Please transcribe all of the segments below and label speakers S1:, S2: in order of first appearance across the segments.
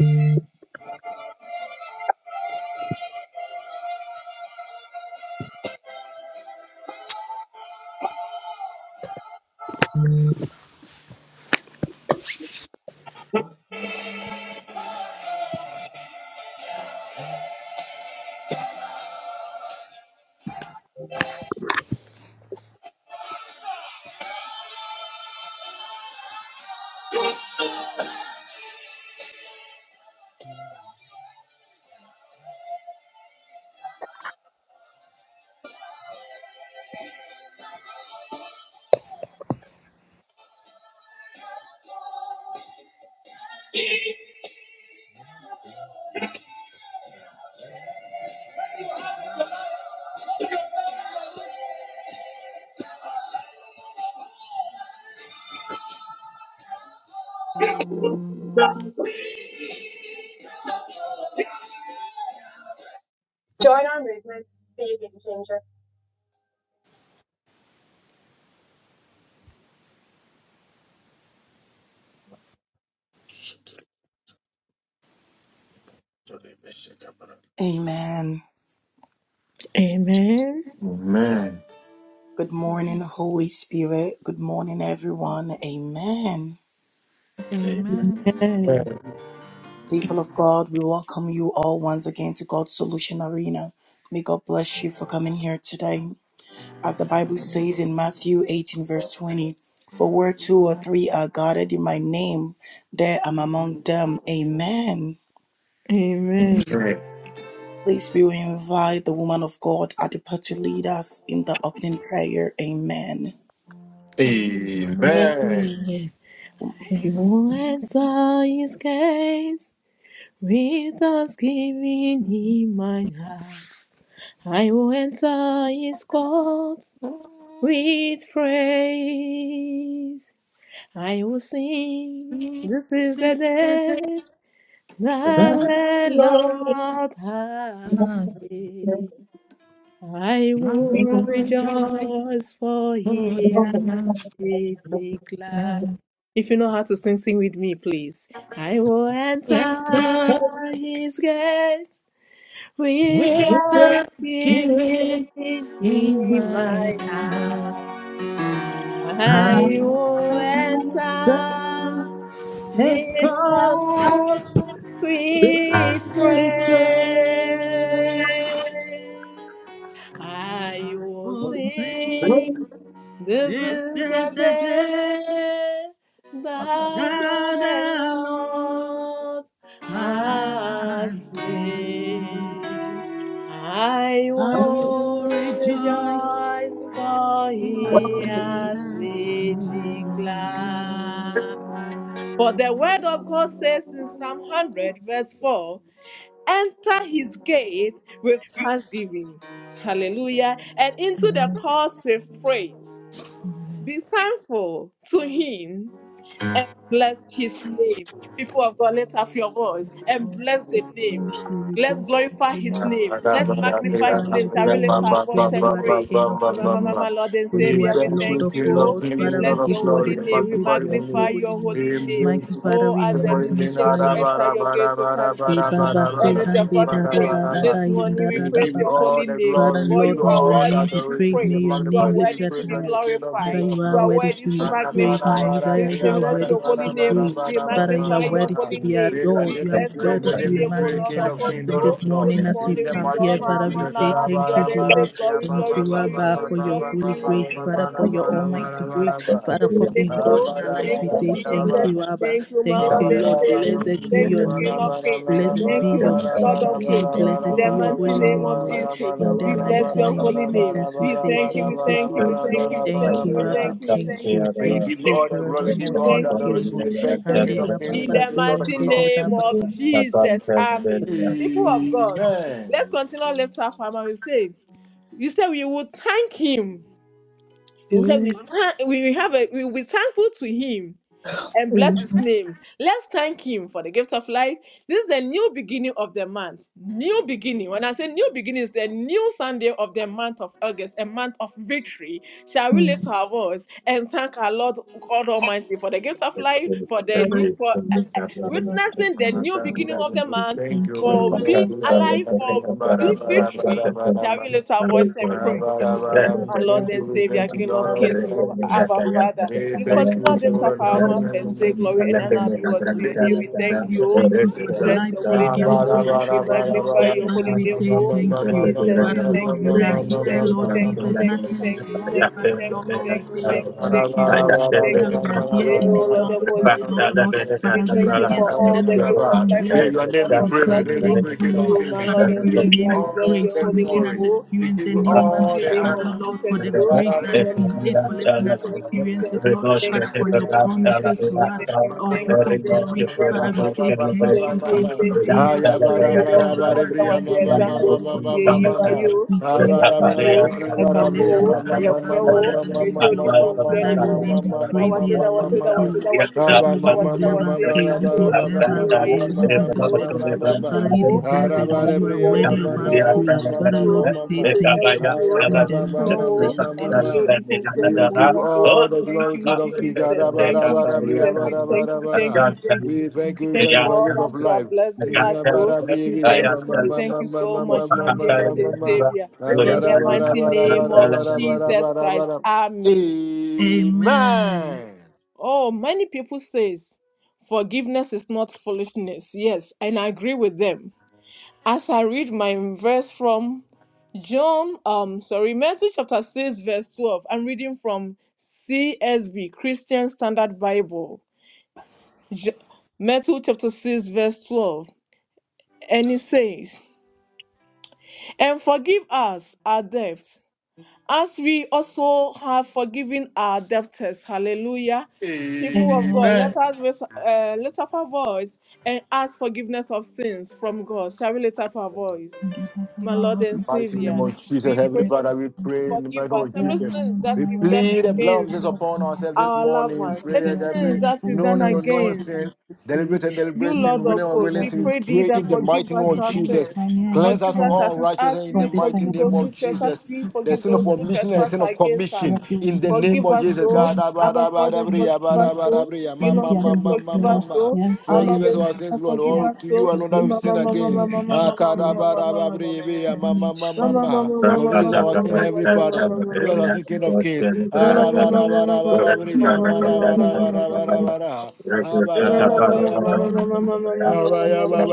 S1: Amen.
S2: Join our movement, be a game
S3: Amen.
S1: Amen.
S4: Amen.
S3: Good morning, Holy Spirit. Good morning, everyone. Amen.
S5: Amen.
S3: People of God, we welcome you all once again to God's Solution Arena. May God bless you for coming here today. As the Bible says in Matthew 18, verse 20, for where two or three are gathered in my name, there I'm among them. Amen.
S1: Amen.
S4: Amen.
S3: Please, we will invite the woman of God at the to lead us in the opening prayer. Amen.
S1: Amen. Everyone saw his gaze with thanksgiving in my heart. I will enter his courts with praise. I will sing.
S5: See,
S1: This is
S5: see
S1: the
S5: the day
S1: day that
S5: of
S1: the Lord has
S5: God.
S1: made. I
S5: I will
S1: will
S5: rejoice,
S1: rejoice for
S5: for
S1: he
S5: he has
S1: Make me glad.
S5: done.
S1: If you know how to sing, sing with me, please. I will enter
S5: Enter
S1: his gate with
S5: with thanksgiving
S1: thanksgiving
S5: in
S1: in
S5: my
S1: my heart.
S5: heart. My
S1: I will
S5: master
S1: enter
S5: has
S1: his
S5: come
S1: courts with praise.
S5: with praise.
S1: I
S5: I
S1: will
S5: will
S1: sing.
S5: sing.
S1: This
S5: This
S1: is the
S5: is the day
S1: day that
S5: that
S1: the
S5: the Lord.
S1: Lord has
S5: As me,
S1: made. I
S5: I will
S1: will
S5: rejoice,
S1: rejoice, for
S5: for
S1: he
S2: changer.
S5: he
S1: has
S5: has
S1: made
S5: made
S1: me
S5: me glad.
S1: glad. For the word of God says in Psalm 100, verse 4 Enter his gates with thanksgiving. Hallelujah. And into the courts with praise. Be thankful to him and bless his name. People of God, lift up your voice and
S5: Lord
S1: bless the
S5: Jesus,
S1: name.
S5: thank you. We
S1: Let's
S5: bless your
S1: glorify
S5: holy
S1: his
S5: name.
S1: name. Let's
S5: We
S1: magnify
S5: magnify
S1: his name.
S5: your
S1: Shall we
S5: holy
S1: lift
S5: name,
S1: our
S5: for
S1: voice
S5: you
S1: and
S5: are the
S1: pray?
S5: King of
S1: Mama,
S5: kings,
S1: mama, Lord and
S5: for you
S4: We
S1: Savior,
S5: are the
S1: we
S4: thank
S5: Lord
S4: you,
S1: thank
S5: of
S1: you.
S4: King
S1: oh.
S4: of
S5: lords.
S1: We
S5: Father,
S4: Kings,
S5: we
S4: Lord
S1: bless
S4: of
S1: your
S5: give you all the
S1: holy
S4: Glory,
S1: name.
S5: praise.
S1: We
S5: We
S4: magnify your
S5: bless your
S1: magnify
S4: name.
S5: holy
S1: your
S5: name.
S1: holy
S4: We
S1: name.
S4: embrace
S5: Mighty
S4: you,
S5: Father,
S1: Oh,
S5: we
S1: as a
S4: so in the name
S1: musician, we
S4: of
S5: magnify
S1: should
S5: you.
S1: enter your gates with
S5: Hey,
S1: thanksgiving
S5: Baba
S1: and
S5: say
S1: with your
S5: hande
S1: God we
S5: da da
S1: praise.
S5: da da
S4: Rabba.
S5: da
S1: This
S5: yin
S1: morning
S5: da
S1: we
S4: We
S5: da da
S1: praise
S4: give you
S5: baba.
S1: your
S4: all
S1: holy
S4: the
S1: name,
S4: glory,
S5: Father
S4: we
S1: for
S4: give
S5: Lord,
S1: you
S4: you
S5: may
S1: are
S5: your
S4: all the
S1: worthy
S5: name be
S1: to be
S5: praised,
S4: adoration, we
S5: may
S1: praised.
S5: your
S1: You
S4: magnify
S1: are
S5: name
S4: you, we
S1: worthy
S5: lifted
S1: to
S4: praise
S1: be
S4: you,
S5: higher.
S4: the King of King
S5: Father,
S1: glorified.
S4: of
S5: you
S1: You
S5: are
S1: are
S4: Lord.
S5: worthy to
S1: worthy to
S4: May
S5: be praised, my
S1: magnify.
S4: your
S5: Messiah,
S1: We
S5: you are
S1: bless
S5: worthy
S1: your
S5: to
S1: holy
S5: be
S1: name. We
S5: praised. Father, you are
S1: magnify your
S5: worthy to
S1: holy
S5: be
S1: name.
S5: adored,
S1: We
S4: name
S5: you
S4: be
S5: are
S1: bless your
S4: praised,
S5: worthy
S4: your
S5: to
S1: holy
S4: name
S5: be
S4: be
S1: name, O
S4: praised,
S1: Lord
S4: King
S5: magnified.
S1: of
S4: of
S1: us.
S4: Kings,
S5: So
S4: Lord of
S5: this
S4: Lords.
S5: morning,
S1: This
S5: as
S4: In
S5: we've
S1: morning
S4: the
S1: we
S5: come
S4: mighty
S5: here,
S1: join
S4: name of
S1: our
S5: Father, we
S1: man
S5: say
S1: our heart
S5: thank you,
S1: together and say,
S5: Jesus.
S1: Glory,
S5: Thank
S1: glory,
S5: you,
S1: glory,
S5: Abba, for
S1: glory,
S5: your
S1: glory
S5: holy
S1: be unto
S5: grace,
S1: your
S5: Father, for
S1: name.
S5: your
S1: O.
S5: almighty grace,
S1: Hallelujah.
S5: Father, for being God
S1: Lord.
S5: in our lives.
S1: Thank
S5: We
S1: you,
S5: say thank
S1: Jesus.
S5: you, Abba.
S1: Thank you, my
S5: Thank
S1: Lord
S5: you,
S1: and
S5: Lord.
S1: Savior.
S5: Blessed be
S1: Thank
S5: your
S1: you, King
S5: name.
S1: of Kings.
S5: Blessed
S1: Thank
S5: be
S1: you,
S5: your
S1: Lord
S5: King of
S1: of
S5: Kings.
S1: Hosts. In
S5: Blessed be
S1: the
S5: your
S1: mighty
S5: holy
S1: name
S5: name,
S1: of
S5: Lord.
S1: Jesus,
S5: In the
S1: we bless
S5: mighty
S1: your
S5: name of
S1: holy name.
S5: Jesus, we
S1: We
S5: say
S1: thank you, we
S5: thank you,
S1: thank you, we
S5: Jesus.
S2: Thank
S1: thank you, we
S5: Thank
S1: thank you, we
S5: you,
S4: Jesus.
S5: Abba.
S1: thank you, we
S5: Thank
S1: thank you,
S5: you.
S1: we
S4: We
S1: thank you,
S4: give
S5: Thank
S1: we
S4: you
S5: you
S4: all
S1: thank
S4: the
S1: you,
S4: glory, give
S5: forevermore.
S1: we
S4: you all the
S1: thank
S5: Thank
S1: you,
S5: you,
S4: adoration.
S5: Lord.
S4: We
S1: we
S4: thank you,
S5: And
S1: thank
S4: King
S5: did
S1: you.
S4: of Kings. We
S1: In
S5: Abba
S4: thank
S1: the
S5: say,
S4: you, Lord of
S5: and
S1: mighty
S5: did
S4: Lords.
S1: name
S5: Abba
S1: of
S5: say,
S1: Jesus, Amen. People of God, let's
S4: Amen.
S1: continue to lift up our and we say, you say we will thank him. We say
S5: Amen.
S1: we thank we we have a we we thankful to him and bless his
S5: Amen.
S6: Let's go.
S1: name. Let's thank him for the gift of life. This is a new beginning of the month. New beginning. When I say new beginning, it's a new Sunday of the month of August, a month of victory. Shall we
S5: Hmm.
S1: lift our voice and thank our Lord God Almighty for the gift of life, for the new for
S5: Abba say,
S1: witnessing the
S5: and
S2: you.
S1: new
S5: did
S1: beginning of
S5: Abba
S1: the
S5: say,
S1: month,
S4: Thank you,
S5: Thank you,
S1: for
S5: Lord.
S4: respect
S2: Thank
S1: being
S4: you.
S1: alive, for being victory. Shall we lift our voice and pray?
S5: And did
S1: Our Lord
S4: Thank
S5: Abba say,
S4: you,
S1: and
S4: we
S1: Savior,
S5: and
S4: thank you,
S5: did
S1: King
S4: Lord
S1: of
S5: Abba, Lord,
S1: Kings,
S5: and
S4: of
S1: Lord,
S5: bless
S1: Abba
S4: Kings.
S5: you.
S1: Father,
S4: We
S1: you
S4: thank
S1: continue
S4: you
S1: to lift
S4: for
S1: up our mouth and say,
S5: given
S1: Glory and
S5: from
S1: honor be
S5: infant,
S1: unto your
S5: Lord.
S1: name. We
S5: Father,
S1: thank
S5: we
S1: you.
S5: thank you for
S1: We
S5: the
S1: bless
S5: life
S1: your
S5: that
S1: holy
S5: you've
S1: name.
S5: given to
S1: oh.
S5: your
S1: We
S5: children, Lord.
S1: magnify your
S5: Father,
S1: holy
S5: we
S1: name.
S5: say
S1: oh.
S5: thank you.
S1: Jesus,
S2: you.
S1: we
S5: Father,
S1: thank
S5: Lord,
S1: you, we
S5: we
S2: The
S5: are
S1: thank you, we
S2: most
S5: here,
S1: thank
S2: beautiful
S1: you, we
S5: Lord
S2: thing
S1: thank you,
S2: about
S1: we
S4: another
S5: Jesus.
S2: life
S1: thank you, we
S5: Nothing
S2: is
S5: is
S1: thank you, we
S5: wrong,
S1: thank you, we
S5: Father,
S1: thank
S5: Lord.
S1: you, we
S5: All we
S1: thank you, we thank you, we thank you, we
S4: May
S5: say is
S1: thank
S5: thank
S1: you, we
S5: you,
S1: thank
S5: Lord.
S1: you. we thank
S5: Father,
S1: you.
S5: we are here
S1: Dear
S5: in
S1: Lord
S5: health,
S1: of
S5: good
S1: hosts, we
S5: health,
S1: thank you.
S5: Lord.
S1: We
S5: Father, we
S1: thank
S5: are
S1: you
S5: here
S1: for all
S5: standing
S1: the
S5: on our
S1: gifts of
S5: two
S1: life that you
S5: legs.
S4: your name
S5: Father,
S1: grant
S4: be
S5: we
S2: that
S1: unto
S4: praised, may your
S5: say
S1: us,
S2: it is
S4: name be
S1: you.
S5: thank
S4: praised,
S5: you,
S4: King of
S5: Lord.
S1: You, my
S4: Kings.
S5: Father,
S2: a
S1: Lord
S5: may
S1: and
S4: We give
S5: your
S4: you
S5: name
S1: Savior,
S2: journey.
S5: be
S1: we bless
S4: all
S5: praised
S1: your
S4: the
S5: for
S1: holy
S5: making
S1: name,
S4: glory,
S5: us
S1: O.
S4: we
S5: experience
S4: give
S5: the
S4: you
S1: In
S5: new
S1: the
S2: Thank
S5: man.
S4: all
S1: mighty
S4: the
S1: name
S5: Father,
S1: of
S4: honor.
S5: Lord, for
S1: Jesus,
S5: the
S1: you.
S5: grace that
S1: In the
S5: is in
S1: name of
S5: it, for letting
S1: Jesus,
S5: letting us
S1: we thank you, we
S5: experience
S1: thank
S5: it,
S1: you,
S5: Lord.
S1: we thank
S5: Father,
S1: you, we
S5: for your
S1: thank you, we
S5: promises
S1: thank you,
S5: to
S1: we
S4: Mama, mama,
S5: us,
S1: thank you,
S5: for
S1: we
S4: mama,
S5: our
S1: thank you,
S5: hope
S1: we
S5: of
S1: thank you,
S5: glory.
S1: we
S5: Father,
S1: thank
S5: we
S1: you.
S5: say thank
S1: Thank
S5: you,
S1: you,
S5: thank you,
S1: thank you, thank
S5: Jesus.
S1: you, thank you. That
S5: Thank you,
S1: was it, that was
S5: Abba.
S1: it, that was
S5: Thank you,
S1: it. Zango,
S5: merciful God.
S1: yeah,
S5: Thank
S1: you are
S5: you.
S1: you.
S5: We
S1: Yeah,
S5: thank you. We
S1: Tutumo,
S5: thank
S1: yeah,
S5: you. We lift you
S1: Kambo,
S5: high
S1: yeah,
S5: above all
S1: Kwewo,
S5: other
S1: yeah,
S5: names, Lord.
S1: Shodipo,
S5: Father, your
S1: Kwenimonyam.
S5: name be
S1: And That
S5: praised.
S1: was
S5: We
S1: it, that was it,
S5: exalt
S1: that was
S5: you,
S1: it, that
S5: Lord.
S1: was it, that
S5: Father,
S1: was it,
S5: you
S1: that was it, that
S5: deserve
S1: was
S5: our
S1: it. And
S5: praise. You
S1: Sango,
S5: deserve
S1: yeah,
S5: our
S1: you are
S5: glory.
S1: here, and
S5: You deserve
S1: Sango,
S5: it all.
S1: and
S5: Father, you
S1: Tutumo,
S5: deserve
S1: yeah,
S5: it all. You are
S1: Kambo,
S5: worthy of
S1: yeah,
S5: our praise. Father, Lord,
S1: Maudifio,
S2: you.
S5: we say
S1: yeah,
S2: Thank
S5: thank you.
S1: Pedaudio,
S5: In the
S1: yeah,
S5: name
S4: mama,
S5: of
S1: Kwewo, I'm
S4: mama,
S1: Shodipo,
S4: we give you
S1: Kwenimonyam.
S4: all the
S1: Thank
S4: glory,
S1: you,
S4: King of Kings.
S1: Jesus. Thank you, Jesus. We thank you, we thank
S4: Ra-ba-ra-ba-ra-ba-ra-ba-ra-ba-ra-ba-ra.
S1: you, we thank you.
S4: We thank
S1: We
S4: you,
S1: thank you
S4: thank you for
S1: for
S4: the
S1: all
S4: gift of
S1: that you are
S4: life.
S1: blessing us, Lord. We thank you. We thank you so much, my dear Lord and
S4: Ra-ba-ra-ba-ra-ba-ra-ba-ra-ba-ra-ba-ra-ba-ra-ba-ra-ba-ra.
S1: Savior.
S4: ra ba
S1: In
S4: ra
S1: the
S4: ba ra
S1: mighty
S4: ba ra ba ra
S1: name of
S4: ba ra
S1: Jesus
S4: ba ra ba
S1: Christ.
S4: ra
S1: Amen.
S5: Amen.
S4: Amen.
S1: Oh, many people says forgiveness is not foolishness. Yes, and I agree with them. As I read my verse from John, um, sorry, Matthew chapter 6, verse 12. I'm reading from CSB, Christian Standard Bible. J- Matthew chapter 6, verse 12. And it says, And forgive us our debts, as we also have forgiven our debtors. Hallelujah. People of God,
S5: Amen.
S1: let
S4: Amen.
S1: us raise, uh, lift up our voice and ask forgiveness of sins from God. Shall we lift up our voice?
S5: And give us all
S1: My
S5: our
S1: Lord
S5: Lord,
S1: and
S5: we
S4: Mighty
S5: pray in the
S4: name
S1: Savior,
S5: name
S4: of Jesus,
S5: of
S1: we
S4: Heavenly
S1: pray
S5: Jesus.
S1: thee,
S4: Father, we pray in the mighty
S1: forgive
S4: name
S1: us
S4: of
S1: every
S5: Ewurade
S4: Jesus.
S5: ɔne
S1: sins
S5: bi
S1: that
S4: We
S5: ma
S1: we've
S5: wɔn ne
S1: done
S4: plead the
S5: bɔne
S4: blood of
S5: ama
S4: Jesus
S1: against
S5: wɔn
S4: upon
S5: bɔne
S4: ourselves this
S5: akyira.
S1: our loved
S4: morning. We
S1: ones,
S5: Nti
S4: pray
S5: sɛ
S1: any
S4: that
S5: Ewurade ne
S1: sins
S4: every
S1: that
S5: yɛbɔ
S1: we've
S4: known
S1: done
S5: w'ani
S4: and
S5: Yesu
S4: unknown
S1: against
S5: aban
S4: sins,
S5: fifiri.
S4: deliberate and
S1: you
S4: deliberate
S5: Bɔne
S1: Lord
S4: sin,
S5: biara
S4: willing
S5: yɛ
S1: of
S4: or
S5: bi
S1: hosts,
S4: willing
S1: we
S5: Ewurade
S4: sin,
S5: Yesu
S1: pray
S4: we
S1: thee
S4: pray
S5: sɛ
S1: that
S4: in the
S5: Ewurade fa
S1: forgive
S4: mighty name
S5: sɛ
S1: us
S4: of
S5: yɛde
S1: our
S5: ayɛ
S4: Jesus.
S5: kan
S1: sins.
S5: ne ayɛ
S4: Cleanse us
S1: Forgive
S5: nkan
S4: from
S1: us our
S4: all
S5: nyinaa.
S1: sins
S4: unrighteousness
S1: as
S4: in the
S1: you
S5: Ewurade fa
S4: mighty
S5: yɛ
S1: forgive
S4: name
S1: those
S5: bɔne
S1: who
S4: of
S5: kyɛ
S1: trespass,
S4: Jesus.
S1: we
S5: yɛn. Fa
S4: The
S1: forgive
S5: fa
S4: sin of
S5: ma
S1: those who
S5: ho
S4: omission
S5: kyɛ
S4: and
S1: trespass
S4: sin
S5: yɛn.
S4: of
S1: against us.
S4: commission
S5: Ewurade
S4: in the name
S1: Forgive
S4: of
S1: us,
S4: Jesus.
S1: O
S5: yɛ
S4: God, ah,
S1: Abba Father,
S5: Amen.
S1: forgive us, O King of
S5: Amen.
S1: Kings, forgive us, O our
S4: Forgive
S1: Lord
S4: us
S1: and
S4: our sins,
S1: Savior,
S4: Lord.
S1: forgive
S4: All
S1: us,
S4: to
S1: O
S4: you alone that we
S1: Mama,
S4: sin
S1: Mama,
S4: against.
S1: Mama, Mama, Mama, Mama,
S4: Akadabarababri, mama, mama,
S1: Mama,
S4: mama. God, we use our sin, Heavenly
S1: Mama,
S4: Father.
S1: Mama,
S4: We use our sin, King
S1: Mama.
S4: of Kings.
S1: Oh,
S4: Arabarabarababri, amarabarabarabara.
S2: you.
S4: Forgive
S2: Thank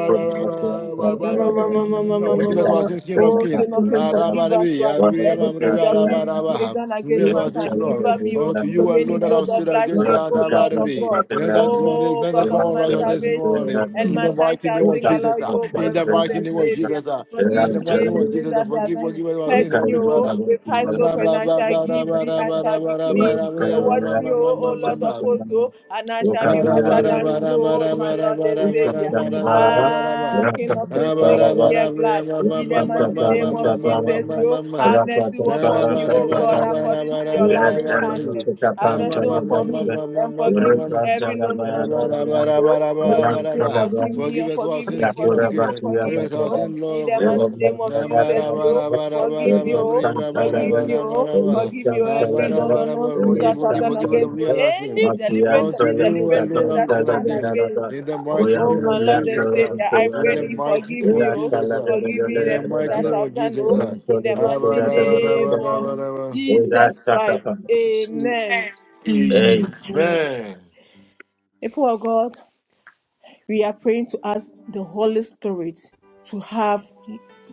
S4: us our sins, King of Kings.
S1: King of Kings, forgive us
S4: Adamadabi,
S1: uh,
S4: Arubi,
S1: everything
S4: Amamribi,
S1: that we have
S4: Arabarabaha.
S1: done against
S4: Forgive us our sins,
S1: mankind.
S4: Lord.
S1: Deliver me,
S4: Oh,
S1: oh,
S4: to you
S1: from any
S4: alone that I've
S1: guilt of
S4: stood against
S1: bloodshed,
S4: God,
S1: oh Lord of
S4: Adamadabi.
S1: God.
S4: Cleanse us this morning,
S1: Oh
S4: cleanse us
S1: God
S4: from
S1: of
S4: all
S1: my
S4: righteousness this
S1: salvation,
S4: morning.
S1: and
S4: In
S1: my
S4: the
S1: tongue
S4: mighty
S1: shall
S4: name of
S1: sing aloud,
S4: Jesus, ah.
S1: you, O my
S4: in the
S1: Lord
S4: mighty
S1: and
S4: name of
S1: Savior.
S4: Jesus, ah. in
S1: Forgive
S4: the
S1: me
S4: mighty name of
S1: anything
S4: Jesus, ah.
S1: that I've
S4: forgive,
S1: done.
S4: forgive us our
S1: Purge
S4: sins,
S1: me,
S4: Heavenly
S1: oh,
S4: Father.
S1: with high
S4: Ba,
S1: soap,
S4: ba,
S1: and I
S4: ba,
S1: shall
S4: ba, ra,
S1: give
S4: ba,
S1: be,
S4: ra,
S1: I
S4: ba, ra, ba,
S1: shall
S4: ra, ba,
S1: be
S4: ra, ba, ra, ba, ra,
S1: clean.
S4: ba, ra,
S1: And Wash me,
S4: ba,
S1: oh,
S4: ra, ba,
S1: oh
S4: ra,
S1: Lord of
S4: ba.
S1: hosts, oh, and I shall be
S4: Bara
S1: whiter
S4: bara bara bara
S1: than snow, oh,
S4: bara
S2: you.
S1: my
S4: bara
S1: Lord and
S4: bara
S2: Rakyat
S1: Savior.
S2: salam
S4: bara bara bara
S1: Ah,
S4: bara.
S1: King of
S4: Ah
S1: Kings, make
S4: bara
S1: me here
S4: bara bara
S1: glad.
S4: bara
S1: In the
S4: bara
S1: mighty
S4: bara bara
S1: name of Jesus, yo,
S4: bara bara.
S1: have mercy
S4: Nah bara
S1: upon me,
S4: bara
S1: oh God,
S4: bara bara
S1: according to
S4: bara
S1: your
S4: bara
S1: loving
S4: bara.
S1: kindness. Have
S4: Ah
S1: mercy
S4: mama mama
S1: upon me
S4: mama mama
S1: and
S4: mama
S1: forgive me
S4: mama.
S1: every no, no, no, no sin, so forgive me,
S4: Ba-da-ba-da-ba-da-ba-da-ba-da-ba.
S1: forgive
S4: Forgive
S1: me,
S4: us our
S1: forgive me,
S4: sins, King of
S1: forgive me,
S4: Kings. Forgive
S1: forgive me,
S4: us our
S1: oh.
S4: sins, Lord
S1: In
S4: of
S1: the mighty
S4: Lords.
S1: name of Jesus, yo, Forgive me, oh, forgive me, oh,
S4: Na-ba-da-ba-da-ba-da-ba-da-ba-da-ba-da-ba-da-ba.
S1: forgive me, oh, every no, no,
S4: Ah-ba-da-ba-da-ba.
S1: no sin
S4: Forgive,
S1: that I've
S4: forgive,
S1: done
S4: forgive,
S1: against you.
S4: forgive us our sins.
S1: Any deliberate
S4: Lord,
S1: and
S4: to you
S1: indeliberate
S2: kata
S4: alone
S1: sins
S4: I will
S1: that is
S4: sin
S2: salam
S1: done
S4: against.
S2: ada
S1: against you.
S4: In the mighty
S2: Oya
S1: Oh,
S4: name
S1: my
S4: of
S2: Maria,
S1: Lord and
S4: Jesus, ah.
S1: Savior, I
S4: in
S1: pray
S4: the
S1: thee,
S4: mighty
S1: forgive
S4: name
S1: me,
S4: of
S2: Ela
S1: oh,
S4: Jesus,
S2: Tala
S4: ah.
S1: forgive me
S4: in
S2: Rebele
S1: the
S4: the
S1: sins
S4: mighty
S1: that
S2: Adaba,
S4: name of
S1: I've done,
S4: Jesus.
S1: oh,
S2: Ora
S4: ah.
S1: in
S2: Tolo
S1: the mighty
S2: Vestigata
S1: name
S2: Brava,
S1: of
S4: Ah-ba-da-ba-da-ba-da-ba-da-ba.
S2: Ora
S1: Jesus
S2: Sakapa.
S1: Christ. Amen.
S2: Amen.
S4: Amen.
S1: People of God. We are praying to ask the Holy Spirit to have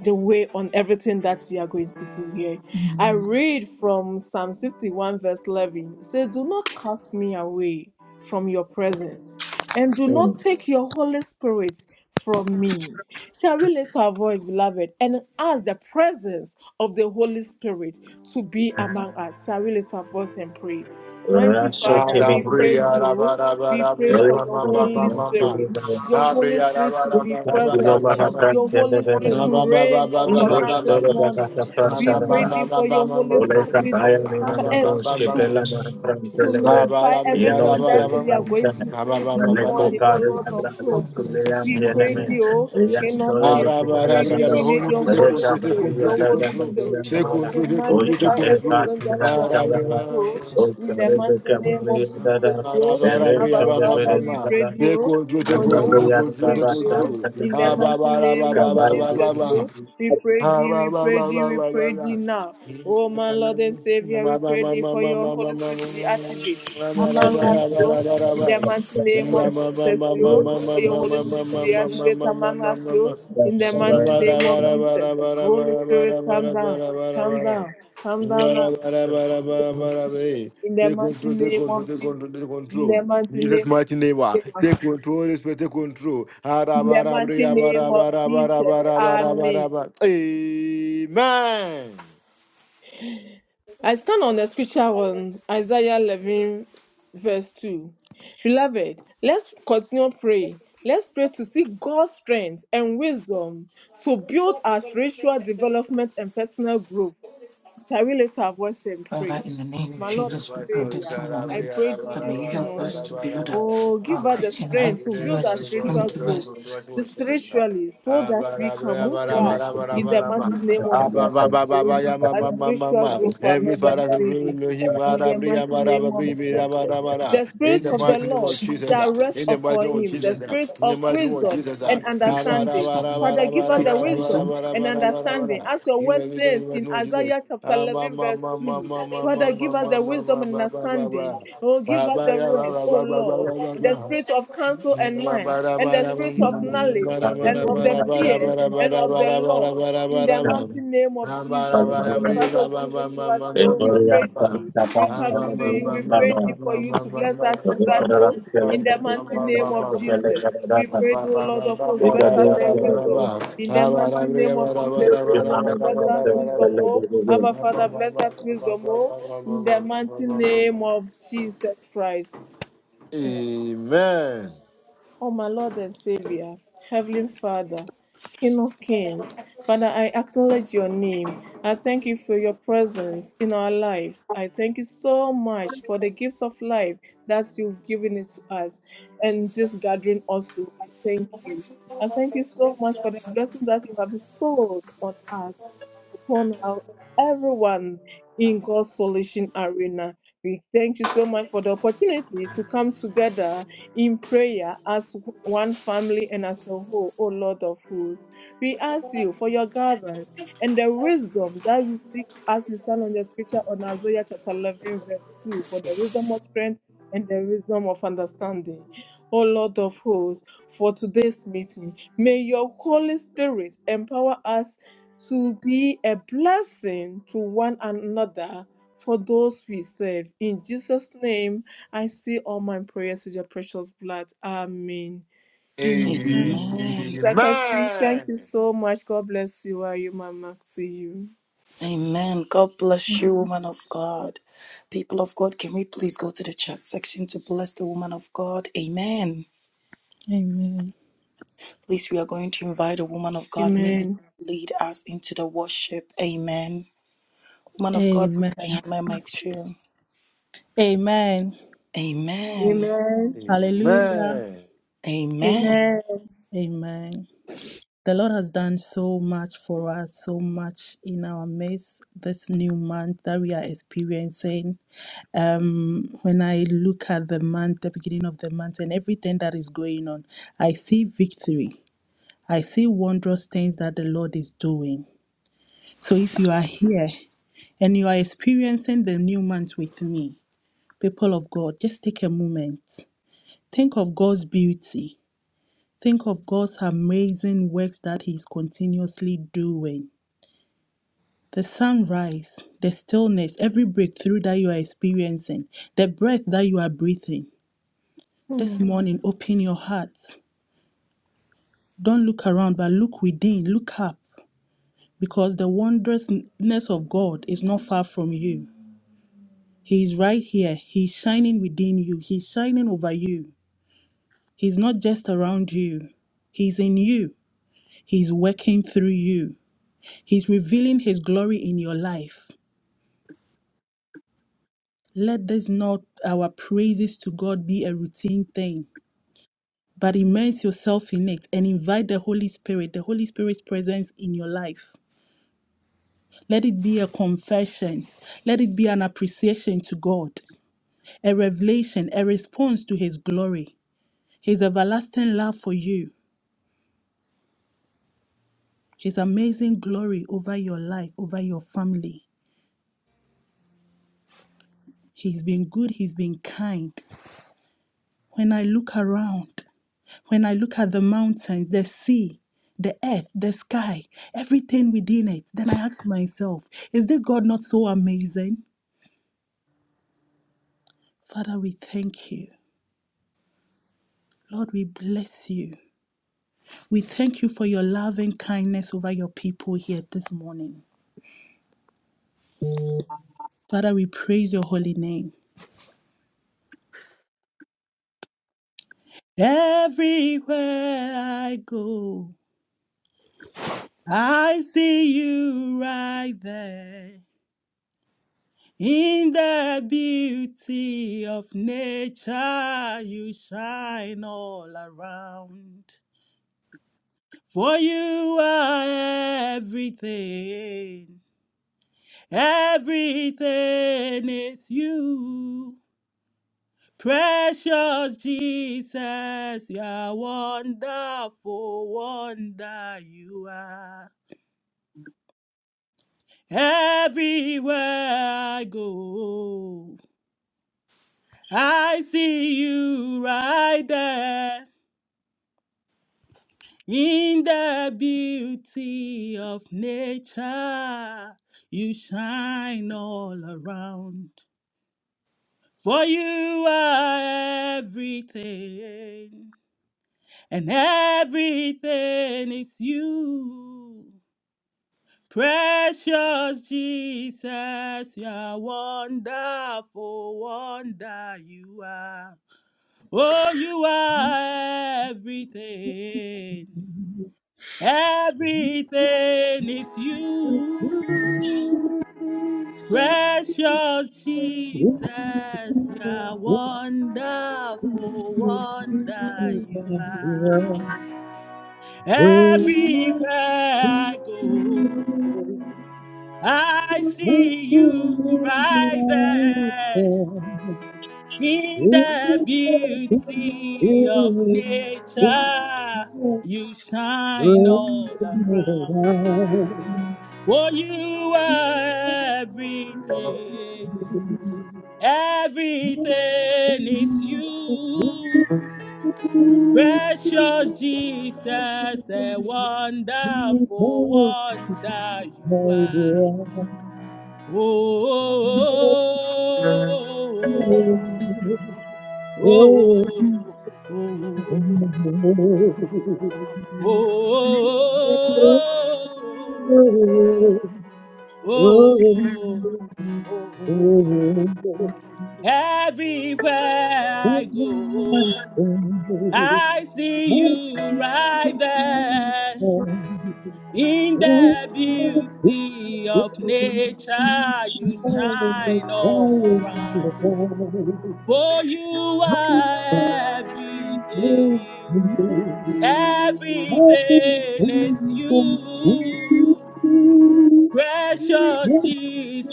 S1: the way on everything that we are going to do here. I read from Psalm 51, verse 11. It says, Do not cast me away from your presence, and do not take your Holy Spirit from me. Shall we lift our voice, beloved, and ask the presence of the Holy Spirit to be among us? Shall we lift our voice and pray? Mighty
S2: rasho
S1: Father,
S2: Timmy,
S1: we
S4: Marabriya,
S1: praise
S4: raba,
S1: you.
S4: raba,
S1: We pray
S4: rabriya,
S1: for
S2: Royal
S4: ma,
S1: your
S4: ma,
S2: People
S4: ma,
S2: of the
S1: Holy
S4: ma, ma,
S2: Next
S4: ma.
S1: Spirit, your Holy
S4: Abriya,
S1: Spirit
S4: raba,
S1: to be
S4: raba,
S2: Thank
S7: There's
S2: you.
S4: raba,
S2: Lord,
S1: present,
S4: raba, raba.
S2: Mahatma,
S1: your Holy
S2: Tene,
S1: Spirit
S4: Ma,
S7: no
S2: Bene,
S1: to
S4: ma,
S7: one
S4: ma, ma,
S1: reign
S4: ma, ma,
S7: to
S1: upon
S4: ma,
S2: Inosh,
S1: us
S4: ma, ma.
S1: this
S7: accept
S2: Tere,
S7: you to
S2: Bene,
S1: morning.
S2: Tafar,
S4: Ma,
S7: intercession
S1: We
S4: ma,
S1: pray
S4: ma,
S7: calling
S2: Tara,
S1: thee
S4: ma,
S7: to
S1: for your Holy
S4: ma,
S7: the
S2: Ole
S7: leader of
S1: Spirit
S7: the
S2: kapaya
S1: to
S7: Lord
S2: nina
S4: ma, ma, ma. Ma,
S1: scatter
S4: ma, ma,
S1: earth
S7: of
S2: namados
S4: ma,
S2: ke
S4: ma.
S7: the
S2: pela
S7: and the
S2: na
S7: name
S2: pran
S7: of
S1: to
S7: Jesus.
S2: pelege.
S4: Ba, ba,
S1: nullify
S4: rabriya,
S2: Yenos
S1: everything
S7: Perfect
S2: ke
S7: the
S1: that
S2: le
S1: we
S7: field
S1: are
S7: and the
S2: kanta.
S1: going to
S7: leader.
S4: Ba, ba,
S1: do
S4: ba, ba,
S1: this
S2: Male
S4: ba, ba.
S2: ko
S1: morning, oh
S2: paru
S1: Lord of
S7: Invited
S2: agrale
S7: from the
S1: hosts.
S2: skule yang
S7: intercession
S1: We
S2: jele
S1: pray
S2: me.
S7: control
S4: Mm.
S1: thee,
S7: at me,
S1: O
S2: Yang
S1: King
S7: Jesus.
S1: of
S2: dole
S4: Ah,
S2: me
S1: Kings, we
S4: raba,
S2: kinara
S1: pray thee,
S4: rabriya,
S2: dada.
S1: we
S4: ba.
S1: need
S4: Holy
S7: small
S1: your
S7: and
S4: Spirit, take
S2: Male
S1: Holy
S2: ka
S7: service
S4: control,
S7: of
S4: take
S7: your
S2: paru
S4: control,
S1: Spirit, your
S4: take
S2: yara
S1: Holy
S2: dada
S4: control.
S2: jele
S7: Take
S1: Spirit
S4: Take
S7: charge
S2: dada.
S7: and
S1: to
S4: control,
S7: the
S4: take
S7: name
S2: O
S7: of
S4: control, take
S1: magnify
S2: shale ka
S4: control.
S1: everything that
S7: Take
S2: chumra
S1: we
S4: Ah,
S1: are
S7: charge and the
S1: going
S7: name
S1: to
S2: chamra.
S1: do.
S7: of Jesus.
S2: O
S1: In the
S2: shale me
S1: mighty name of
S2: kamari
S4: They
S2: da,
S1: Jesus,
S4: control,
S1: yo,
S2: Ere
S1: Abba
S2: chole
S1: Father,
S2: bere
S1: we pray
S2: dada.
S1: thee,
S4: they
S1: O
S4: control, they
S1: for your
S7: Yes,
S4: control,
S2: Jangaru
S7: yeah,
S1: Holy
S2: yara
S7: that
S4: they
S1: Spirit,
S7: people
S2: dada
S1: yo.
S7: sounded
S2: tam
S4: control.
S2: chale
S1: In the
S2: me.
S4: Ah, ba
S1: mighty
S4: ba
S7: it.
S4: ba
S1: name
S4: ba
S1: of
S4: ba
S7: Cover
S2: Kabaya
S4: ba ba
S1: Jesus,
S4: ba.
S1: yo. We
S2: dada.
S1: pray
S4: Take
S1: thee, we
S4: control,
S1: pray thee, we pray thee now. Oh, my Lord and Savior, we pray thee for your Holy Spirit to be activated among
S2: Chepe.
S1: us, yo. In the mighty name of Jesus, yo.
S2: Amen.
S1: For your Holy Spirit to be activated among us, yo. In the mighty
S7: it.
S1: name of Jesus. Holy Spirit, come down, come down, come down now. In the
S4: take
S1: mighty
S4: control, take
S1: name
S4: control,
S1: of
S4: take
S1: Jesus. In
S4: control.
S1: the mighty
S4: Jesus
S1: name
S4: mighty name, ah,
S1: of Jesus.
S4: take control, Holy Spirit, take control.
S1: In the mighty
S4: Arabarabriya,
S1: name of
S4: barabara,
S1: Jesus.
S4: barabara,
S1: Amen.
S4: barabara. Amen.
S1: I stand on the scripture on Isaiah 11, verse 2. Beloved, let's continue praying. Let's pray to seek God's strength and wisdom to build our spiritual development and personal growth. Shall we lift our voice and pray?
S7: Father, in the name of
S1: My
S4: In
S1: Lord
S4: the
S7: Jesus,
S1: and
S7: we
S4: mighty
S7: pray
S4: name of
S1: Savior,
S7: this
S4: God, I
S1: I
S7: morning
S4: pray, I pray,
S1: pray
S4: I pray,
S1: thee
S7: that may you
S1: this
S4: I
S7: help
S4: pray, I
S7: us
S1: morning.
S7: to
S4: pray, I
S7: build a
S1: Oh,
S7: uh,
S1: give
S4: pray, I
S1: us
S4: pray.
S1: the
S7: Christian
S1: strength
S4: We
S7: life.
S1: to
S4: need
S7: Give
S4: the
S1: build
S7: us
S1: our
S4: Son
S7: the
S4: of God,
S1: spiritual
S7: strength,
S4: we don't
S7: give us
S1: growth,
S4: go through the world to what
S1: the
S4: we should do.
S1: spiritually, so
S4: Ah,
S1: that
S4: ba,
S1: we
S4: ra, bra,
S1: can
S4: ya,
S1: move
S4: ba, ra,
S1: far
S4: ba, ra, ba, ra,
S1: in
S4: ba,
S1: the
S4: ra, ba.
S1: mighty name of
S4: Ah, ba, ba,
S1: Jesus,
S4: ba, ba,
S1: Lord,
S4: ba, ya, ma,
S1: our
S4: ma, ma, ma,
S1: spiritual
S4: ma.
S1: growth, our
S4: Every
S1: Lord and
S4: father who really
S1: Savior.
S4: know him, ah,
S1: In
S4: ra,
S1: the
S4: bri, ya,
S1: mighty
S4: ma, ra,
S1: name
S4: ba,
S1: of
S4: bri, bi, ra,
S1: Jesus.
S4: ba, ra, ba, ra.
S1: The
S4: in
S7: the
S1: Spirit
S4: the
S1: of the
S4: mighty name of
S1: Lord
S7: devotion, the
S4: Jesus,
S1: shall
S4: ah.
S1: rest
S4: in the
S7: devotion,
S4: mighty
S1: upon
S4: name of
S1: him, the
S7: the
S4: Jesus, ah.
S1: Spirit
S4: in the
S7: devotion.
S1: of
S4: mighty name of
S1: wisdom
S4: Jesus, ah.
S7: Father,
S1: and
S7: we pray
S4: Ah,
S7: for
S4: ba, ra,
S1: understanding,
S4: ba, ra,
S7: wisdom.
S4: ba,
S1: Father,
S4: ra,
S7: We
S1: give
S4: ba,
S1: us
S4: ra,
S7: pray
S1: the
S4: ba,
S7: for
S4: ra, ba, ra,
S7: wisdom.
S1: wisdom
S4: ba, ra,
S1: and
S4: ba, ra, ba, ra, ba,
S1: understanding.
S4: ra.
S1: As your
S4: Give
S1: word
S4: us wisdom in the
S1: says in
S4: mighty name of Jesus.
S1: Isaiah chapter
S4: Ba
S1: 11, verse 2. Father, give us the wisdom and understanding. Oh, give us the rest, oh Lord, and the spirit of counsel and mind, and the spirit of knowledge, and of the fear, and of the Lord, in the mighty name of Jesus. Father, give it to us, oh, we pray thee. We come to you, we pray thee for you to bless us with that, oh, in the mighty
S4: ba
S1: name
S4: ba
S1: of
S4: ba
S1: Jesus. We pray, thee,
S4: Amen.
S1: oh Lord of hosts, bless us their wisdom. In the mighty name of Jesus, oh, bless us wisdom, oh. Abba, Father, bless us wisdom, oh, in the
S4: Amen.
S1: mighty name of Jesus Christ. O my Lord and Savior, Heavenly Father, King of Kings, Father, I acknowledge your name. I thank you for your presence in our lives. I thank you so much for the gifts of life that you've given it to us and this gathering also. I thank you. I thank you so much for the blessing that you have bestowed on us upon our, everyone in God's Solution Arena. We thank you so much for the opportunity to come together in prayer as one family and as a whole, O Lord of hosts. We ask you for your guidance and the wisdom that we seek as we stand on your scripture on Isaiah chapter 11, verse 2, for the wisdom of strength and the wisdom of understanding. O Lord of hosts, for today's meeting, may your Holy Spirit empower us to be a blessing to one another for those we serve. In Jesus' name, I see all my prayers with your precious blood. Amen.
S4: Amen.
S3: Amen.
S1: Secretary, thank you so much. God bless you. Are you, Mama? To you.
S3: Amen. God bless you, woman of God. People of God, can we please go to the chat section to bless the woman of God? Amen. Please, we are going to invite the woman of God, Millie,
S1: Amen.
S3: to lead us into the worship. Amen. Woman of God, please, I hand my mic to you.
S5: Amen.
S3: Amen.
S1: Amen.
S5: Hallelujah.
S4: Amen.
S3: Amen.
S1: Amen.
S5: Amen. The Lord has done so much for us, so much in our midst this new month that we are experiencing. um when i look at the month the beginning of the month and everything that is going on i see victory i see wondrous things that the lord is doing so if you are here and you are experiencing the new month with me people of god just take a moment think of god's beauty think of god's amazing works that he's continuously doing the sunrise, the stillness, every breakthrough that you are experiencing, the breath that you are breathing, This morning, open your heart. Don't look around, but look within, look up, because the wondrousness of God is not far from you. He is right here. He's shining within you. He's shining over you. He's not just around you. He's in you. He's working through you. He's revealing his glory in your life. Let this not our praises to God be a routine thing, but immerse yourself in it and invite the Holy Spirit, the Holy Spirit's presence in your life. Let it be a confession. Let it be an appreciation to God, a revelation, a response to His glory, His everlasting love for you, His amazing glory over your life, over your family. He's been good, He's been kind. When I look around, when I look at the mountains, the sea, the earth, the sky, everything within it, then I ask myself, is this God not so amazing? Father, we thank you. Lord, we bless you. We thank you for your love and kindness over your people here this morning. Father, we praise your holy name. Everywhere I go, I see you right there. In the beauty of nature, you shine all around. For you are everything. Everything is you. Precious Jesus, you're wonderful, wonder you are. Everywhere I go, I see you right there in the beauty of nature. You shine all around, for you are everything. and everything is you. Precious Jesus, you are wonderful, wonder you are. Oh, you are everything. Everything is you. Precious Jesus, you are wonderful, wonder you are. Everywhere I go, I see you right there in the beauty of nature.
S8: Oh,
S5: You shine all around. Oh, you are everything. Everything is you. Precious Jesus, a wonderful wonder you are. Oh, oh, oh, oh,
S8: Nothing
S5: oh, oh, oh, oh. Everywhere I go, I see you right there. In the beauty of nature, you shine all around. For you are everything. Everything is
S8: can sweep
S5: you. Precious
S8: me.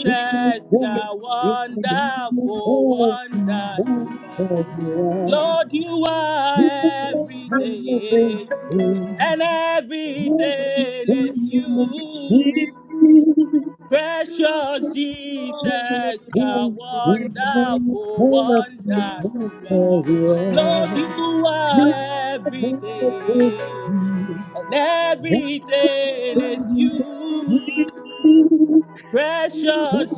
S8: Thank
S5: you're wonderful, wonder you are. Lord, you are everything, and everything is you. Precious Jesus, you're wonderful, wonder you are. Lord, you are everything, and everything is you.
S8: you.
S5: Precious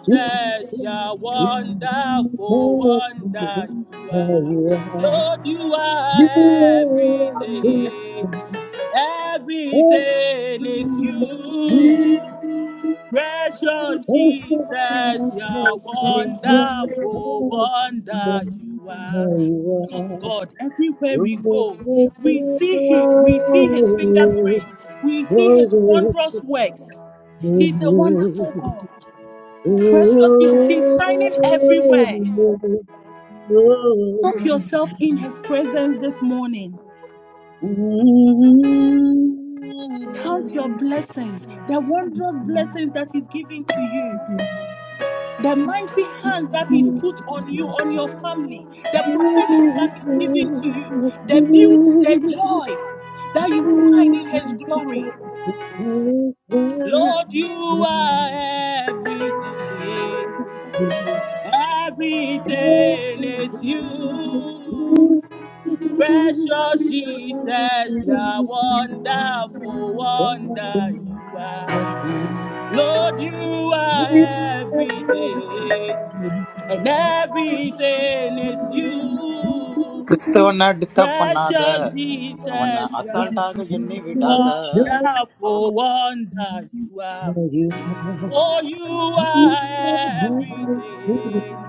S8: Oh,
S5: you're wonderful, wonder you are. Lord, you are everything. Everything is you. Precious Jesus, you're wonderful, wonder you are. Son of God, everywhere we go, we see Him, we see His fingerprints, we see His wondrous works. He's a wonderful God. Precious Jesus, He's shining everywhere. Soak yourself in His presence this morning. Count your blessings, the wondrous blessings that He's giving to you. The mighty hands that He's put on you, on your family, the protection that He's giving to you, the beauty, the joy that you find in His glory. Lord, you are everything. Everything
S8: Thank
S5: is you. Precious Jesus, you are wonderful, wonder you are. Lord, you are everything. and everything is you.
S9: Kristo na dita panada,
S5: Precious
S9: awon na
S5: Jesus,
S9: asal
S5: are
S9: ta ka jenny vidada, awak.
S5: wonderful wonder you are.
S8: you.
S5: For you
S8: Thank
S5: are everything,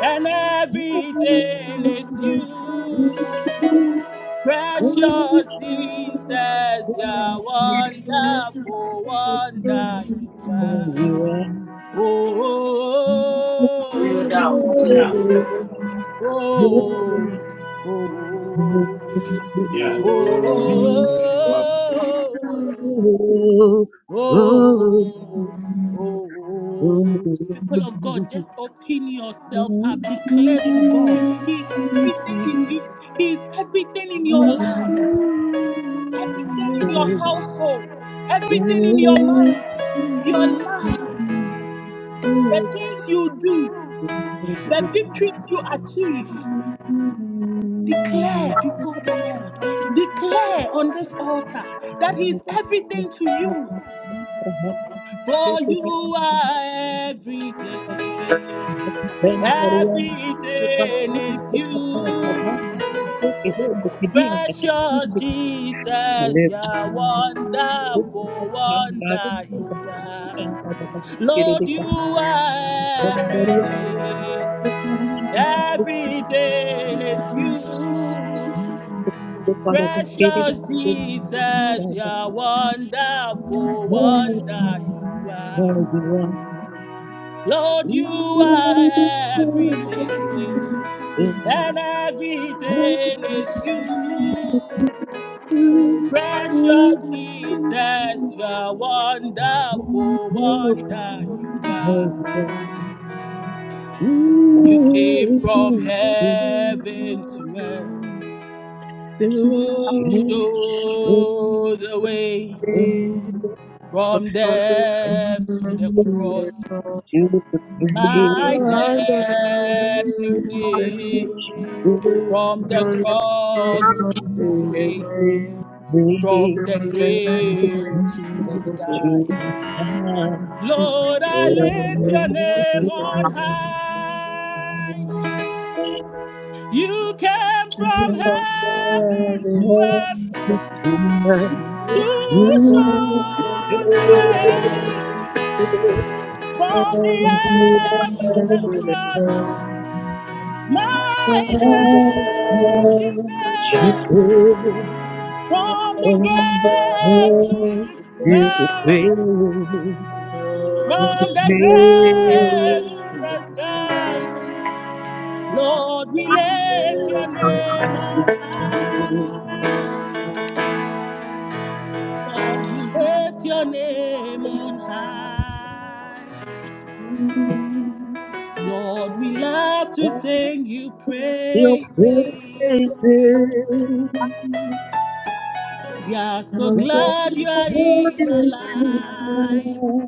S5: and everything is you. Precious Jesus, are wonderful wonder you are. oh. oh, oh,
S10: Here we go. Watch out.
S5: oh, oh. Oh, oh, oh,
S10: Yeah.
S5: oh, oh, oh, oh, oh. People of God, just open yourself up. Declare to God, He is everything in you, He is everything in your life, everything in your household, everything in your marriage, your life, the things you do, the victories you achieve.
S8: you.
S5: Declare before the Lord, declare on this altar that He
S8: Perhaps
S5: is everything to
S8: it
S5: you.
S8: is
S5: For
S8: a
S5: you are everything,
S8: friend or one who has
S5: everything is
S8: not
S5: you.
S8: so is the city and that has to
S5: Precious
S8: be
S5: Jesus, you
S8: lived
S5: are
S8: with the
S5: wonderful,
S8: sun
S5: wonder
S8: garden
S5: you are. Lord, you are everything, everything is you. Precious Jesus,
S8: and
S5: you're wonderful, wonder you are. Lord, you are everything, and everything is you. Precious Jesus, you're wonderful, wonder you are.
S8: Thank you.
S5: You came from
S8: Thank
S5: heaven to earth to show the way. From death
S1: Hmm.
S5: to the
S1: To
S5: cross, my
S1: Thank
S5: debt you pay.
S8: you.
S5: From the cross to the grave, from the grave to the
S11: Amen.
S5: sky. Lord, I lift
S11: Amen.
S5: your name on high. You came from
S11: Amen.
S5: heaven to earth to show the way. From the earth to the cross, My depths you made from the
S8: Oh, you
S5: grave to
S8: will
S5: the
S8: make
S5: sky,
S8: you
S5: from the grave to the sky. Lord, we
S8: I'll
S5: lift your name
S8: you
S5: on high. Lord, we lift your name on high. Lord, we love to sing you praises. We are so glad you are
S8: will
S5: in our life.
S8: not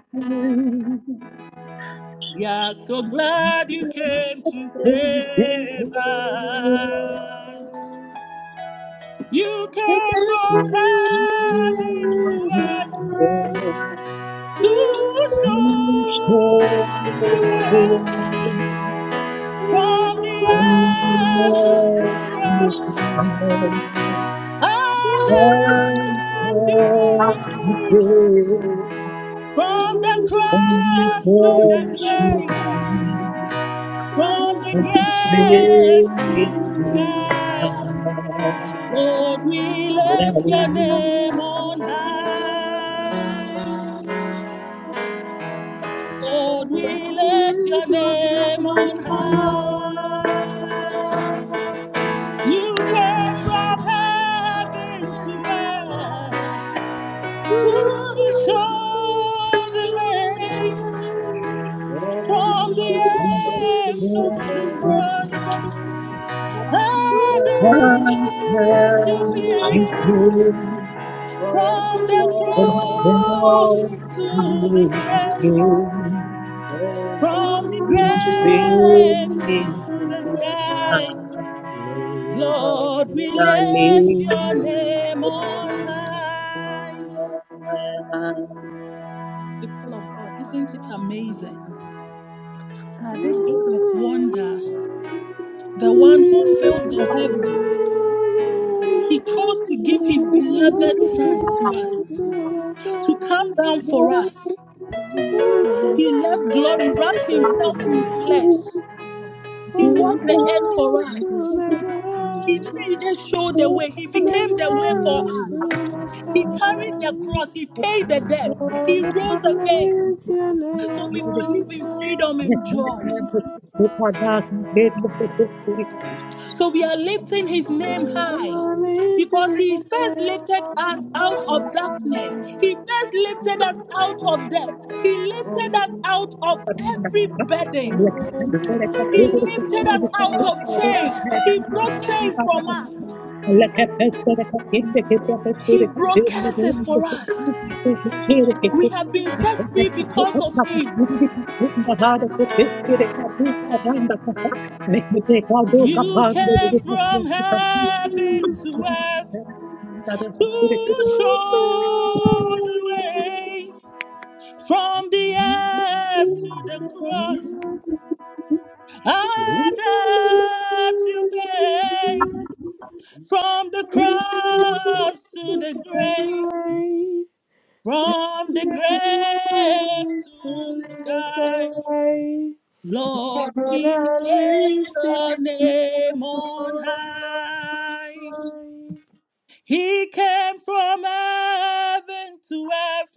S5: We are so glad you came to save us. You came from heaven to earth to show the
S8: your
S5: way
S1: you.
S8: places.
S1: Thank
S5: from the
S8: Thank
S5: earth to the cross. A debt you pay from the cross to the grave, from the grave to the sky. Lord, we lift your name on high. Lord, we lift your name on high. You came from heaven to earth to show the way
S1: you.
S12: From the
S5: from the
S12: cross to
S5: earth
S12: the victory,
S5: to the
S12: and
S5: cross.
S12: the
S5: And debt you paid from the cross
S8: you.
S5: to the grave. From the
S12: things you
S5: grave to
S12: can
S5: the sky,
S12: lay by
S5: Lord, we
S12: me.
S5: lift your name on high. People of God, isn't it amazing that this God of wonder, the one who fills the heavens, he chose to give his
S12: my
S5: beloved Son to us,
S12: sickness
S5: to come
S1: Thank you.
S5: down for us.
S1: On
S12: and my
S5: He left
S12: disease.
S5: glory,
S1: the
S5: wrapped himself in flesh. He walked the earth for
S1: flowers
S12: You give
S5: us.
S12: me
S1: to the
S5: He
S1: ground,
S5: didn't just show the way, he
S1: on the
S5: became the way for
S1: ground to
S5: us.
S1: the
S5: He carried the
S1: sky,
S5: cross. He paid the debt. He
S1: Lord,
S8: Thank
S5: rose again
S1: amaze your
S5: so
S1: name,
S5: we
S1: O
S5: could live in freedom and joy.
S1: Lord.
S5: So we are lifting his name high
S1: Amaze your
S5: because he first
S1: name,
S5: lifted us
S1: O
S5: out
S12: my
S5: of
S12: sickness
S5: darkness. He first
S12: and
S5: lifted us out of debt. He
S12: my
S5: lifted us out of
S12: disease.
S5: every burden. He lifted us out of chains. He broke
S12: I
S1: Lord.
S5: chains from us.
S8: La catastrofe attende che ti
S5: He
S8: apostore
S5: broke
S8: attende
S5: curses
S8: volando
S5: for us.
S8: possibile tu piacere che
S5: We
S8: tu
S5: have been
S8: ne
S5: set
S8: che te
S5: free
S8: fa
S5: because of
S8: tutta
S5: him.
S8: possibile che tu da hada che pescire che tu paranda che fa ne che te cado
S5: You
S8: capando di
S5: came
S8: pastor
S5: from
S8: che fa
S5: heaven to earth
S8: da da pastore che
S5: to
S1: Jesus,
S5: show the way from the earth to the cross. I
S1: O
S5: that to pay
S1: Lord.
S5: from the cross to the grave, from the grave to the sky. Lord, we lift your name on high. He came from heaven to earth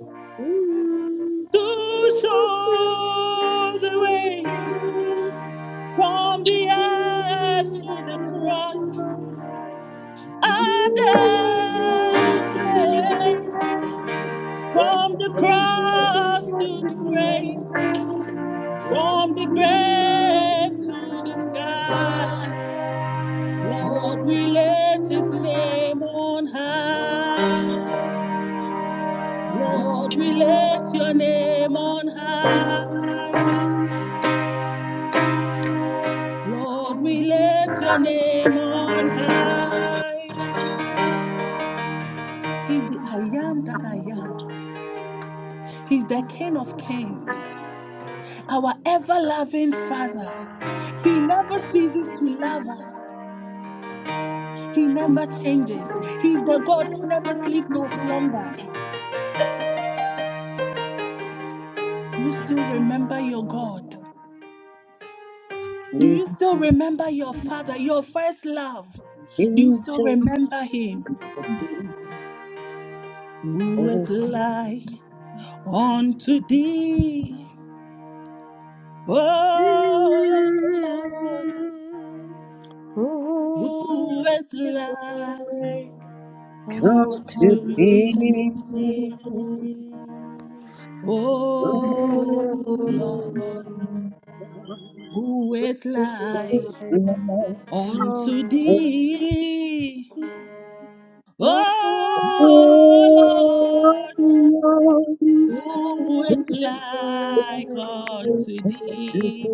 S5: to show the way from the earth to the cross. And death he paid. from the cross to the grave,
S1: Thank you.
S5: from the grave to the sky. Lord, we lift his name on high. Lord, we lift your name on high. Lord, we lift your name on high. He's the I am that I am. He's the King of Kings, our ever loving Father. He never ceases to love us, He never changes. He's the God who never sleeps nor slumber. Do you still remember your God? Do you still
S8: fa
S5: remember your Father, your first love? Do you
S8: Come
S5: still remember Him? Who is like unto thee? Oh Lord, who is like
S8: to
S5: unto
S8: be.
S5: thee? Oh Lord, who is like unto
S8: Oh,
S5: thee? Oh Lord, who is like unto thee?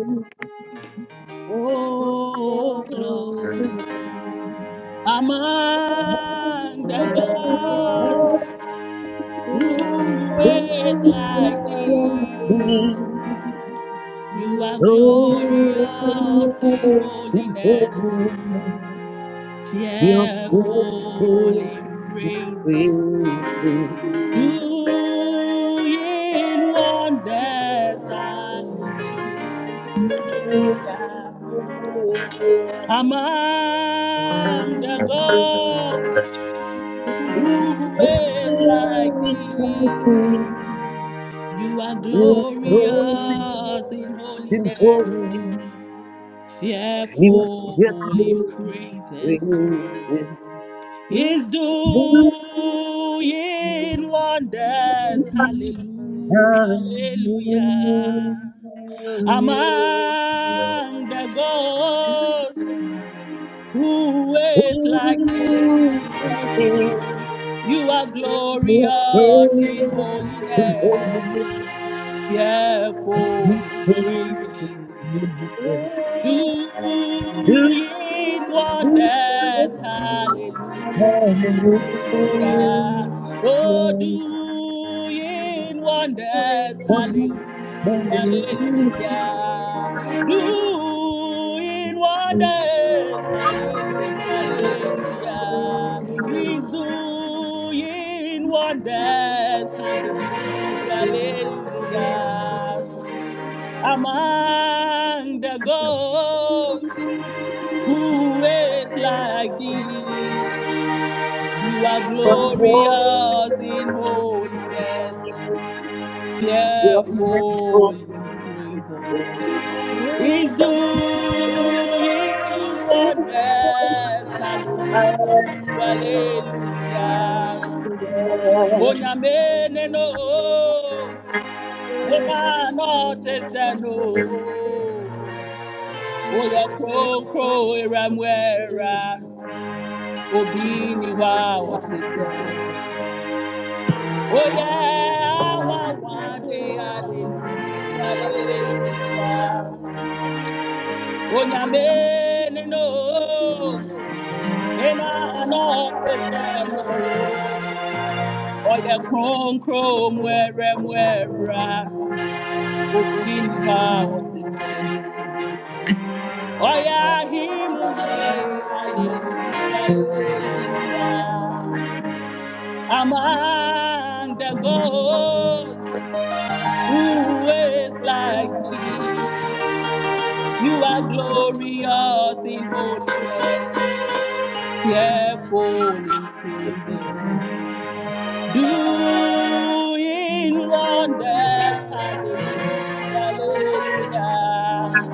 S5: Oh Lord,
S1: Oh, Amen. Amen. Amen.
S5: among the gods. Who is like thee? You are glorious in holiness, fearful in praises, doing wonders. Hallelujah. Among the gods, who is like thee? You are
S8: Your glory,
S5: glorious in
S8: your
S5: holiness
S8: glory, He was just
S5: fearful in praises,
S8: moving with
S5: is doing wonders. Hallelujah,
S8: Hallelujah.
S5: hallelujah. Among the gods, who is like
S8: Oh,
S5: thee?
S8: happy,
S5: You are glorious in
S8: glorious, and
S5: holiness,
S8: holy,
S5: fearful
S8: and
S5: in
S8: faithful.
S5: praises.
S8: Hallelujah. Hallelujah.
S5: doing wonders. Hallelujah.
S8: Hallelujah.
S5: Oh, doing wonders.
S8: One
S5: Hallelujah. Hallelujah. Doing wonders. Hallelujah. Hallelujah. He's doing wonders. Hallelujah. Hallelujah among the gods. Who is like thee? You are
S8: more.
S5: glorious in holiness,
S8: One more.
S5: fearful in praises.
S8: Amen.
S5: Is doing wonders. Hallelujah, hallelujah. Onyamene no, mena no teseno. Oye kronkro eramwera obi ni hwa ọtịsẹ. Oye awanwa wade. alelu aleluya. Onyame nino ena anọ no. Oye kronkro mwere mwera obi ni hwa ọtịsẹ no. Oya himu hine, hallelujah, hallelujah. among the gods who is like thee. You are glorious in holiness, fearful in praises, doing wonders. Hallelujah, hallelujah.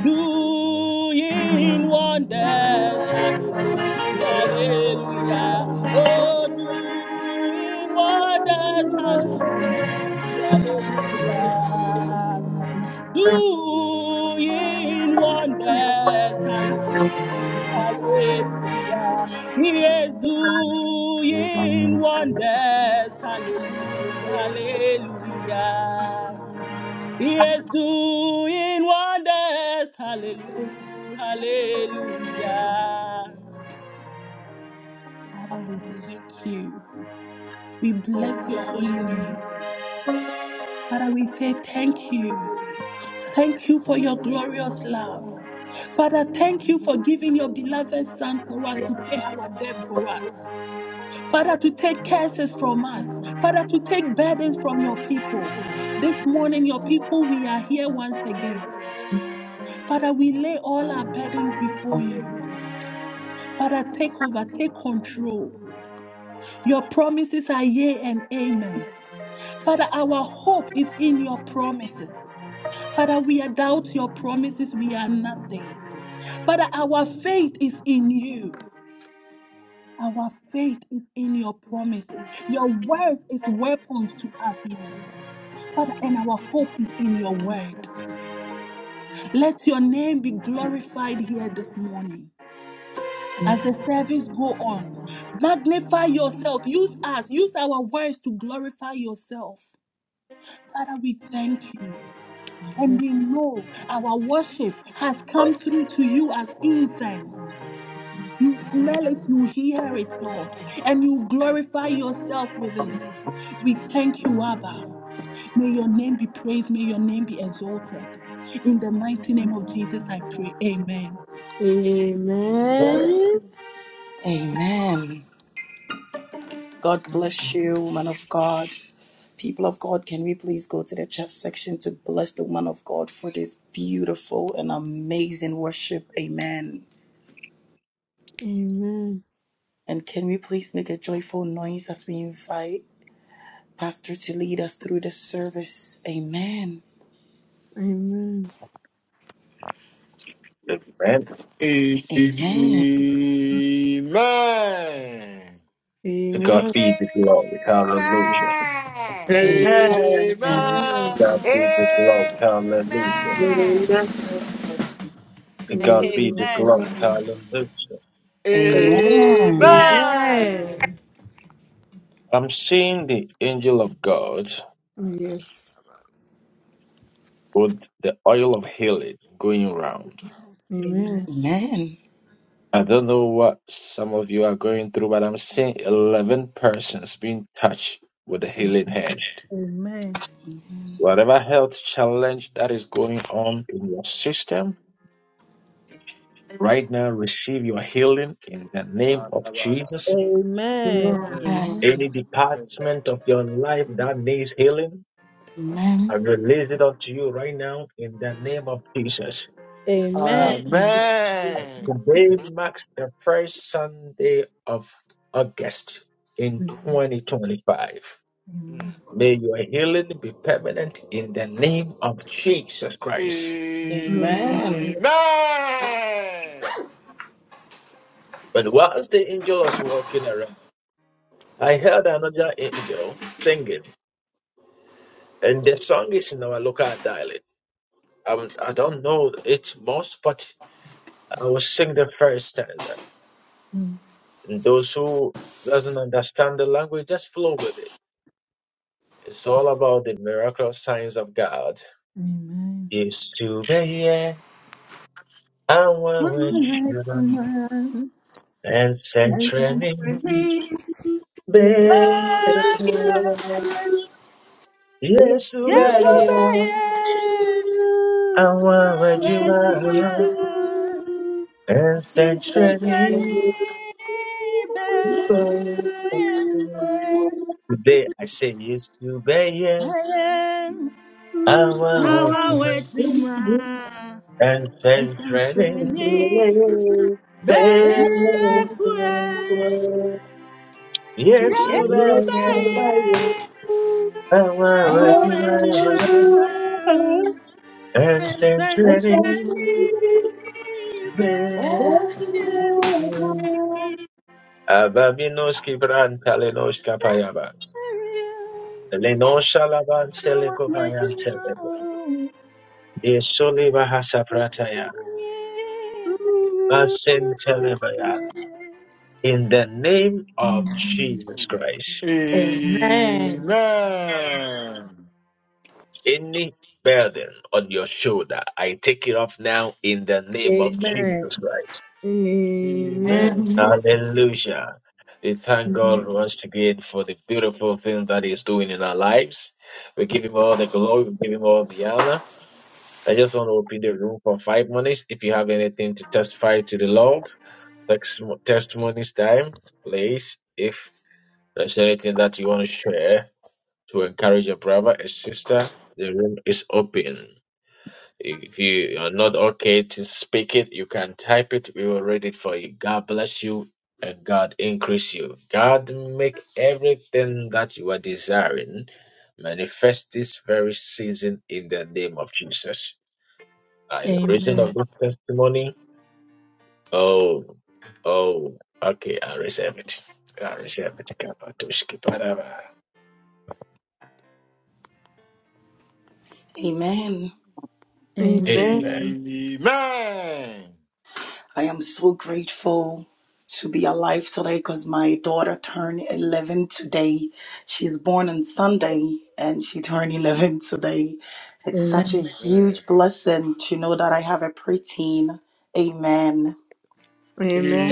S5: doing wonders. Hallelujah, hallelujah. Oh, doing wonders. Hallelujah, hallelujah. Doing wonders. Hallelujah, hallelujah. He is doing wonders. Hallelujah, hallelujah. He is doing wonders. Hallelujah. Hallelujah. Father, we thank you. We bless your holy name. Father, we say thank you. Thank you for your glorious love. Father, thank you for giving your beloved Son for us to pay our debt for us. Father, to take curses from us. Father, to take burdens from your people. This morning, your people, we are here once again. Father, we lay all our burdens before you. Father, take over, take control. Your promises are yea and amen. Father, our hope is in your promises. Father, we are doubt your promises, we are nothing. Father, our faith is in you. Our faith is in your promises. Your words is weapons to us, Lord. Father, and our hope is in your word. Let your name be glorified here this morning. as the service go on magnify yourself use us use our words to glorify yourself father we thank you and we know our worship has come through to you as incense you smell it you hear it lord and you glorify yourself with it we thank you abba may your name be praised may your name be exalted in the mighty name of jesus i pray amen
S3: Amen. God bless you, woman of God. People of God, can we please go to the chat section to bless the woman of God for this beautiful and amazing worship? Amen. And can we please make a joyful noise as we invite Pastor to lead us through the service? Amen.
S1: Amen.
S3: Amen.
S2: To God
S1: Amen.
S2: be the glory. Hallelujah.
S13: Amen.
S3: Amen.
S2: God be the glory. Hallelujah.
S13: Amen.
S2: To
S5: And
S2: God be the
S5: amen.
S2: glory.
S1: Amen.
S2: Hallelujah.
S3: Amen.
S5: Amen.
S4: Amen.
S1: Amen.
S2: I'm seeing the angel of God
S1: Yes.
S4: Amen.
S2: with the oil of healing going around.
S1: Amen.
S3: Amen.
S2: I don't know what some of you are going through, but I'm seeing 11 persons being touched with the
S5: amen
S2: healing hand.
S5: Amen.
S2: Whatever health challenge that is going on in your system, right now receive your healing in the
S4: Amen.
S2: name of Jesus.
S5: Amen.
S7: Amen.
S3: Amen.
S2: Any department of your life that needs healing, I release it unto you right now in the name of Jesus.
S5: Amen.
S3: Amen.
S4: Amen.
S2: Today marks the first Sunday of August in
S5: Amen.
S2: 2025.
S4: Mm.
S2: May your healing be permanent in the name of Jesus Christ.
S3: Amen.
S4: Amen.
S2: But whilst the angel was walking around, I heard another angel singing, and the song is in our local dialect. I, I don't know it most, but I will sing the first stanza.
S5: Mm.
S2: And those who doesn't understand the language just flow with it it's all about the miraculous signs of god
S5: Amen.
S2: is to be here I
S5: All
S2: want with
S5: right,
S2: you
S5: woman,
S2: and send
S5: and thank
S2: training
S5: you, Jesus
S2: Be with-
S5: Christ.
S2: Yes,
S5: Yes,
S2: Ubaya,
S5: obey. All
S2: with
S5: right,
S2: you
S5: woman,
S1: Amen.
S2: and send
S5: and thank you,
S2: training.
S5: baby.
S2: Be with- Today I say yes, Ubaya,
S5: I am
S2: with
S5: our
S2: you
S7: Oh,
S5: way to my
S2: and send training.
S5: and Bekwe,
S2: Yeshua,
S5: Yasubeye,
S2: our
S7: Lord, you
S5: Awamedua,
S2: Jehovah, and sanctuary,
S5: Esanchani, be
S7: are
S2: Ababinos kibran talenos kapayabas. Lenos shalaban telekobayan telebe.
S5: awamedua
S2: Yesholi bahasa prataya. Masen telebaya. In the name of
S5: Amen.
S2: Jesus Christ,
S4: Amen. Amen. Amen.
S5: Amen.
S4: Amen.
S2: any burden on your shoulder, I take it off now in the name of
S5: Amen.
S2: Jesus Christ.
S1: Amen.
S7: enemy.
S2: Hallelujah. We thank God once again for the beautiful thing that He's doing in our lives. We give Him all the glory, we give Him all the honor. I just want to open the room for five minutes. If you have anything to testify to the Lord, text- testimonies time, please. If there's anything that you want to share to encourage your brother, a sister, the room is open. If you are not okay to speak it, you can type it. We will read it for you. God bless you and God increase you. God make everything that you are desiring manifest this very season in the name of Jesus. By the reason of
S5: Amen.
S2: this testimony, oh, oh, okay, I reserve it. I reserve it. Kapatoshkipadaba.
S3: Amen.
S1: Amen.
S2: Amen.
S4: Amen.
S3: I am so grateful to be alive today because my daughter turned 11 today. She's born on Sunday and she turned 11 today. It's such a
S5: Amen.
S3: huge blessing to know that I have a preteen. Amen.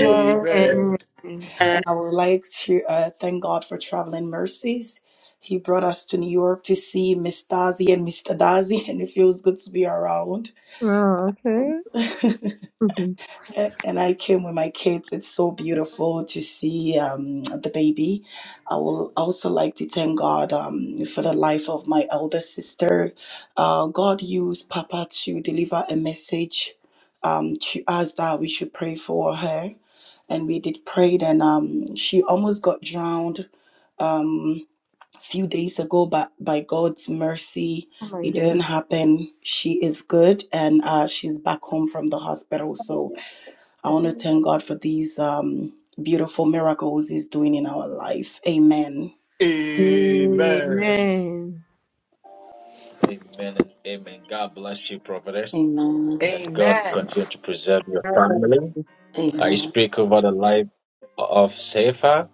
S2: Amen.
S3: And I would like to uh, thank God for traveling mercies. He brought us to New York to see Miss Dazi and Mr. Dazi, and it feels good to be around.
S1: Oh, okay. Mhm.
S3: A- and I came with my kids. It's so beautiful to see um, the baby. I will also like to thank God um, for the life of my elder sister. Uh, God used Papa to deliver a message um, to us that we should pray for her, and we did pray. And um, she almost got drowned. Um, a few days ago but by god's mercy
S1: oh my
S3: it
S1: God.
S3: didn't happen she is good and uh, she's back home from the hospital so I want to thank God for these um, beautiful miracles He's doing in our life. Amen.
S1: Amen.
S2: Amen and amen. God bless you, prophetess.
S3: Amen.
S2: That God
S13: Amen.
S2: continue to preserve your
S11: Amen.
S2: family. I
S3: Amen.
S2: speak over the life of Sefa,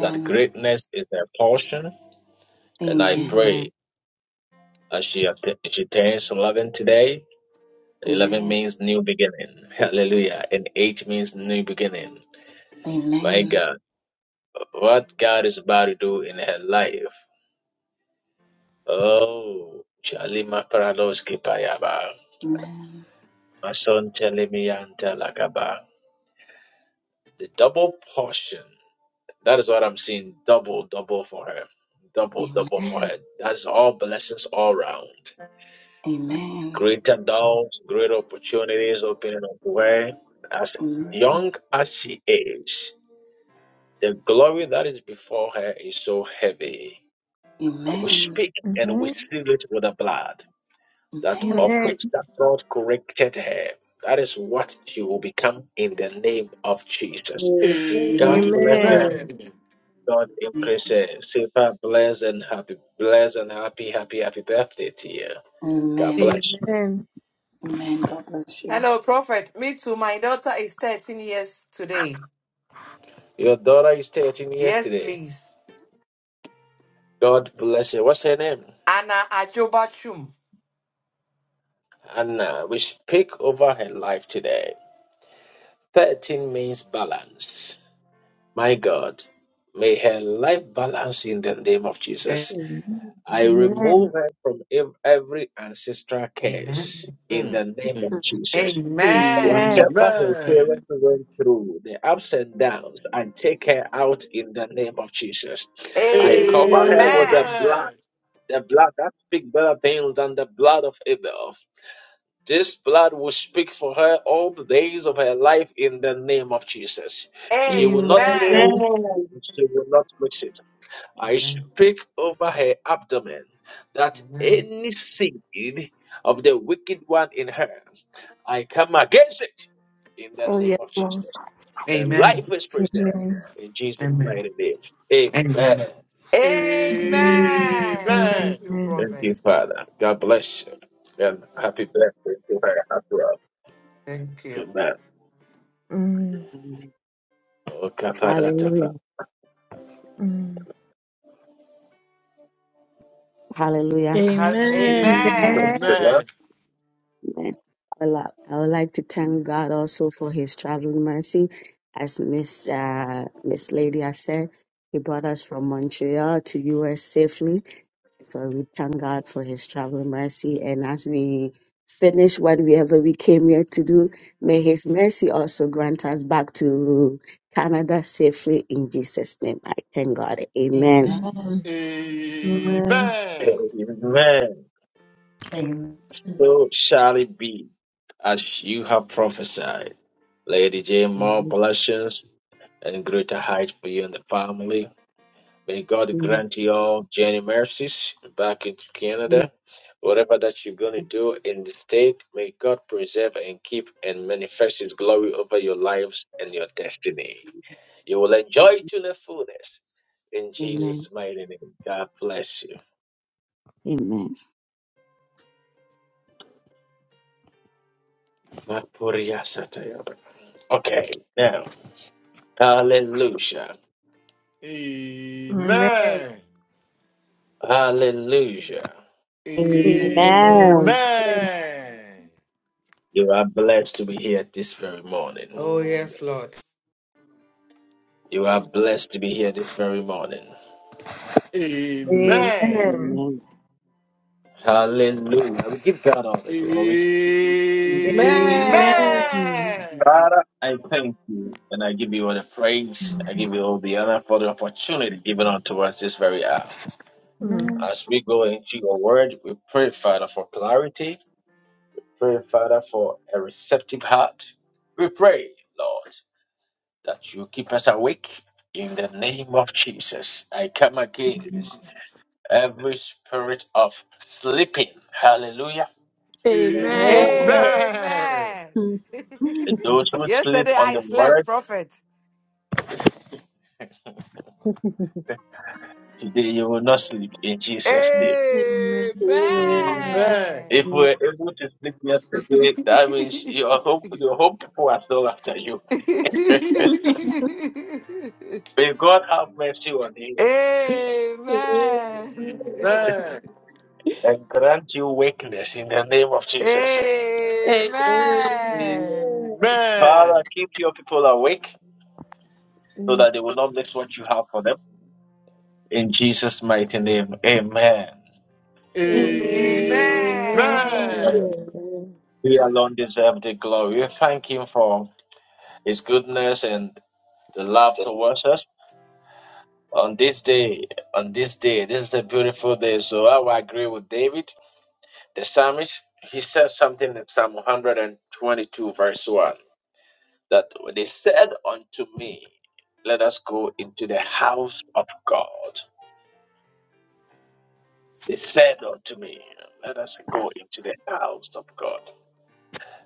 S2: that greatness is their portion. And I
S3: Amen.
S14: Amen.
S2: pray as she, atta- she turns 11 today, 11
S3: Amen.
S2: means new beginning. Hallelujah. And 8 means new beginning. My
S3: Amen.
S2: God, what God is about to do in her life. Oh, Shalima Paradoski Payaba.
S3: Amen.
S2: My son Telemiyanta Lakaba. The double portion. That is what I'm seeing. Double, double for her. Double, double for
S3: Amen.
S2: her. That's all blessings all round.
S3: Amen.
S2: Greater doubts, great opportunities opening up to her. As
S3: Amen.
S2: young as she is, the glory that is before her is so heavy. But we
S3: Amen.
S2: speak and we
S1: Amen.
S2: seal it with the blood that
S3: Amen.
S2: of
S1: Amen.
S2: which that God corrected her. That is what she will become in the name of Jesus.
S11: Amen.
S2: God bless
S1: Amen.
S2: her. God increases. Sifa, bless and happy, bless and happy, happy, happy birthday to you.
S3: Amen.
S2: God
S3: Amen.
S2: bless you.
S1: Amen.
S3: Amen. God bless you.
S13: Hello, Prophet. Me too. My daughter is 13 years today.
S2: Your daughter is 13
S13: Yes,
S2: yesterday.
S13: please.
S2: God bless her. What's her name?
S13: Anna Ajobachum.
S2: Anna. We speak over her life today. 13 means balance. My God, may her life balance in the name of
S13: A-
S2: Jesus. I
S1: Amen.
S2: remove her from ev- every ancestral
S13: Amen.
S2: curse in the name of
S1: Jesus.
S2: Jesus.
S13: Amen.
S1: Amen.
S4: Amen. Amen. Mm.
S2: Whatever her
S4: Amen.
S2: parents went through, the ups and downs, I take her out in the name of Jesus. I
S13: Amen.
S2: cover her with
S11: Amen.
S2: the blood,
S4: Amen.
S2: the blood that speaks better things than the blood of Abel. This blood will speak for her all the days of her life in the name of Jesus. She will not
S13: Amen.
S1: Amen.
S2: fail,
S11: Amen.
S2: and she will not miss it. I
S13: Amen.
S2: speak over her abdomen that
S13: Amen. Amen.
S2: any seed of the wicked one in her, I come against it in the
S1: Oh
S2: name
S1: yes,
S2: of
S1: Lord.
S2: Jesus. Her
S13: Amen.
S2: life is preserved
S1: Amen.
S2: in Jesus' mighty name.
S13: Amen.
S2: Amen.
S1: Amen.
S13: Amen. Thank
S4: Amen.
S13: you,
S1: Amen.
S2: Thank you,
S13: Prophet.
S2: Father. God bless you. And happy birthday to her as well.
S13: Thank you.
S2: Amen.
S1: Amen.
S14: Amen.
S2: Oh,
S14: Hallelujah.
S2: kaparatapa.
S1: Amen.
S14: Hallelujah.
S13: Ha-
S5: Amen.
S1: Amen.
S13: Amen.
S2: Praise the Lord.
S4: Amen.
S14: Amen. I would, li- I would like to thank God also for his traveling mercy. As Miss uh, Miss Lady has said, he brought us from Montreal to US safely. So we thank God for his traveling mercy. And as we finish whatever we came here to do, may his mercy also grant us back to Canada safely in Jesus' name. I thank God. Amen.
S3: Amen.
S4: Amen.
S2: Amen.
S3: Amen.
S2: So shall it be, as you have prophesied. Lady Jane, more
S14: Amen.
S2: blessings and greater heights for you and the family. May God grant you all journey mercies back into Canada. Whatever that you're going to do in the state, may God preserve and keep and manifest His glory over your lives and your destiny. You will enjoy to the fullness. In
S14: Amen.
S2: Jesus' mighty name, God bless you.
S14: Amen.
S2: Okay, now Hallelujah.
S1: Amen.
S4: Amen.
S2: Hallelujah.
S14: Amen.
S1: Amen.
S4: Amen.
S2: You are blessed to be here this very morning.
S13: Oh,
S4: Oh,
S13: yes, Lord.
S4: yes.
S2: You are blessed to be here this very morning.
S14: Amen.
S4: Amen.
S1: Amen.
S2: Hallelujah. We give God all the glory.
S14: Amen.
S13: Amen.
S1: Amen.
S14: Amen.
S4: Amen.
S2: Father, I thank you and I give you all the praise. I give you all the honor for the opportunity given unto us this very hour.
S1: Mm.
S5: Amen.
S2: As we go into your word, we pray, Father, for clarity. Pray, Father, for a receptive heart. We pray, Lord. that you keep us awake in the name of Jesus. I come against every spirit of sleeping. Hallelujah.
S5: Amen.
S4: Amen.
S13: Amen.
S5: Mm.
S2: And Those who sleep
S13: Yesterday
S2: on
S13: I
S2: the
S13: slept,
S2: word,
S13: prophet.
S2: today you will not sleep in Jesus' name.
S4: Amen.
S1: Amen.
S4: Amen.
S2: If
S13: Amen.
S2: we were able to sleep yesterday, that means your hope, your hope people are still after you. May God have mercy on you
S13: Amen.
S4: Amen.
S2: and grant you wakeness in the name of Jesus.
S13: Amen.
S2: Father, keep your people awake so
S1: Mm.
S2: that they will not miss what you have for them. In Jesus' mighty name, amen.
S13: Amen.
S4: Amen.
S1: Amen.
S2: He alone deserves the glory. We thank Him for His goodness and the love towards us. On this day, on this day, this is a beautiful day. So I will agree with David, the psalmist. He says something in Psalm 122, verse 1, that when they said unto me, Let us go into the house of God. They said unto me, Let us go into the house of God.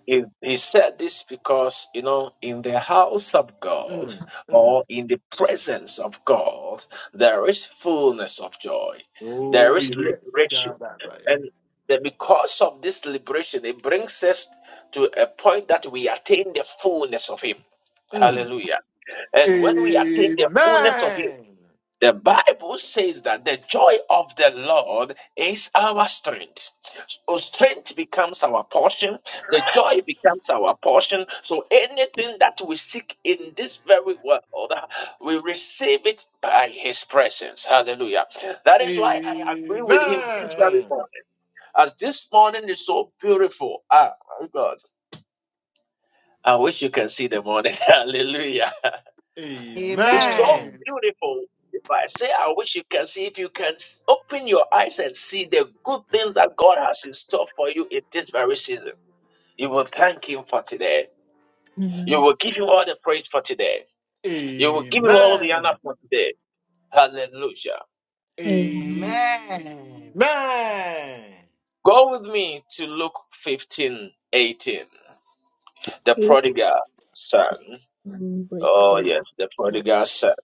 S2: He, he said this because, you know, in the house of God
S4: Mm. mm.
S2: or in the presence of God, there is fullness of joy, there
S4: Oh,
S2: is
S4: yes.
S2: liberation.
S4: Shabbat.
S2: And that because of this liberation, it brings us to a point that we attain the fullness of Him.
S4: Mm.
S2: Hallelujah. And when we attain the fullness of Him,
S4: Amen.
S2: the Bible says that the joy of the Lord is our strength. So strength becomes our portion. The joy becomes our portion. So anything that we seek in this very world, we receive it by His presence. Hallelujah. That is why I agree with Him this very
S4: Amen.
S2: morning. As this morning is so beautiful. Ah, my God. I wish you can see the morning. Hallelujah. It's so
S4: Amen.
S13: Amen.
S2: beautiful. If I say, I wish you can see, if you can s- open your eyes and see the good things that God has in store for you in this very season, you will thank Him for today.
S5: Amen.
S2: You will give Him all the praise for today. You will
S4: Amen.
S2: give Him all the honor for today. Hallelujah.
S5: Amen.
S13: Amen.
S4: Amen.
S2: Go with me to Luke fifteen eighteen. the
S5: Luke
S2: prodigal son.
S5: 1 verse
S2: Oh,
S5: 8.
S2: yes, the prodigal son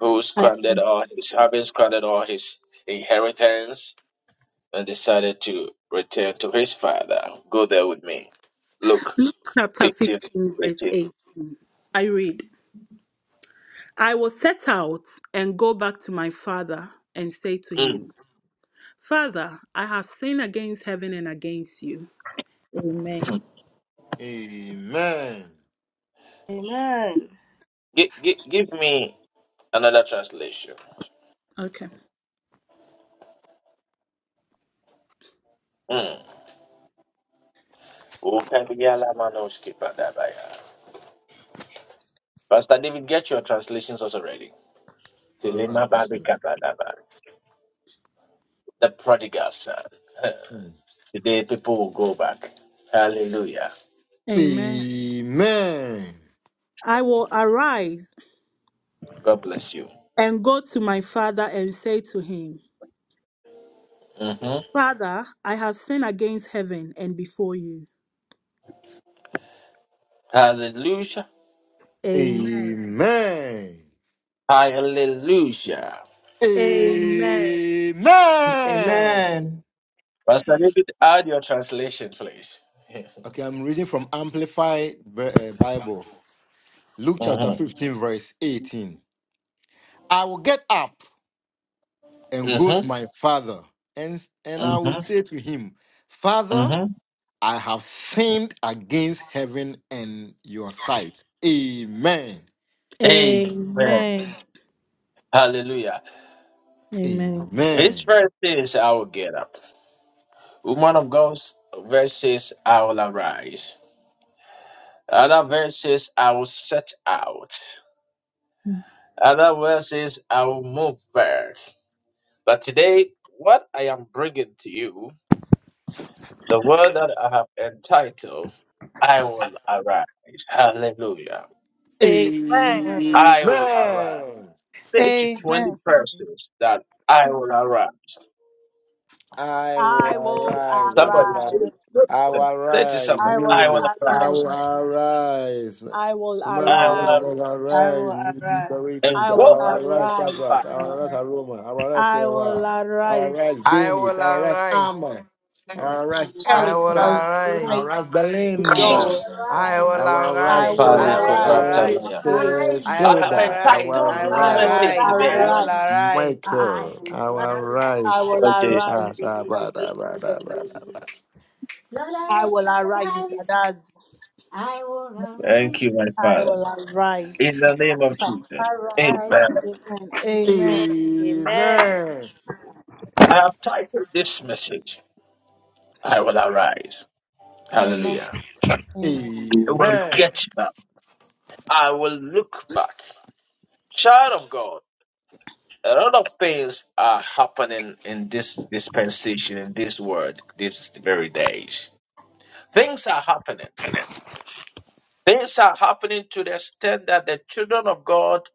S2: who
S5: I-
S2: squandered all his, having squandered all his inheritance and decided to return to his father. Go there with me. Luke
S5: Luke chapter
S2: 15,
S5: 15, verse
S2: 18.
S5: 8. I read, I will set out and go back to my father and say to him,
S2: Mm.
S5: Father, I have sinned against heaven and against you. Amen.
S4: Amen.
S15: Amen.
S2: G- g- give me another translation.
S5: Okay.
S2: Mm. Pastor David, get your translations also ready.
S4: All right,
S2: Telema babi
S4: Pastor.
S2: The prodigal son.
S4: Mm.
S2: Today people will go back. Hallelujah.
S5: Amen.
S4: Amen.
S5: I will arise
S2: God bless you.
S5: and go to my father and say to him,
S2: hmm
S5: Father, I have sinned against heaven and before you.
S2: Hallelujah.
S5: Amen.
S4: Amen.
S2: Hallelujah.
S5: Amen.
S4: Amen.
S11: Amen.
S2: Pastor David, add your translation, please.
S4: Okay, I'm reading from Amplified Bi- uh, Bible. Luke chapter
S2: Mm-hmm.
S4: 15, verse 18. I will get up and go to
S2: Mm-hmm.
S4: my father, and, and I will
S2: Mm-hmm.
S4: say to him, Father,
S2: Mm-hmm.
S4: I have sinned against heaven and your sight. Amen.
S2: Amen.
S5: Amen.
S2: Hallelujah.
S5: Amen.
S2: This
S4: Amen.
S2: verse says, I will get up. Woman of God, verse says, I will arise. Other verse says, I will set out. Other verse says, I will move back. But today, what I am bringing to you, the word that I have entitled, I will arise. Hallelujah.
S5: Amen.
S15: Amen.
S2: I will arise.
S4: Amen.
S2: Say to 20
S5: Amen.
S2: persons that I will arise.
S4: I will
S5: I will
S4: arrive at
S2: Somebody
S4: the
S2: say,
S5: arise.
S2: look at
S4: I will
S2: them. Say to
S4: arise
S2: somebody,
S5: I
S2: I
S5: will
S2: want
S4: newly.
S2: to
S4: I
S5: arise.
S4: will
S2: rise.
S4: arise.
S5: I will
S2: I
S4: Human will
S2: want
S4: not
S5: arise.
S15: I will
S4: arise. You be very
S15: arise.
S2: to and
S5: I
S4: future.
S5: will
S4: I
S2: go back
S4: will
S2: to
S4: arise
S5: arise.
S2: my
S4: Shadrach. I
S15: I
S4: will
S15: will
S4: arise
S15: arise.
S4: Aroma. I will arise
S5: I will
S4: Sewa. I
S5: arise.
S4: will arise
S13: I will
S4: Benis. I will arise
S13: arise.
S4: Amma. I will arise
S5: I
S13: I
S5: will
S13: will
S4: Erica. I will
S13: arise.
S5: arise,
S4: arise
S1: I
S15: I
S1: will
S4: Belinda.
S5: Lord.
S15: will
S13: I will
S4: I
S1: arise.
S4: will
S5: I
S4: arise
S13: arise.
S5: will
S2: father.
S13: I
S2: Paliko
S13: will
S1: I
S5: arise,
S1: will
S13: arise.
S5: Lady
S2: Bratalaya.
S5: Grey.
S4: Prophetess
S13: I
S1: arise.
S2: I
S13: will
S2: have
S4: Hilda. I will
S13: arise.
S2: entitled
S13: I
S2: this
S1: I
S13: will
S5: I
S1: will
S4: arise
S5: will
S2: message
S13: arise.
S2: today.
S13: I will
S5: arise.
S1: arise.
S13: arise.
S1: I
S4: Michael. I
S1: will
S4: will
S5: I
S4: arise.
S1: arise.
S5: will
S2: Oh, Jesus.
S5: arise,
S4: Ah, da,
S5: Mr.
S4: ba, da, ba, da,
S5: Clinton.
S4: ba, da, ba.
S1: Lord, I
S5: I
S1: will
S5: will arise, Mr.
S1: arise.
S5: Daz.
S1: I will arise.
S2: Thank you, my
S5: I
S2: Father.
S5: will arise.
S2: In the name of Jesus. Amen.
S5: Amen. Amen.
S4: Amen.
S2: I have titled this message, I will arise.
S5: Amen.
S2: Hallelujah.
S5: Amen.
S2: I will
S4: Amen.
S2: get back. I will look back. Child of God. a lot of things are happening in this dispensation, in this world, these very days. Things are happening. Things are happening to the extent that the children of God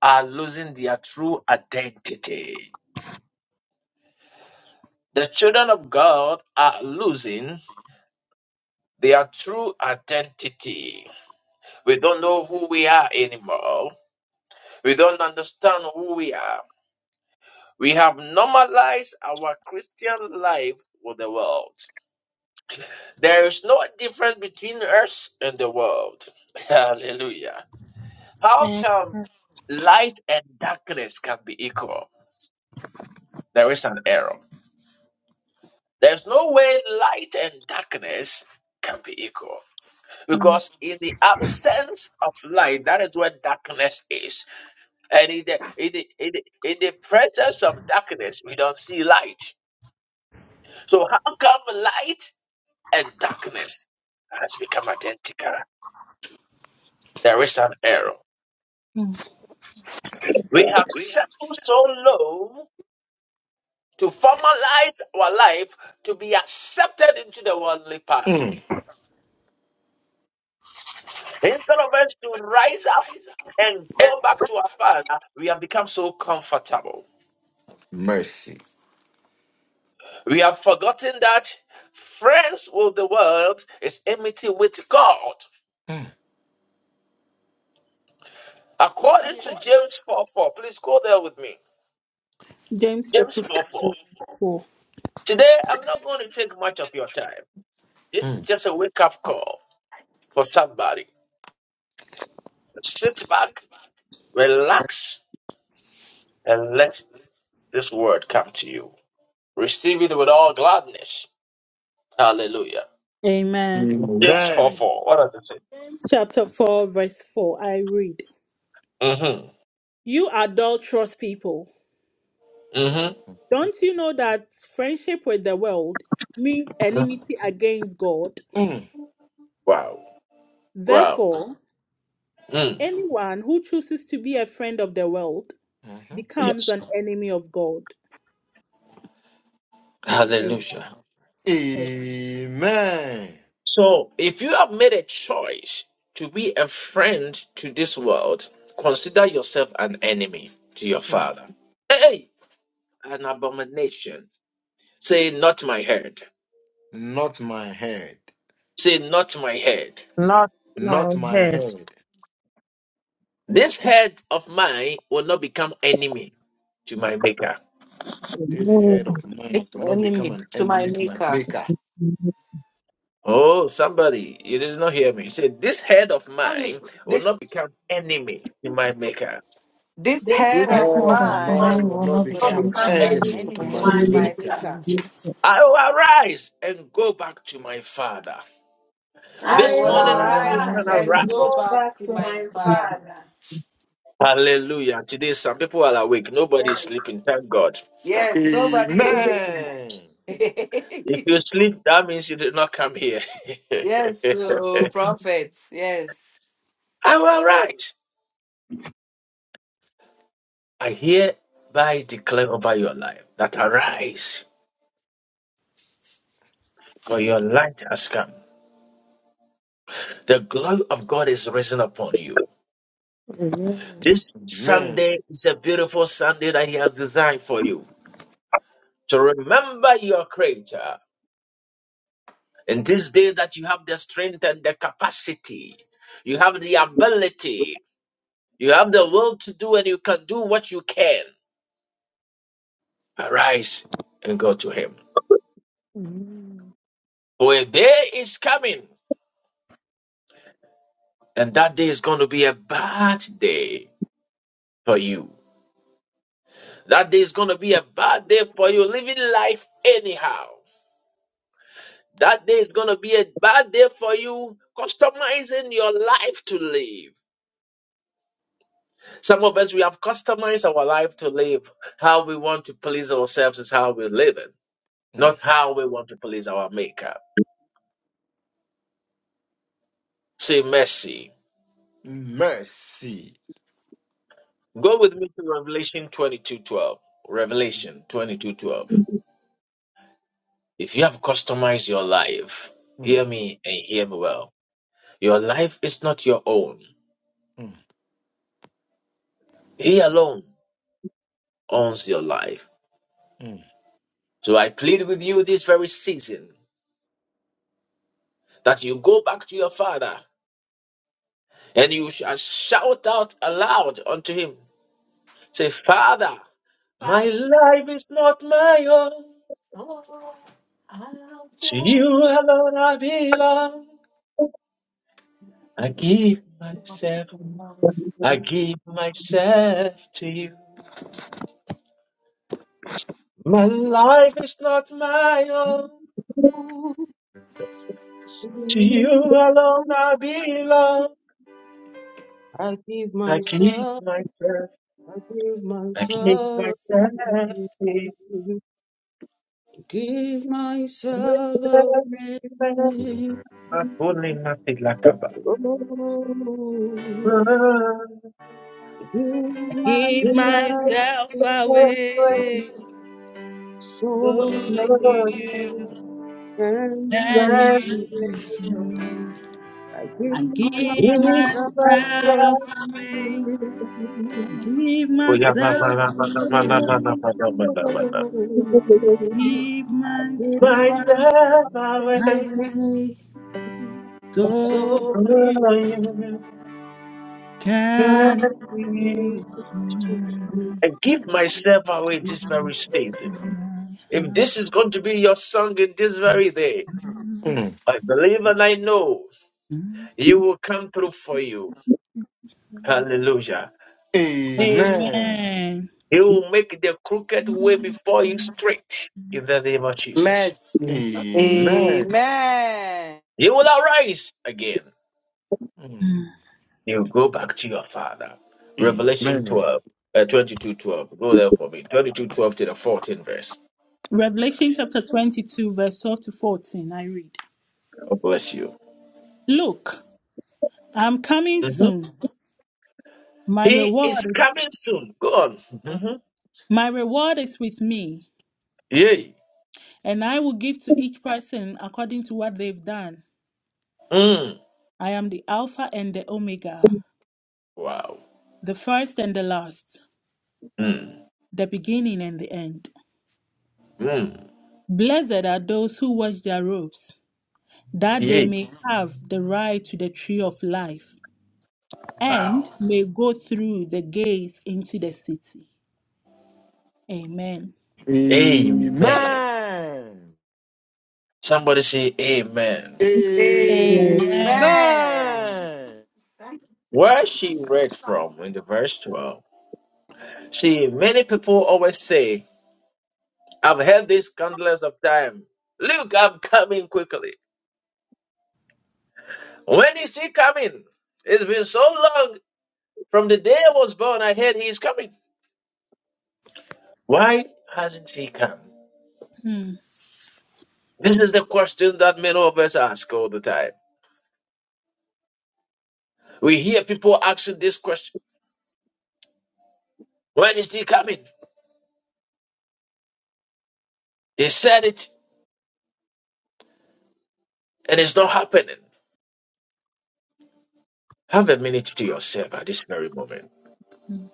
S2: are losing their true identity. The children of God are losing their true identity. We don't know who we are anymore. We don't understand who we are. We have normalized our Christian life with the world. There is no difference between us and the world. Hallelujah. How
S5: Amen.
S2: come light and darkness can be equal? There is an error. There's no way light and darkness can be equal.
S5: Mm.
S2: Because in the absence of light, that is where darkness is. And in the, in the, in the, in the presence of darkness, we don't see light. So how come light and darkness has become identical? There is an error.
S5: mm.
S2: We have settled so low to formalize our life to be accepted into the worldly pattern.
S4: Mm,
S2: Instead of us to rise up and go back to our Father, we have become so comfortable.
S4: mercy.
S2: We have forgotten that friends with the world is enmity with God.
S4: Mm,
S2: According to James 4 4, please go there with me.
S5: James chapter
S2: James
S5: 4,
S2: 4 4.
S5: verse 4.
S2: Today, I'm not going to take much of your time. This is
S4: mm.
S2: just a wake up call for somebody. Sit back Relax and let this word come to you. Receive it with all gladness. Hallelujah.
S5: Amen.
S2: James 4
S4: Amen.
S2: 4. What does it
S5: James chapter 4, verse 4. I read
S2: say? Mm-hmm.
S5: You adulterous people,
S2: Mm-hmm.
S5: don't you know that friendship with the world means enmity against God?
S4: Mm.
S2: Wow. Wow.
S5: Therefore,
S2: Mm.
S5: anyone who chooses to be a friend of the world
S4: mhm.
S5: becomes
S2: Yes.
S5: an enemy of God. Amen.
S2: Hallelujah.
S4: Amen.
S2: So if you have made a choice to be a friend to this world, consider yourself an enemy to your
S4: Mm.
S2: father. Hey, an abomination. Say not my head.
S4: Not my head.
S2: Say not my head.
S11: Not my
S4: Not my
S11: head.
S4: head.
S2: This head of mine will not become enemy to my maker.
S4: This head
S11: Amen.
S4: of mine
S13: This
S4: will not become
S13: enemy
S4: an
S13: to my
S4: enemy to my
S13: maker.
S4: maker.
S2: Oh, somebody, you did not hear me. He said, This head of mine will
S13: This,
S2: not become enemy to my maker.
S13: this head
S4: This
S13: of
S7: This
S4: head
S7: word
S4: of
S7: of
S4: mine
S7: mine
S13: mine
S4: will
S7: will
S4: not
S7: not
S13: will
S4: become
S13: not
S4: an
S7: become
S13: become an
S7: enemy
S4: enemy to
S13: enemy
S7: today.
S4: my
S13: to
S11: Amen.
S13: my
S4: maker.
S13: maker.
S2: I will arise and go back to my father.
S13: I
S1: I
S2: This
S13: will
S7: I
S1: will
S2: morning,
S7: will
S2: if you
S13: arise
S2: can
S7: arise
S1: arise
S7: and
S13: and
S1: and
S7: be
S13: go
S2: arise,
S1: go
S13: back
S1: back
S13: to
S1: to
S13: my
S1: my
S13: father.
S1: father.
S2: hallelujah. Today, some people are awake. Nobody is sleeping. Thank God.
S13: Yes, nobody is
S1: Amen.
S13: sleeping.
S4: Amen.
S2: If you sleep, that means you did not come here.
S13: Yes, oh, prophets. Yes.
S2: I will arise. I hereby declare over your life that arise. for your light has come. The glory of God is risen upon you.
S11: Amen.
S2: This
S4: Amen.
S2: Sunday is a beautiful Sunday that He has designed for you to remember your Creator. In this day that you have the strength and the capacity, you have the ability, you have the will to do, and you can do what you can. Arise and go to Him.
S11: Amen.
S2: For a day is coming, and that day is going to be a bad day for you. That day is going to be a bad day for you, living life anyhow. That day is going to be a bad day for you, customizing your life to live. Some of us, we have customized our life to live. How we want to please ourselves is how we're living, not
S4: Mhm.
S2: how we want to please our maker. Say mercy.
S4: Mercy.
S2: Go with me to Revelation 22:12. Revelation 22:12. If you have customized your life,
S4: Mm,
S2: hear me and hear me well. Your life is not your own. He alone. owns your life.
S4: mm,
S2: So I plead with you this very season that you go back to your father and you shall shout out aloud unto him. Say, Father,
S4: Oh,
S2: my life is not my own.
S4: I'll
S2: To you
S4: just
S2: alone I belong. I give myself, I give myself to you. My life is not my own. To you alone I belong.
S12: give
S2: I give
S12: myself,
S2: myself,
S12: I give
S2: I give
S12: myself,
S2: myself to you.
S12: give myself away.
S2: Makuli matilakaba.
S12: Oh, Give
S5: Give
S12: myself
S5: myself
S12: to you,
S5: away. So
S12: so
S5: you can
S12: thirsty.
S5: use me.
S12: I give
S5: I give
S12: myself to you.
S5: myself
S12: Give
S5: away.
S12: myself to
S5: I
S12: you,
S5: give
S2: Oya
S12: Give
S2: ma ma ma
S5: myself
S2: ma ma ma
S5: away,
S2: ma ma ma
S5: Lord.
S2: ma ma ma ma
S5: Give myself
S2: My
S12: myself
S2: son, my way,
S12: to
S5: away.
S12: you, so
S5: So you
S2: oh,
S12: thirsty.
S5: can
S2: you
S5: use me.
S2: I give myself away this very season.
S5: My
S2: If
S5: heart.
S2: this is going to be your song in this very day,
S4: Mm.
S2: I believe and I know He will come through for you. Hallelujah.
S4: Amen.
S5: Amen.
S2: He will make the crooked way before you straight in the name of Jesus.
S13: Mercy.
S5: Amen.
S4: Amen.
S13: Amen.
S2: You will arise again.
S4: Mm.
S2: You go back to your father. Revelation
S4: Amen.
S2: 12, uh, 22 twelve. Go there for me. 22 12 to the 14th verse.
S5: Revelation chapter 22, verse 12 to 14. I read,
S2: God bless you.
S5: Look, I'm coming
S2: hmm
S5: soon. My
S2: He
S5: reward
S2: is
S5: is
S2: coming soon. Go on.
S4: Mhm.
S2: hmm
S5: my reward is with me,
S2: Yay.
S5: and I will give to each person according to what they've done.
S2: Mm.
S5: I am the Alpha and the Omega,
S2: Wow.
S5: the first and the last,
S2: Mm.
S5: the beginning and the end.
S2: Mm.
S5: Blessed are those who wash their robes, that they
S2: Yay.
S5: may have the right to the tree of life, and
S2: Wow.
S5: may go through the gates into the city. Amen.
S2: Amen.
S4: Amen.
S2: Somebody say amen.
S5: Amen.
S13: Amen.
S4: Amen.
S2: Where she read from in the verse 12 See, many people always say, I've heard this countless of time. Look, I'm coming quickly. When is he coming? It's been so long. From the day I was born, I heard he is coming. Why hasn't he come?
S5: Hmm,
S2: This is the question that many of us ask all the time. We hear people asking this question When is he coming? He said it, and it's not happening. Have a minute to yourself at this very moment.
S5: hmm,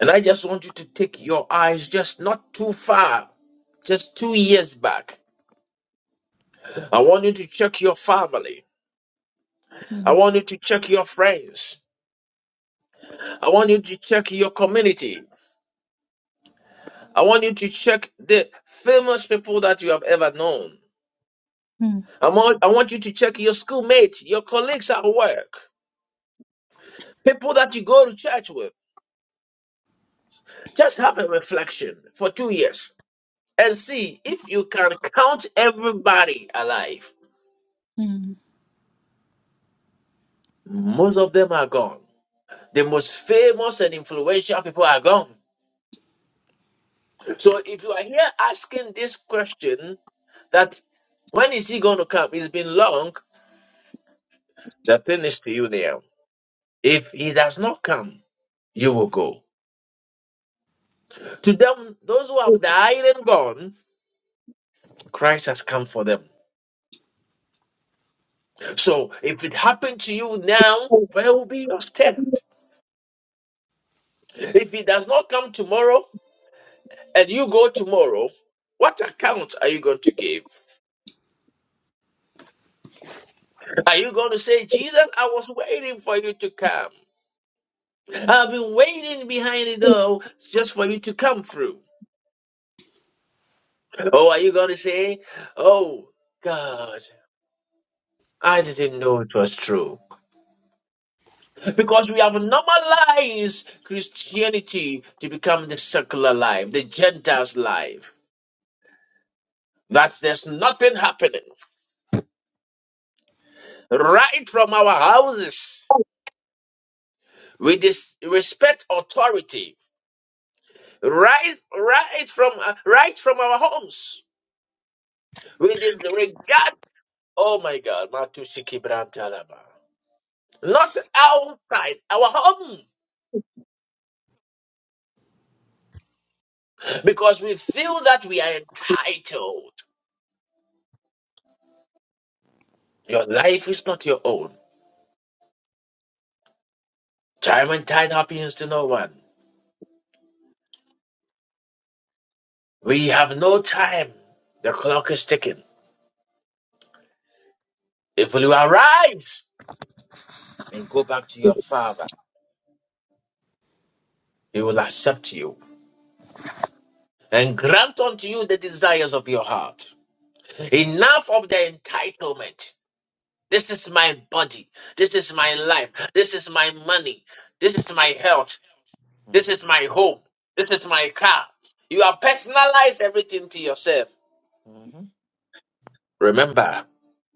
S2: And I just want you to take your eyes just not too far, just two years back I want you to check your family. I
S5: hmm,
S2: want you to check your friends. I want you to check your community. I want you to check the famous people that you have ever known.
S5: hmm,
S2: I want, I want you to check your schoolmates, your colleagues at work, people that you go to church with. Just have a reflection for two years and see if you can count everybody alive.
S5: hmm.
S2: Most of them are gone. The most famous and influential people are gone. So if you are here asking this question, that when is he going to come? It's been long. The thing is to you there. If he does not come, you will go. To them, those who have died and gone, Christ has come for them. So if it happened to you now, where will be your stand? If he does not come tomorrow and you go tomorrow, what account are you going to give? Are you going to say, Jesus, I was waiting for you to come? I've been waiting behind the door just for you to come through. Oh, are you going to say, Oh, God, I didn't know it was true? Because we have normalized Christianity to become the secular life, the Gentiles' life. That's there's nothing happening. Right from our houses, we dis- respect authority. Right, right from uh, right from our homes, we disregard. Oh my God, Matushiki Brantalaba. not outside our home, because we feel that we are entitled. Your life is not your own. Time and tide happens to no one. We have no time. The clock is ticking. If you arise and go back to your father, he will accept you and grant unto you the desires of your heart. Enough of the entitlement. This is my body. This is my life. This is my money. This is my health. This
S4: Mm.
S2: is my home. This is my car. You have personalized everything to yourself.
S4: Mhm.
S2: Remember,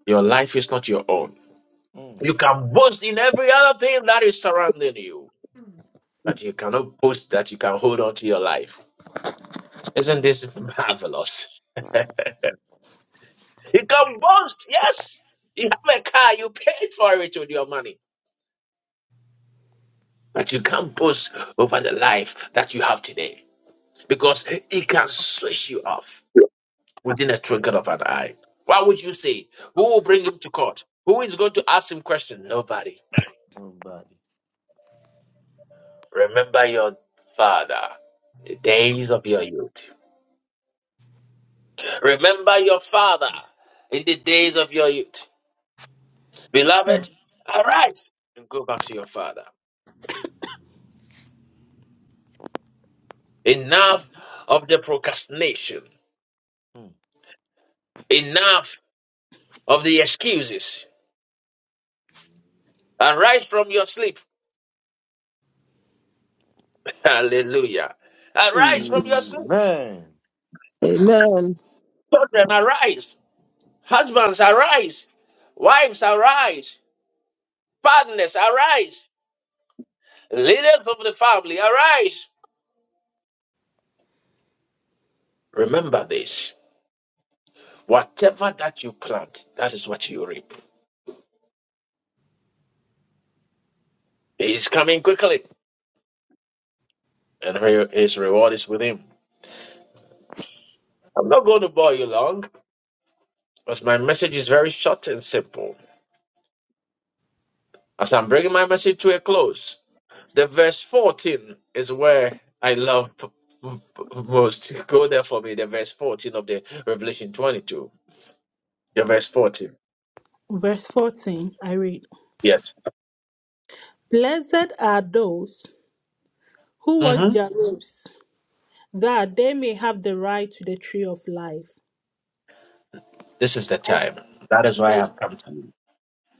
S2: your life is not your own.
S4: Mm.
S2: You can boast in every other thing that is surrounding you, but you cannot boast that you can hold on to your life. Isn't this marvelous? you can boast, yes. You have a car, you paid for it with your money, but you can't boast over the life that you have today because it can switch you off. within a twinkle of an eye. What would you say? Who will bring him to court? Who is going to ask him questions? Nobody.
S4: Nobody.
S2: Remember your father, the days of your youth. Remember your father in the days of your youth. Beloved, arise and go back to your father. Enough of the procrastination.
S4: Mm.
S2: Enough of the excuses. Arise from your sleep. Hallelujah. Arise from your sleep.
S4: Amen.
S2: Children, arise. Husbands, arise. Wives, arise. Partners, arise. Leaders of the family, arise. Remember this. Whatever that you plant, that is what you reap. He is coming quickly, and re- his reward is with him. I'm not going to bore you long, because my message is very short and simple. As I'm bringing my message to a close, the verse 14 is where I love p- p- most. Go there for me, the verse 14 of the Revelation 22. The verse 14.
S5: Verse 14, I read.
S2: Yes.
S5: Blessed are those who watch
S2: hmm
S5: their lips, that they may have the right to the tree of life,
S2: This is the
S5: and
S2: time. That is why I
S5: may,
S2: have come to you.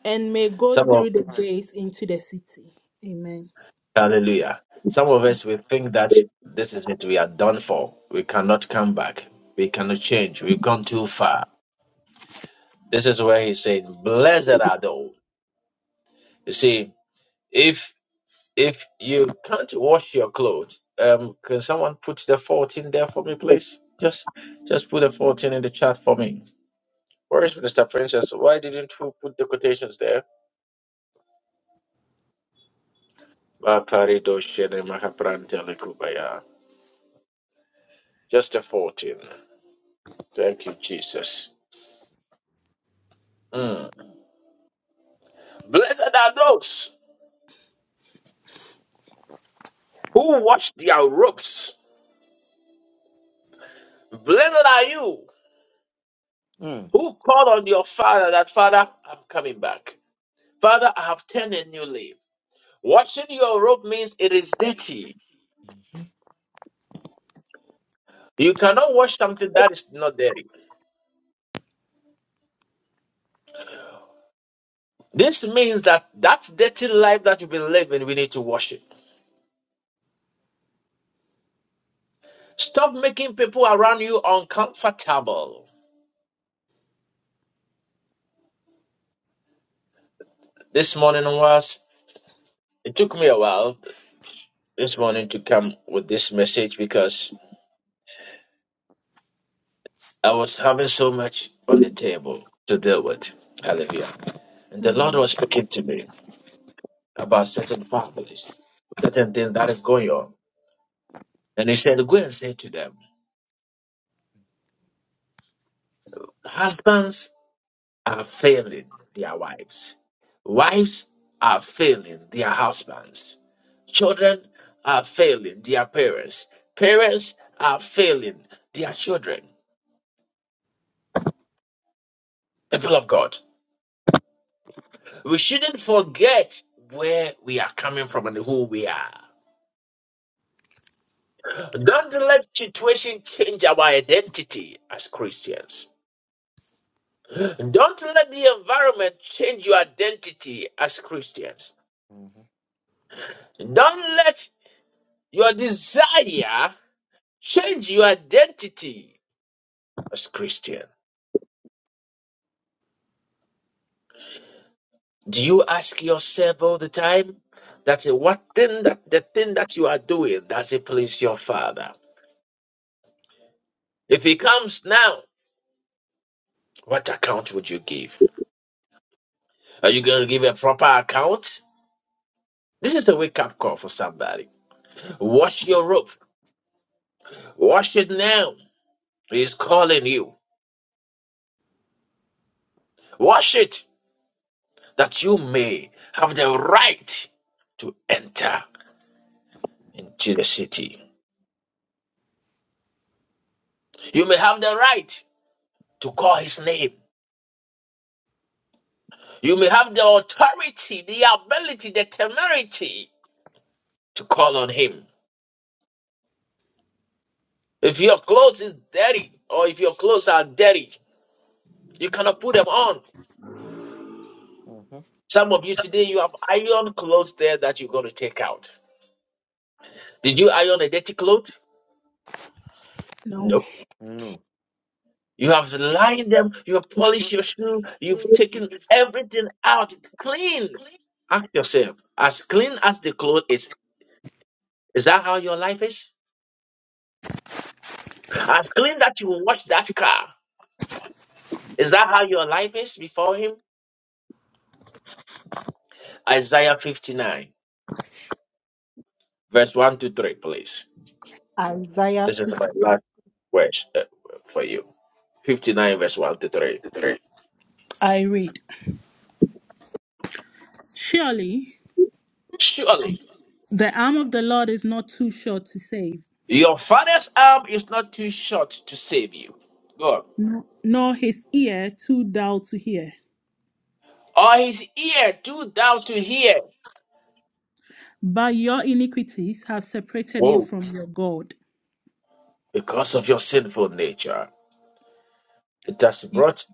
S5: and may go
S2: Some of
S5: through the gates into the city. Amen.
S2: Hallelujah. Some of us we think that this is it. We are done for. We cannot come back. We cannot change. We've gone too far. This is where he's saying, "Blessed are those." You see, if if you can't wash your clothes, um, can someone put the fourteen there for me, please? Just just put the fourteen in the chat for me. Where is Minister Princess? Why didn't you put the quotations there? Bakari doshene makaprantele kubaya. Just a 14. Thank you, Jesus. Mm. Blessed are those who wash their robes. Blessed are you
S4: Mm.
S2: who call on your father that, Father, I'm coming back. Father, I have turned a new leaf. Washing your robe means it is dirty. You cannot wash something that is not dirty. This means that that dirty life that you've been living, we need to wash it. Stop making people around you uncomfortable. This morning was, it took me a while this morning to come with this message because I was having so much on the table to deal with. Hallelujah. And the Lord
S5: Mm,
S2: was speaking to me about certain families, certain things that is going on. And he said, Go and say to them, husbands are failing their wives, wives are failing their husbands, children are failing their parents, parents are failing their children. People of God. We shouldn't forget where we are coming from and who we are. Don't let situation change our identity as Christians. Don't let the environment change your identity as Christians.
S4: Mhm.
S2: Don't let your desire change your identity as Christian. Do you ask yourself all the time that what thing that the thing that you are doing does it please your father? If he comes now, what account would you give? Are you going to give a proper account? This is a wake up call for somebody. Wash your robe. Wash it now. He's calling you. Wash it that you may have the right to enter into the city. You may have the right to call his name. You may have the authority, the ability, the temerity to call on him. If your clothes is dirty or if your clothes are dirty, you cannot put them on
S4: Mhm. Mhm.
S2: Some of you today, you have iron clothes there that you're going to take out. Did you iron a dirty cloth?
S5: No.
S2: No.
S4: No.
S2: You have lined them, you have polished your shoe, you've taken everything out It's clean. Ask yourself, as clean as the cloth is, is that how your life is? As clean that you wash that car, is that how your life is before Him? Isaiah 59, verse 1 to 3, please.
S5: Isaiah
S2: This is my
S5: 50.
S2: last verse uh, for you. 59, verse 1 to 3.
S5: I read. Surely
S2: Surely
S5: the arm of the Lord is not too short to save,
S2: Your father's arm is not too short to save you. God.
S5: no- nor his ear too dull to hear.
S2: Or his ear too thou to hear.
S5: But your iniquities have separated you
S2: Oh,
S5: from your God.
S2: because of your sinful nature, it has brought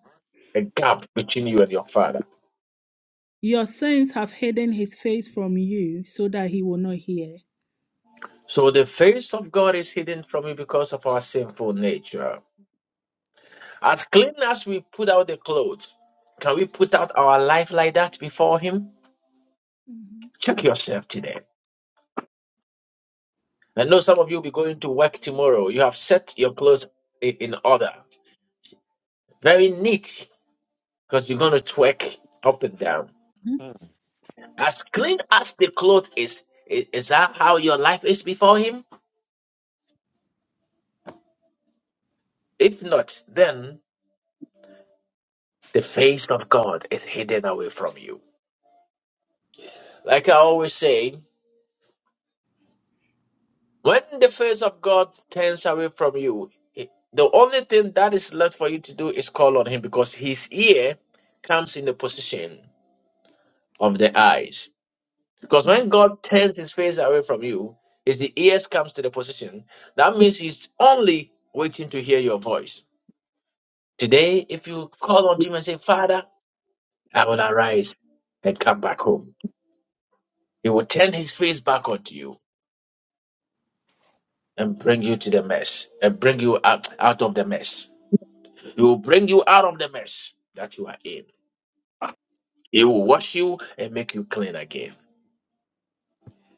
S2: a gap between you and your father.
S5: Your sins have hidden his face from you so that he will not hear.
S2: So the face of God is hidden from you because of our sinful nature. As clean as we put out the clothes, can we put out our life like that before him?
S5: Mhm.
S2: Check yourself today. I know some of you will be going to work tomorrow. You have set your clothes i- in order. Very neat because you're going to twerk up and down.
S4: Mm.
S2: As clean as the cloth is, i- is that how your life is before Him? If not, then the face of God is hidden away from you. Like I always say, when the face of God turns away from you, it- the only thing that is left for you to do is call on Him because His ear comes in the position of the eyes. Because
S5: Mhm.
S2: when God turns his face away from you, is the ears comes to the position. That means he's only waiting to hear your voice. Today, if you call on him and say, Father, I will arise and come back home. He will turn his face back onto you and bring you to the mess and bring you out, out of the mess. He will bring you out of the mess that you are in. He will wash you and make you clean again.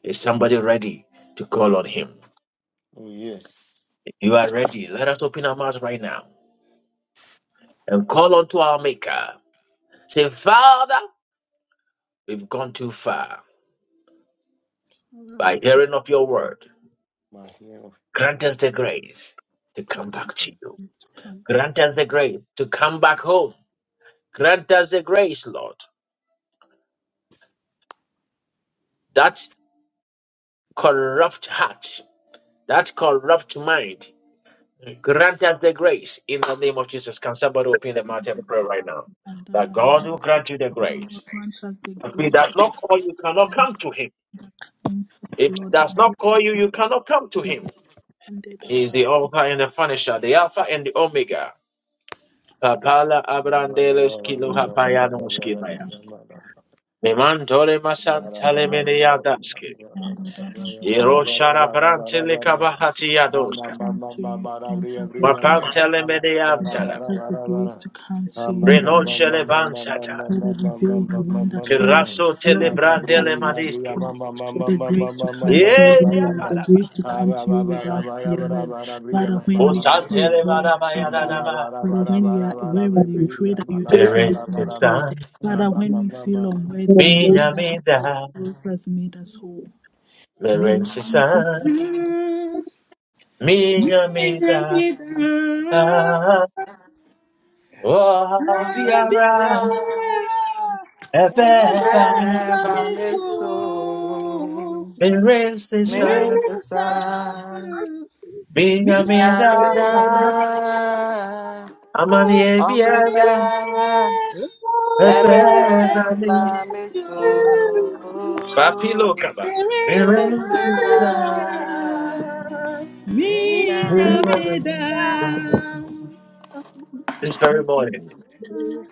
S2: Is somebody ready to call on him?
S4: Oh, yes.
S2: If you are ready, let us open our mouths right now and call unto our Maker. Say, Father, we've gone too far
S5: Father,
S2: by
S5: we've come
S2: hearing of your word.
S4: My hero.
S2: Grant us the grace to come
S5: granted
S2: back to you.
S5: you to come
S2: Grant us the grace to come back home. Grant us the grace, Lord, that corrupt heart, that corrupt mind. Grant us the grace in the name of Jesus. Can somebody open the mouth and pray right now?
S5: under
S2: That
S5: thy
S2: God will
S5: hand.
S2: grant you the grace.
S5: Lord, grant us the
S2: If he
S5: grace
S2: does not call you, you cannot come to him.
S5: that cleanse us,
S2: If he
S5: Lord,
S2: does
S5: and
S2: not
S5: give
S2: call
S5: us
S2: you, you cannot come to
S5: the
S2: him.
S5: handed
S2: He is
S5: above
S2: the Alpha and the Finisher, the Alpha and the Omega. Papala abrandeles kilo hapayanuski maya. Memantole
S4: Mama,
S2: masantale
S5: above
S2: meneadanski.
S5: and other
S2: Iroshara brantele kabahati yadoska.
S5: you. Grant us the grace.
S2: Mapantele
S5: Grant
S2: meneantala.
S5: us the grace to come to you, heavenly.
S2: Renoshele bansata.
S5: May we reveal Your wonder, show us
S2: Kiraso
S5: Your love,
S2: tele
S5: give us
S2: brandele
S5: like
S2: madiski.
S5: Lord, the grace to come to You, O
S2: Yeya
S5: Lord, the
S2: bala.
S5: grace to come to You without fear, Lord. But that when we stray,
S2: Osantele
S5: draw us back to You.
S2: malabayanaba.
S5: But that when we are weary, we pray that You strengthen
S2: Merensisan.
S5: us, Lord. But that when we feel unworthy, remind us
S2: Minya
S5: that
S2: mida.
S5: You have made us whole. May we
S2: Merensisan. Minya
S5: stand,
S2: mida.
S5: may
S2: Oh,
S5: we
S2: Biara,
S13: Hallelujah.
S5: stand.
S2: Ebeba, Mr.
S13: Abba, me
S15: arise.
S13: so. Me ring
S2: Miracisa,
S13: so sa. Ya me
S2: Minamida, Amani, Biara, Ebeba, Mi,
S13: Abba, me
S2: Papilo
S13: so.
S2: Kaba,
S13: There is a
S2: Miracisa,
S13: sign in my
S2: Minamida.
S13: life.
S2: This very morning.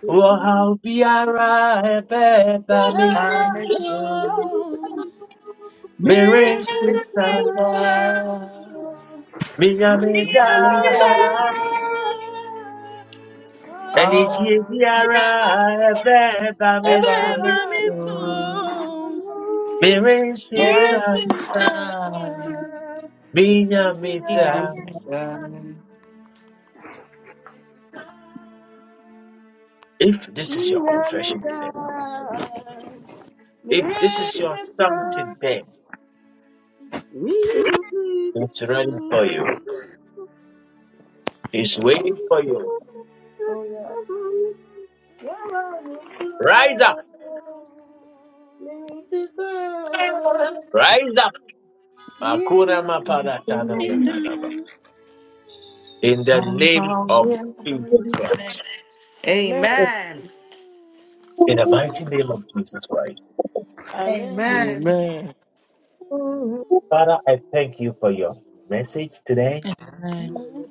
S2: Oh, Biara, Ebeba, Mr.
S15: Lucifer,
S13: I'm extremely
S12: Thank
S15: Lucifer, Oh yeah.
S2: Miracisa,
S13: excited. We are in love.
S2: Minamida,
S5: Mirror,
S2: ẹni
S13: Oh,
S2: tí ebi
S13: I'm in
S2: ara
S5: Amen.
S2: ẹ
S13: love.
S2: bẹ́ẹ̀ bá mi sùn
S13: Everyone is so-
S2: mèrè
S13: There
S2: síta
S13: is a sign
S2: gbìyàn mi
S13: in
S2: da.
S13: my life.
S2: If this is your confession today, if this is your something today, it's ready for you. It's waiting for you. Rise up,
S15: Mirror sister,
S2: rise up. Hakuna
S15: mirror
S2: maparatana ya nadaba. In the name of Jesus Christ,
S13: Amen.
S15: Amen.
S2: in the mighty name of Jesus Christ.
S15: Amen.
S13: Amen.
S4: Amen.
S2: Father, I thank you for your message today.
S15: In the name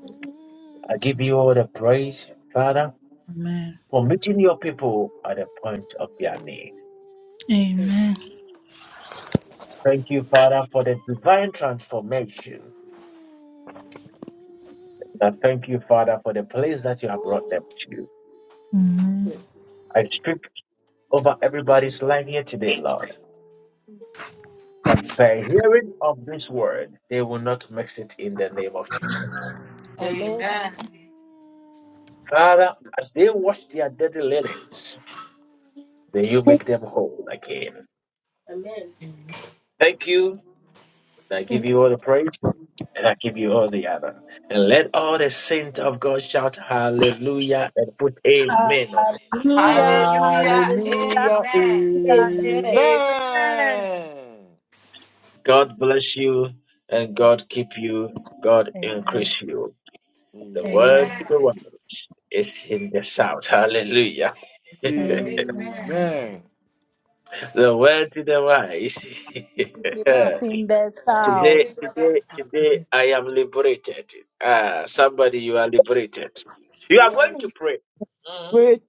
S2: I give you all the praise, Father.
S5: Amen.
S2: for meeting your people at the point of their needs,
S15: of Jesus.
S5: Amen.
S2: Thank you, Father, for the divine transformation. And I thank you, Father, for the place that you have brought them to.
S5: Amen.
S2: I speak over everybody's life here today, Lord. That by hearing of this word, they will not mix it in the name of Jesus.
S15: Amen.
S13: Amen.
S2: Father, as they wash their dirty linens, may you make them whole again.
S15: Amen.
S2: Thank you And I give
S5: Thank you.
S2: you all the praise and I give you all the honor. And let all the saints of God shout hallelujah and put amen on it.
S15: Amen.
S5: Hallelujah.
S13: Hallelujah.
S15: Hallelujah.
S5: Hallelujah.
S4: Hallelujah.
S13: Amen.
S5: Hallelujah. Amen.
S15: Amen.
S4: Amen.
S2: God bless you and
S5: God-
S2: God keep you. God
S5: Amen.
S2: increase you. The word
S5: Amen.
S4: Amen.
S2: to the
S13: Amen.
S2: wise is in the south. Hallelujah.
S15: Amen.
S13: Amen.
S5: Amen.
S4: Amen.
S2: The word to the wise.
S15: It's
S5: We
S15: enough.
S5: sing that
S13: This
S5: out.
S2: today,
S13: is brother.
S2: today, today, I am liberated. Ah, somebody, you are liberated. You are
S15: Amen.
S2: going to pray. Mhm.
S11: Great.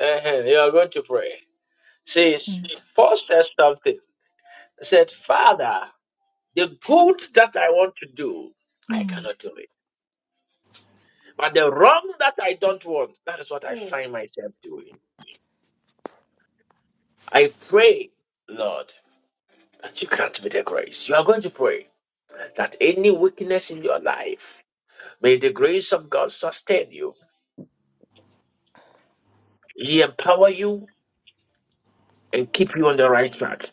S2: Uh-huh. You are going to pray. says Paul says something. He said, Father, the good that I want to do, I
S5: Mm-hmm.
S2: cannot do it. But the wrong that I don't want, that is what I find myself doing. I pray, Lord, that you grant me the grace. You are going to pray that any weakness in your life, may the grace of God sustain you, He empower you, and keep you on the right track.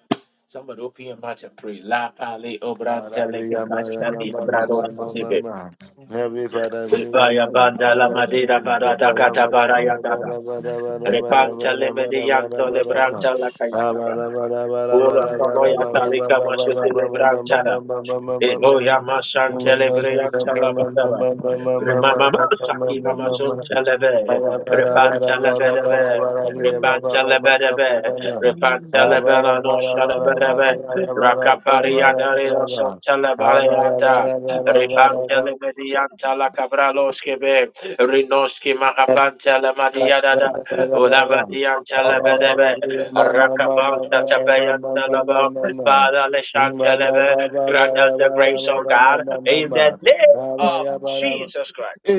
S2: Somebody open your mouth and pray. La pale
S4: Every
S2: obrantele
S4: father,
S2: ke pasani brado Vibaya banda la madera barada kata baraya dada. Repanta le medianto le branta la kayataba. Ula kamoya talika mashuti le brantara. Repeve, repe,
S4: we Amen. Amen.
S2: repave, rakat, rebe, rida, ralaba, Father, le shanteleve, grant us the grace of God in the
S5: God,
S2: name
S11: Yes.
S2: of Jesus Christ.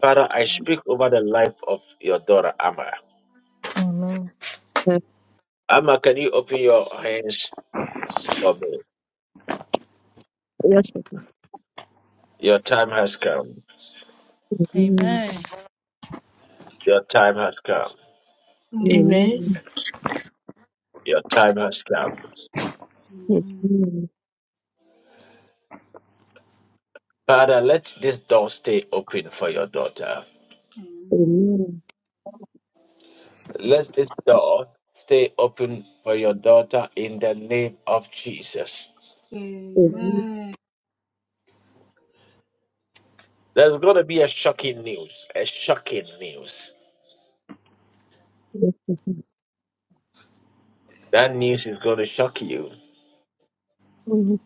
S2: Father, I
S5: amen.
S2: speak over the life of your daughter, Amma.
S5: Amen.
S2: Amma, can you open your hands for me? Your time has come.
S11: Amen.
S5: Amen.
S2: Your time has come. Your time has come.
S5: Amen.
S11: Amen.
S2: Father, let this door stay open for your daughter.
S11: Amen.
S2: Let this door stay open for your daughter in the name of Jesus.
S5: Amen.
S15: Amen.
S11: Amen.
S5: Amen.
S2: There's going to be a shocking news, a shocking news.
S11: Yes,
S2: That news is going to shock you.
S11: Lord.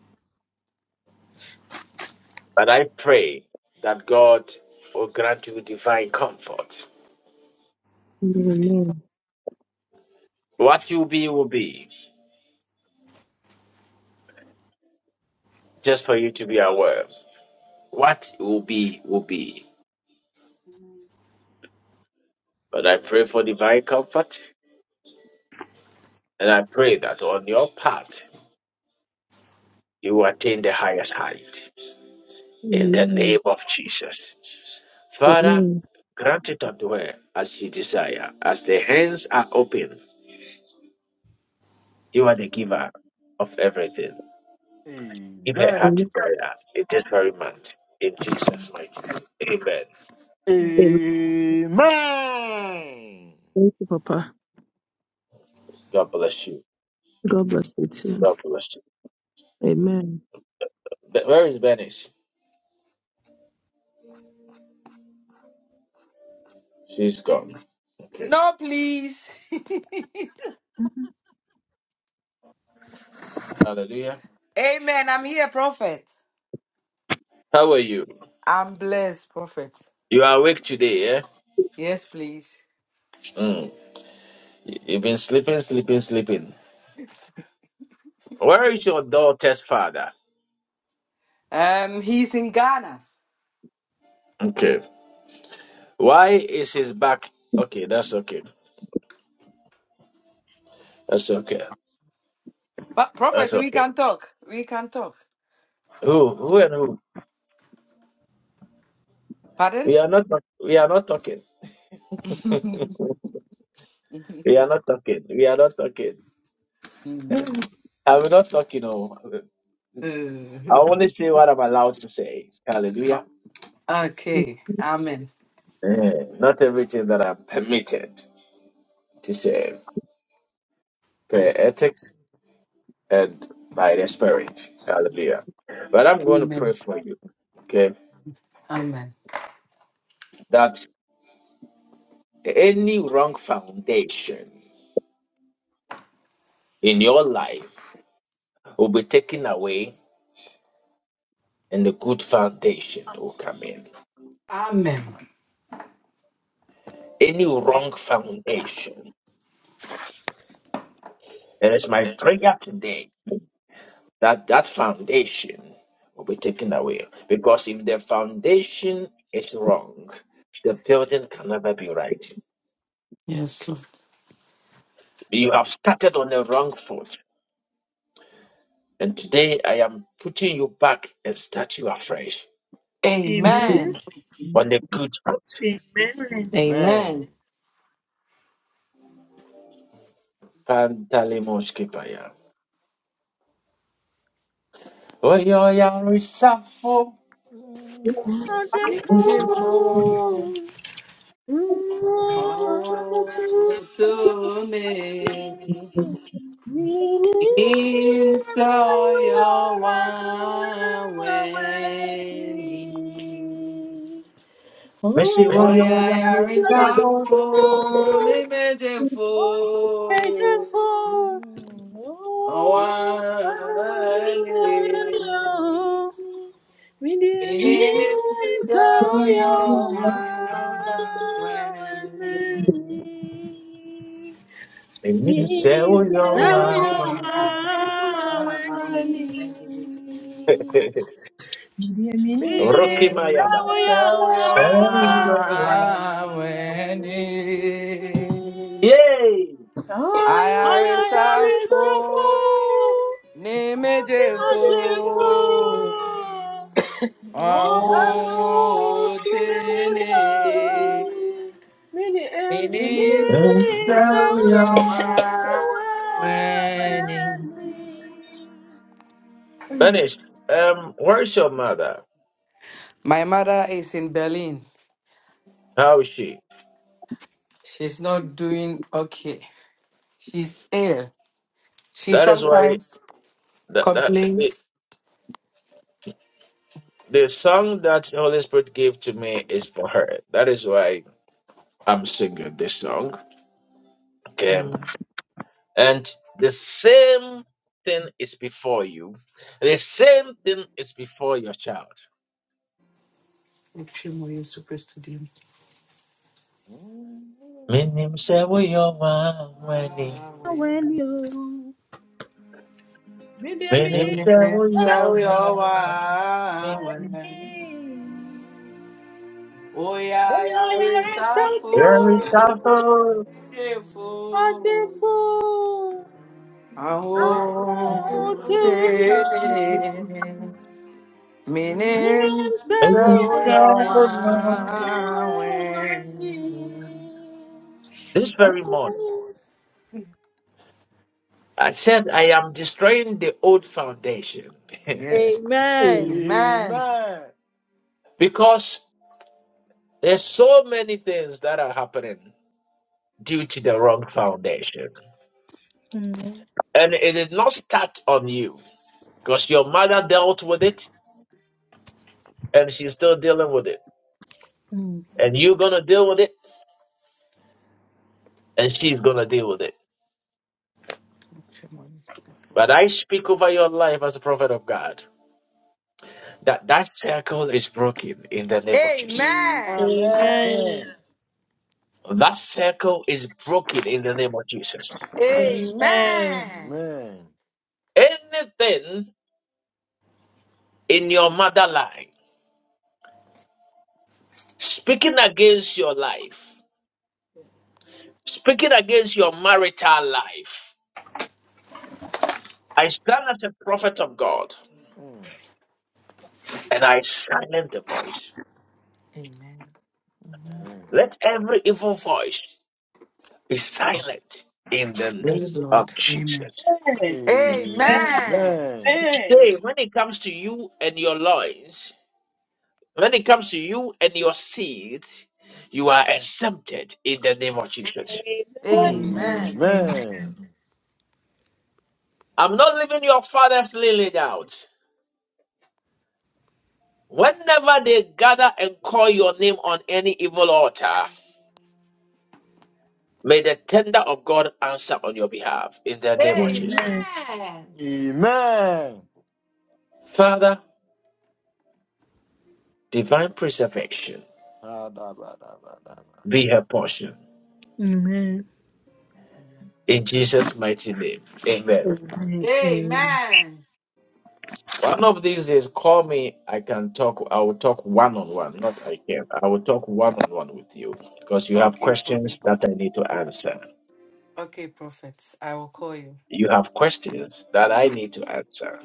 S2: But I pray that God will grant you divine comfort.
S11: Amen.
S2: What you be will be, just for you to be aware. What will be will be. But I pray for divine comfort And I pray that on your path, you will attain the highest height in the
S11: Amen.
S2: name of Jesus. Father,
S11: Amen.
S2: grant it unto her as she desire. As the hands are open, you are the giver of everything. Give her heart
S11: Amen.
S2: desire in this very month. In Jesus' mighty name. Amen.
S5: Now
S11: Amen. Thank you, Papa.
S2: God bless you.
S11: God bless you too.
S2: God bless you.
S11: Amen.
S2: But where is Bernice? She's gone.
S13: No, please.
S2: Hallelujah.
S13: Amen. I'm here, prophet.
S2: How are you?
S13: I'm blessed, prophet.
S2: You are awake today, eh?
S13: Yes, please.
S2: Mm. You've been sleeping, sleeping, sleeping. Where is your daughter's father?
S13: Um, he's in Ghana.
S2: Okay. Why is his back? Okay, that's okay. That's okay.
S13: But prophet,
S2: That's
S13: we
S2: okay.
S13: can talk. We can talk.
S2: Who? Who and who?
S13: Pardon?
S2: We are not. talk- We are not talking. We are not talking. We are not talking.
S13: Mm.
S2: I'm not talking. Oh, I only say what I'm allowed to say.
S13: Uh,
S2: Hallelujah.
S13: okay. Amen.
S2: Eh, Not everything that I'm permitted to say per
S13: Okay.
S2: ethics and by the spirit. Hallelujah. But I'm going to pray
S13: Amen.
S2: for you. Okay,
S13: Amen.
S2: that any wrong foundation in your life will be taken away and a good foundation will come in.
S13: Amen.
S2: Any wrong foundation, and it's my prayer today that that foundation will be taken away. Because if the foundation is wrong, the building can never be right.
S13: Yes, Lord.
S2: You have started on the wrong foot, and today I am putting you back and start you afresh
S1: Amen.
S13: Amen.
S2: on the good foot.
S1: Amen. Amen.
S4: Amen.
S13: Amen.
S2: Pantalimoshkipaya. Oyoyarisafo.
S5: we
S13: Thank you for all to me. In so your way.
S2: Missy,
S13: Oya
S1: Oh,
S13: yari
S2: oyoyarisafo.
S11: Amen.
S13: safo ni mejefo
S1: Oh,
S13: awani minisa oya awani
S2: Rocky
S5: are Meaning
S2: Maya
S5: that
S2: Bara.
S5: we
S13: Minisa
S5: are
S13: oya
S5: one in you.
S13: awani
S2: Yay!
S5: I
S13: ayari
S5: are you so
S13: safo.
S5: full?
S1: Amen. Amen. Amen.
S5: I
S13: Nimejefo
S5: just fool.
S13: ahun tini ini
S5: Meaning that
S13: sell
S5: we
S13: your
S5: are
S13: money.
S5: one in you
S2: Finish. Um, where's your mother?
S13: My mother is in Berlin.
S2: How is she?
S13: She's not doing okay. She's ill. She
S2: That is why
S13: sometimes
S2: that that the,
S13: complains.
S2: the song that the Holy Spirit gave to me is for her. That is why I'm singing this song. Okay.
S13: Mm.
S2: And the same thing is before you. The same thing is before your child.
S13: Extremely super studying.
S4: Amen.
S2: Minim sewo yo ma weni.
S13: Ah,
S5: when
S13: when-
S5: you need a
S2: Minim
S13: when
S5: minute.
S13: I
S2: sewo yo
S13: sell
S2: ma
S13: your
S2: weni.
S13: money. Oh yeah,
S5: Oh,
S13: yare
S5: yeah, it's
S2: There is
S13: safo,
S5: so
S2: Alpha.
S13: nidefo,
S5: Wonderful.
S15: Oh,
S5: Oh,
S13: aho
S5: to
S15: Amen.
S5: you.
S13: tene,
S15: Amen.
S13: minim
S5: Yes, we
S2: Minim
S13: sell
S5: are.
S13: your
S2: sewo yo ma.
S15: Amen.
S13: wine.
S2: This very morning, I said I am destroying the old foundation
S13: Yes.
S5: Amen.
S13: Amen.
S4: Amen.
S2: because there's so many things that are happening due to the wrong foundation.
S5: Amen.
S2: And it did not start on you because your mother dealt with it and she's still dealing with it.
S5: Mm.
S2: And you're going to deal with it and she's going to deal with it But I speak over your life as a prophet of God that that circle is broken in the name of Jesus.
S4: Amen. Amen.
S5: Amen.
S2: That circle is broken in the name of Jesus.
S5: Amen.
S13: Amen.
S2: Anything in your motherline speaking against your life, speaking against your marital life, I stand as a prophet of God
S4: Amen.
S2: and I silence the voice.
S13: Amen. Amen.
S2: Let every evil voice be silent in the
S13: Yes,
S2: name
S13: Lord.
S2: of
S13: Amen.
S2: Jesus.
S5: Amen.
S4: Amen.
S13: Amen.
S2: Today, when it comes to you and your loins, When it comes to you and your seed, you are exempted in the name of Jesus.
S5: Amen.
S13: Amen.
S5: Amen.
S4: Amen.
S2: I'm not leaving your father's lily out. Whenever they gather and call your name on any evil altar, may the tender of God answer on your behalf in the name of
S13: Amen.
S2: Jesus.
S13: Amen.
S4: Amen.
S2: Father, divine preservation
S4: Ha-da-ba-da-ba-da-ba.
S2: be her portion.
S5: Amen. Amen.
S2: In Jesus' mighty name, amen.
S5: Amen.
S13: Amen.
S2: One of these days, call me. I can talk. I will talk one on one. Not I can. I will talk one on one with you because you have
S13: Okay,
S2: questions
S13: prophet.
S2: that I need to answer.
S13: Okay, prophet. I will call you.
S2: You have questions that I need to answer,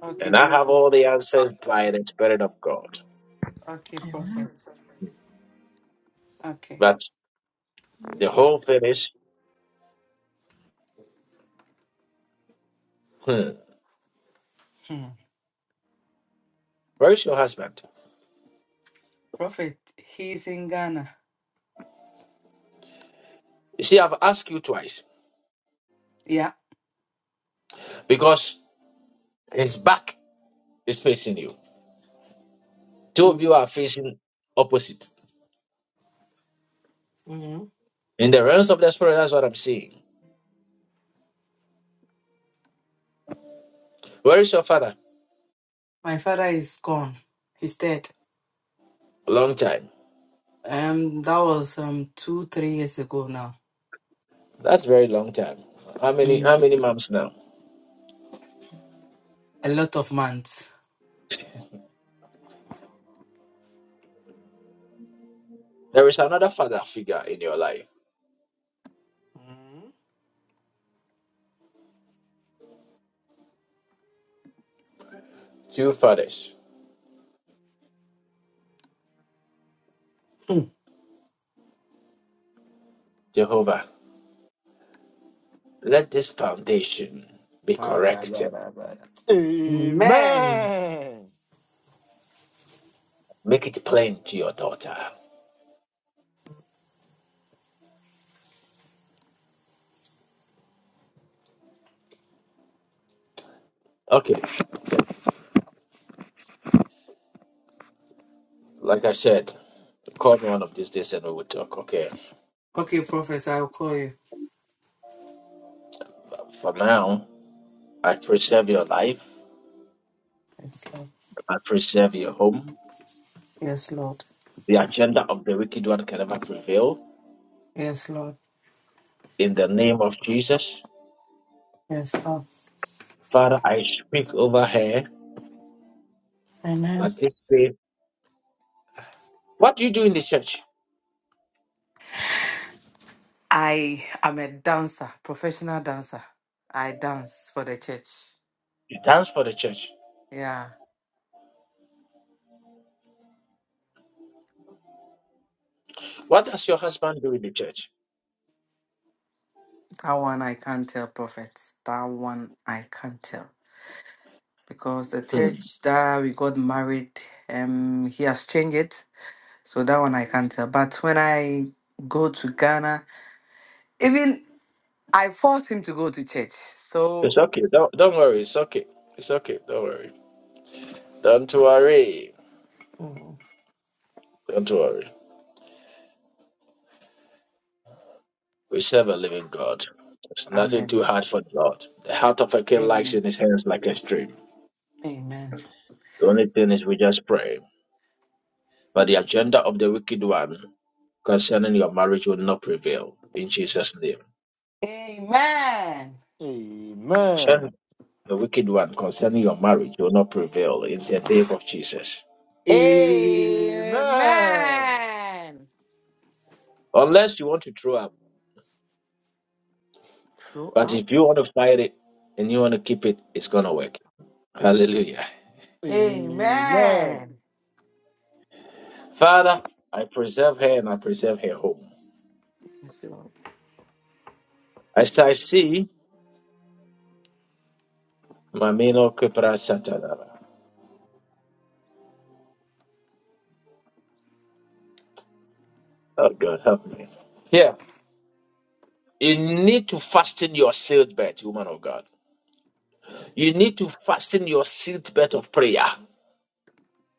S13: Okay,
S2: and I have
S13: prophet.
S2: all the answers by the Spirit of God.
S13: Okay,
S5: Amen.
S13: prophet. Okay.
S2: But the whole thing is, hmm,
S13: Hmm.
S2: where is your husband?
S13: Prophet, he's in Ghana.
S2: You see, I've asked you twice
S13: Yeah.
S2: because his back is facing you. Two of
S13: Hmm.
S2: you are facing opposite.
S13: hmm
S2: In the realms of the spirit, that's what I'm seeing. Where is your father?
S13: My father is gone. He's dead.
S2: Long time.
S13: Um, that was um two, three years ago now.
S2: That's very long time. How many how
S13: Mhm.
S2: many moms now?
S13: A lot of months.
S2: There is another father figure in your life.
S13: Mhm.
S2: Two fathers.
S13: Hmm.
S2: Jehovah, let this foundation be corrected.
S4: Ha-da-ba-da-ba-da.
S13: Amen.
S4: Amen.
S2: Make it plain to your daughter. Okay. Like I said, call me one of these days and we will talk. Okay.
S13: Okay, prophet, I will call you.
S2: For now, I preserve your life.
S13: Yes, Lord.
S2: I preserve your home.
S13: Yes, Lord.
S2: The agenda of the wicked one can never prevail.
S13: Yes, Lord.
S2: In the name of Jesus.
S13: Yes, oh,
S2: Father, I speak over her
S13: amen.
S2: at this day. What do you do in the church?
S13: I am a dancer, professional dancer. I dance for the church.
S2: You dance for the church.
S13: Yeah,
S2: What does your husband do in the church?
S13: that one I can't tell, prophet. That one I can't tell because the
S2: Hmm.
S13: church that we got married, um, he has changed it. So that one I can't tell. But when I go to Ghana, even I force him to go to church.
S2: It's
S13: So
S2: okay. Don't, don't worry. It's okay. It's okay. Don't worry. Don't worry.
S13: Mm,
S2: Don't worry. We serve a living God. It's nothing
S13: amen,
S2: too hard for God. The heart of a king lies
S13: amen,
S2: in his hands like a stream.
S13: Amen.
S2: The only thing is we just pray. But the agenda of the wicked one concerning your marriage will not prevail in Jesus' name.
S13: amen.
S2: Sure.
S4: Amen.
S2: The wicked one concerning your marriage will not prevail in the name of Jesus.
S4: Amen.
S13: Amen.
S2: Unless you want to throw up.
S13: Throw
S2: But
S13: up.
S2: if you want to fight it and you want to keep it, it's going to work. Hallelujah.
S4: Amen.
S13: Amen.
S2: Father, I preserve her and I preserve her home.
S13: Yes, Lord.
S2: As I see, Mamino Kupra Satadara. Oh God, help me. Here, You need to fasten your seatbelt, woman of God. You need to fasten your seatbelt of prayer.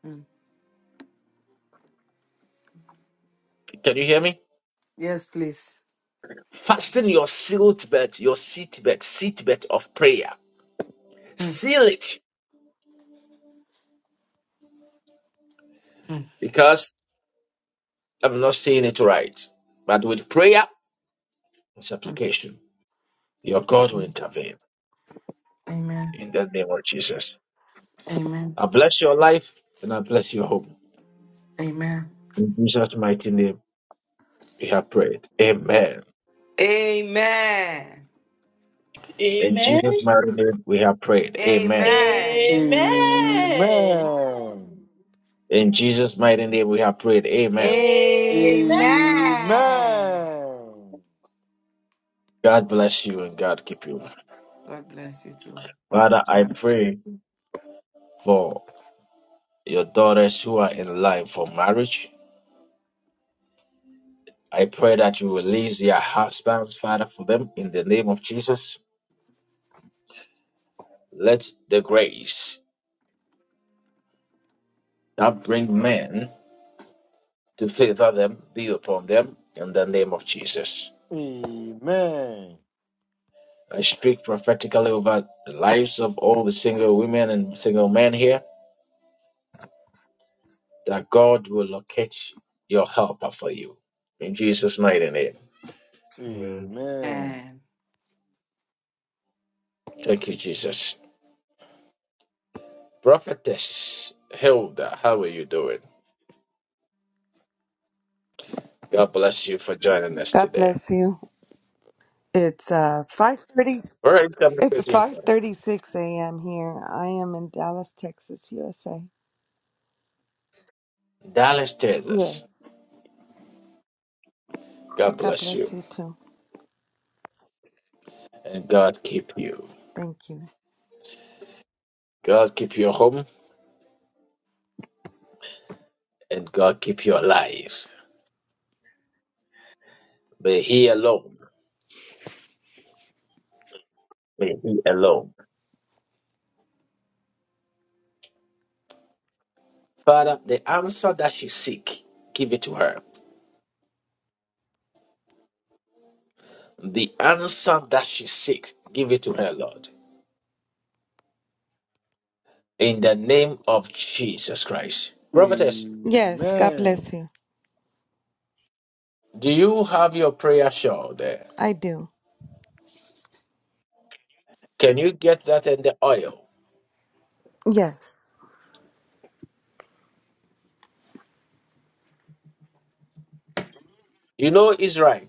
S13: Mm.
S2: Can you hear me?
S13: Yes, please.
S2: Fasten your seatbelt, your seatbelt, seatbelt of prayer.
S13: Mm,
S2: Seal it
S13: mm,
S2: because I'm not seeing it right. But with prayer and
S13: mm,
S2: supplication, your God will
S13: mm.
S2: intervene
S13: Amen.
S2: in the name of Jesus.
S13: Amen.
S2: I bless your life and I bless your home.
S13: Amen.
S2: In Jesus' mighty name, we have prayed. Amen.
S13: Amen.
S1: Amen.
S2: In
S1: Amen.
S2: Jesus' mighty name, we have prayed. Amen.
S13: Amen.
S4: Amen.
S2: In Jesus' mighty name, we have prayed. Amen.
S13: Amen.
S4: Amen.
S2: God bless you and God keep you.
S13: God bless you too,
S2: Father,
S13: Prophet
S2: I
S13: One.
S2: pray for your daughters who are in line for marriage. I pray that you release their husbands, Father, for them in the name of Jesus. Let the grace that bring men to favor them be upon them in the name of Jesus.
S4: Amen.
S2: I speak prophetically over the lives of all the single women and single men here that God will locate your helper for you. In Jesus' mighty name.
S16: Yeah.
S4: Amen.
S13: Amen.
S2: Thank you, Jesus. Prophetess Hilda, how are you doing? God bless you for joining us
S17: God
S2: today.
S17: bless you. It's uh five thirty.
S2: Where is coming
S17: It's
S2: from?
S17: five
S2: from?
S17: thirty six a.m. here. I am in Dallas, Texas, USA.
S2: Dallas, Texas.
S17: Yes.
S2: God
S17: God
S2: bless you
S17: bless you too.
S2: and God keep you.
S17: Thank you.
S2: God keep your home and God keep your life. May He alone. May He alone. Father, the answer that she seek, give it to her. The answer that she seeks, give it to her, Lord. In the name of Jesus Christ. Prophetess,
S17: Yes. God
S4: Amen.
S17: bless you.
S2: do you have your prayer shawl there?
S17: I do.
S2: Can you get that and the oil?
S17: Yes.
S2: You know Israel.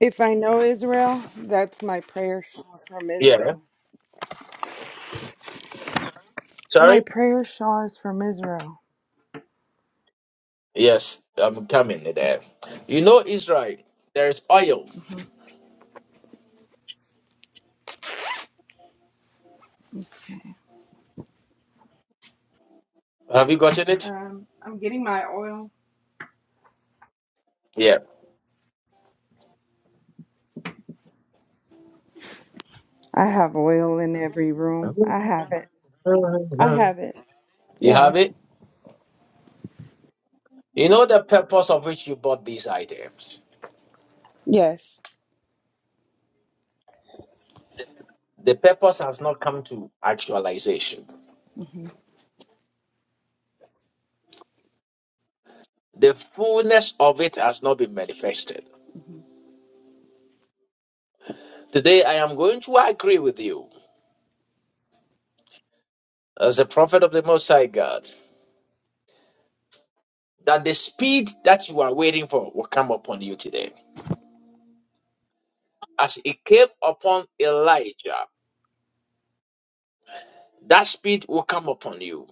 S17: If I know Israel, that's my prayer shawl from
S2: Yeah.
S17: Israel. My
S2: Sorry?
S17: prayer shawl is from Israel.
S2: Yes, I'm coming there. You know Israel. There is oil. Have you gotten it?
S17: Um, I'm getting my oil.
S2: Yeah.
S17: I have oil in every room. I have it. I have it.
S2: You have
S17: Yes.
S2: it? You know the purpose of which you bought these items.
S17: Yes.
S2: The purpose has not come to actualization.
S17: hmm
S2: The fullness of it has not been manifested. Today, I am going to agree with you, as a prophet of the Most High God, that the speed that you are waiting for will come upon you today. As it came upon Elijah, that speed will come upon you,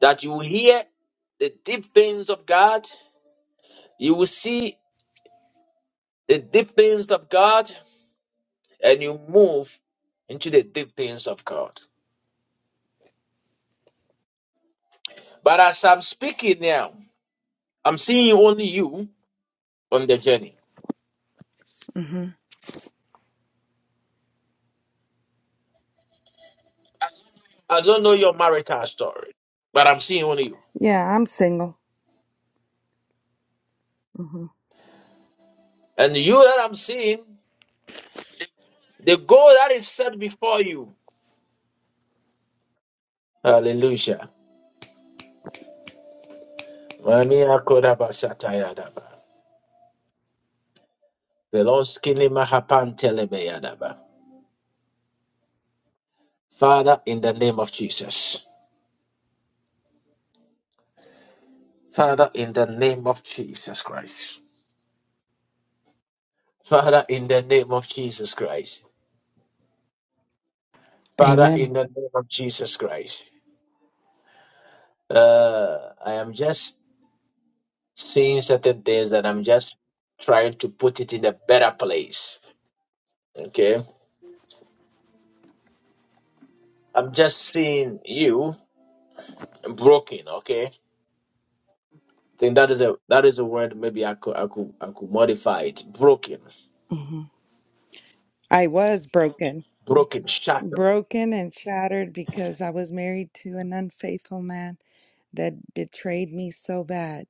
S2: that you will hear the deep things of God, you will see the deep things of God, and you move into the deep things of God. But as I'm speaking now, I'm seeing only you on the journey.
S17: hmm
S2: I don't know your marital story, but I'm seeing only you.
S17: Yeah, I'm single. hmm
S2: And you that I'm seeing, the goal that is set before you. Hallelujah. Mania kodaba satayadaba. Veloskini mahapantelebeadaba. Father, in the name of Jesus. Father, in the name of Jesus Christ. Father, in the name of Jesus Christ. Father,
S13: Amen.
S2: in the name of Jesus Christ. Uh, I am just saying certain things that I'm just trying to put it in a better place. Okay. I'm just seeing you broken, okay? I think that is a that is a word maybe I could I could I could modify it. Broken.
S17: hmm I was broken,
S2: Broken, shattered.
S17: broken and shattered because I was married to an unfaithful man that betrayed me so bad.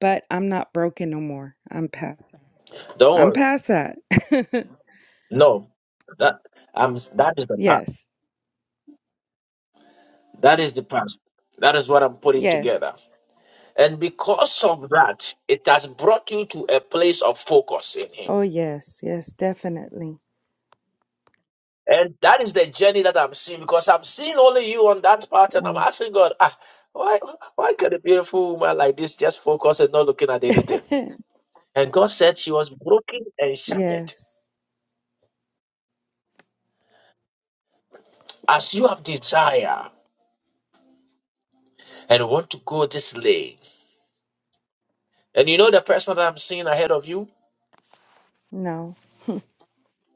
S17: But I'm not broken no more. I'm past that.
S2: Don't
S17: I'm
S2: worry.
S17: past that.
S2: No. That I'm that is the past.
S17: yes.
S2: That is the past. That is what I'm putting together.
S17: Yes.
S2: And because of that, it has brought you to a place of focus in him.
S17: Oh, yes. Yes, definitely.
S2: And that is the journey that I'm seeing because I'm seeing only you on that part, and I'm
S17: Oh.
S2: asking God, ah, why, why can a beautiful woman like this just focus and not looking at anything? And God said she was broken and shattered.
S17: yes.
S2: As you have desire and want to go this way, and you know the person that I'm seeing ahead of you,
S17: No.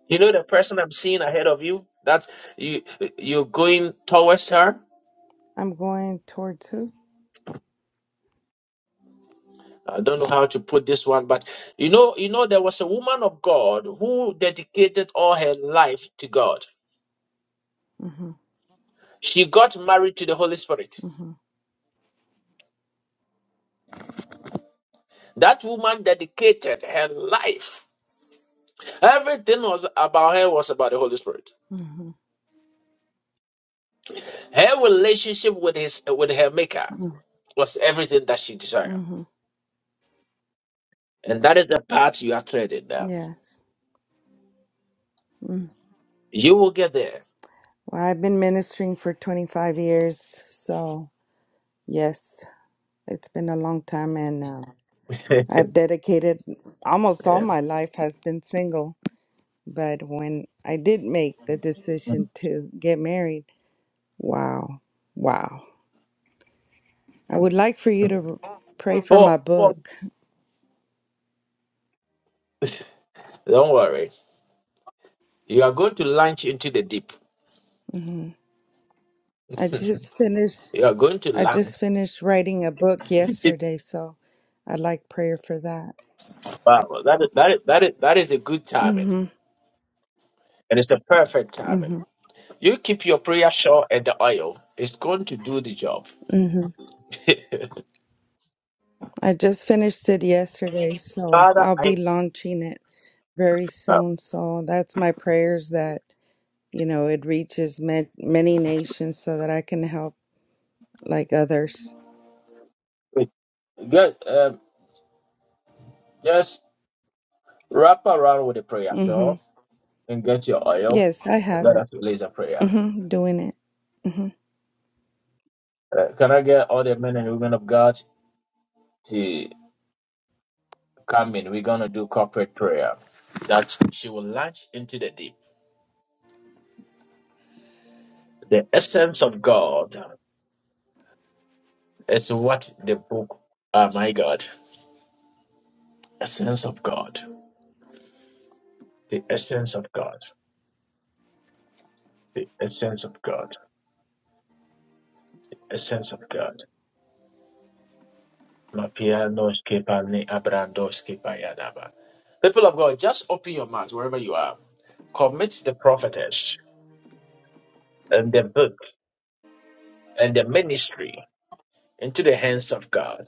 S2: you know the person I'm seeing ahead of you that you you're going towards her.
S17: I'm going towards who?
S2: I don't know how to put this one, but you know, you know, there was a woman of God who dedicated all her life to God.
S17: Mm-hmm.
S2: She got married to the Holy Spirit.
S17: Mm-hmm.
S2: That woman dedicated her life. Everything was about her was about the Holy Spirit.
S17: Mm-hmm.
S2: Her relationship with his with her maker
S17: Mm-hmm.
S2: was everything that she desired.
S17: Mm-hmm.
S2: And that is the path you are treading now.
S17: Yes. Mm-hmm.
S2: You will get there.
S17: Well, I've been ministering for 25 years, so yes, it's been a long time, and uh, I've dedicated almost all
S2: Yeah.
S17: my life has been single. But when I did make the decision to get married, wow, wow! I would like for you to r- pray for my
S2: For, for
S17: book.
S2: don't worry. You are going to launch into the deep.
S17: hmm I just finished.
S2: You are going to
S17: I
S2: launch.
S17: just finished writing a book
S2: deep.
S17: yesterday, so I'd like prayer for that.
S2: Wow, that is that is that is that is a good timing.
S17: Mm-hmm.
S2: And it's a perfect timing.
S17: Mm-hmm.
S2: You keep your prayer shawl and the oil. It's going to do the job.
S17: mm-hmm. I just finished it yesterday, so
S2: Father,
S17: I'll
S2: I
S17: be launching it very
S2: uh,
S17: soon. So that's my prayers that, you know, it reaches ma- many nations so that I can help like others.
S2: wait. Get, um, just wrap around with the prayer
S17: Mm-hmm.
S2: shawl and get your oil
S17: Yes, I
S2: and
S17: have
S2: let
S17: it.
S2: us release a prayer.
S17: Mm-hmm. Doing it. Mm-hmm.
S2: Uh, can I get all the men and women of God to come in? We're going to do corporate prayer that she will launch into the deep. The essence of God is what the book, oh my God, essence of God, the essence of God, the essence of God. essence of God. Mapianos kepane abrandos kepayadaba. People of God, just open your mouth wherever you are. Commit the prophetess and the book and the ministry into the hands of God,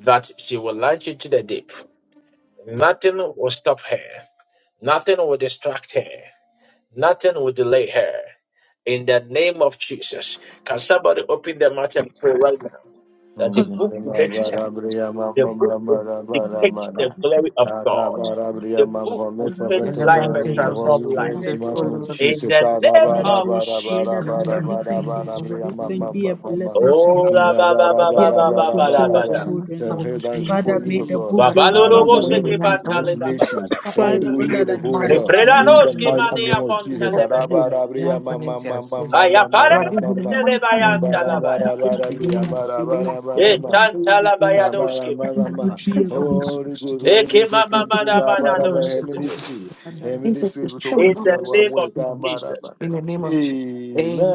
S2: that she will launch into the deep. Nothing will stop her. Nothing will distract her. Nothing will delay her. in the name of Jesus. Can somebody open their mouth and pray right now that the
S4: down
S2: book will make
S17: Thank you.
S2: sense?
S4: before
S2: The
S5: Amen.
S2: book will
S5: But I will
S2: depict the
S5: create
S2: glory of
S5: myself
S2: God.
S5: free from
S2: The
S5: fear.
S2: book will
S5: Father
S2: change
S13: In
S5: says
S13: the
S5: you
S2: life
S5: need
S2: and
S13: mighty name
S5: me to
S2: transform
S13: of
S7: become
S2: lives.
S5: spread
S13: Jesus, O
S5: Lord to
S13: Lord,
S2: In
S5: people.
S2: the
S13: we
S2: name
S13: thank
S5: Father,
S2: of
S5: we pray
S2: Jesus
S5: that
S7: in
S5: may
S7: the
S2: Christ.
S5: everything is written
S7: morning.
S5: be a blessing to your
S2: Oh, la ba ba ba
S5: be
S2: ba
S5: a
S7: and
S2: ba ba ba
S5: blessing to
S2: la ba
S5: your
S13: the
S2: da.
S13: last
S5: children, Lord.
S13: song
S5: Father,
S13: is
S5: may
S4: you, O
S5: the
S7: be
S4: God.
S5: book
S2: Ba
S13: what
S2: ba
S5: go
S13: you
S2: lo lo
S5: far,
S4: Araba,
S2: bo
S5: Lord.
S2: se
S13: want
S4: Let
S13: to
S4: the
S2: ke
S4: good
S2: ban
S7: and
S2: ta
S7: be
S2: le
S4: rich
S2: la ba ya
S4: nations,
S2: da ba.
S4: let the
S13: I
S7: be
S5: Father,
S4: good
S13: think
S5: rather
S4: read the
S5: than you
S4: whole
S7: nothing
S13: one
S5: can
S2: Re
S7: but
S13: is
S4: world.
S2: pre
S5: imagine,
S7: hell.
S2: da no
S4: In
S5: Lord.
S4: the
S13: doing
S2: ski
S7: You
S2: ma
S4: mighty
S13: the
S7: are
S2: ni
S4: name
S2: a
S4: of
S2: bon ta
S4: Jesus.
S2: le be ne
S4: Araba,
S13: good,
S2: be.
S13: yeah,
S4: Arabria, ma, ma,
S13: financial
S4: ma, ma, ma,
S2: Ba
S13: situation.
S4: ma,
S2: ya pa
S4: ma,
S2: re
S13: But
S4: ma,
S13: you
S4: ma,
S2: re se
S4: ma.
S2: le
S13: want to
S2: ba
S13: come
S2: ya
S13: in
S2: ta
S4: Bara
S2: la
S13: one
S2: ba ya.
S4: bara bara bria
S13: again,
S4: bara
S13: I
S4: bara bara
S13: am
S2: Yes,
S4: ma.
S13: going to do the
S4: Na
S13: things.
S4: bara
S2: Santa
S4: bara
S5: This
S4: bria
S13: And
S4: ma
S13: we
S5: will
S4: ma
S5: be a
S13: should
S5: good
S13: always
S4: Holy good,
S13: do.
S2: In
S4: holy music,
S13: If
S4: come
S2: the
S4: to
S13: we
S4: the
S13: should
S4: bara bara
S13: always
S4: heavenly
S13: do.
S4: ministry
S5: Father,
S4: heavenly
S13: Jesus
S4: ministry
S13: is
S4: to
S13: true.
S4: work you one
S2: name
S4: way.
S2: of
S4: da bara
S2: Jesus.
S4: bara.
S13: In the name of Jesus.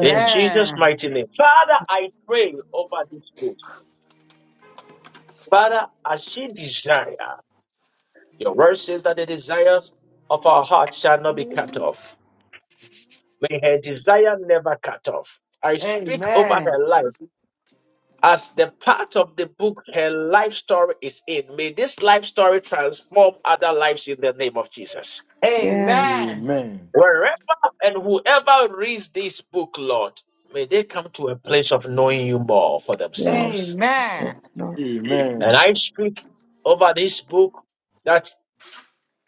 S2: In Jesus' mighty name. Father, I pray over this book. Father, as she desire, your word says that the desires of our heart shall not be cut off. May her desire never cut off. I speak over
S13: Amen.
S2: her life as the part of the book her life story is in. May this life story transform other lives in the name of Jesus.
S17: Yes,
S13: Amen.
S4: Amen.
S2: Wherever and whoever reads this book, Lord, may they come to a place of knowing you more for themselves.
S17: yes, yes,
S13: Amen.
S17: Lord.
S2: And
S4: Amen.
S2: I speak over this book that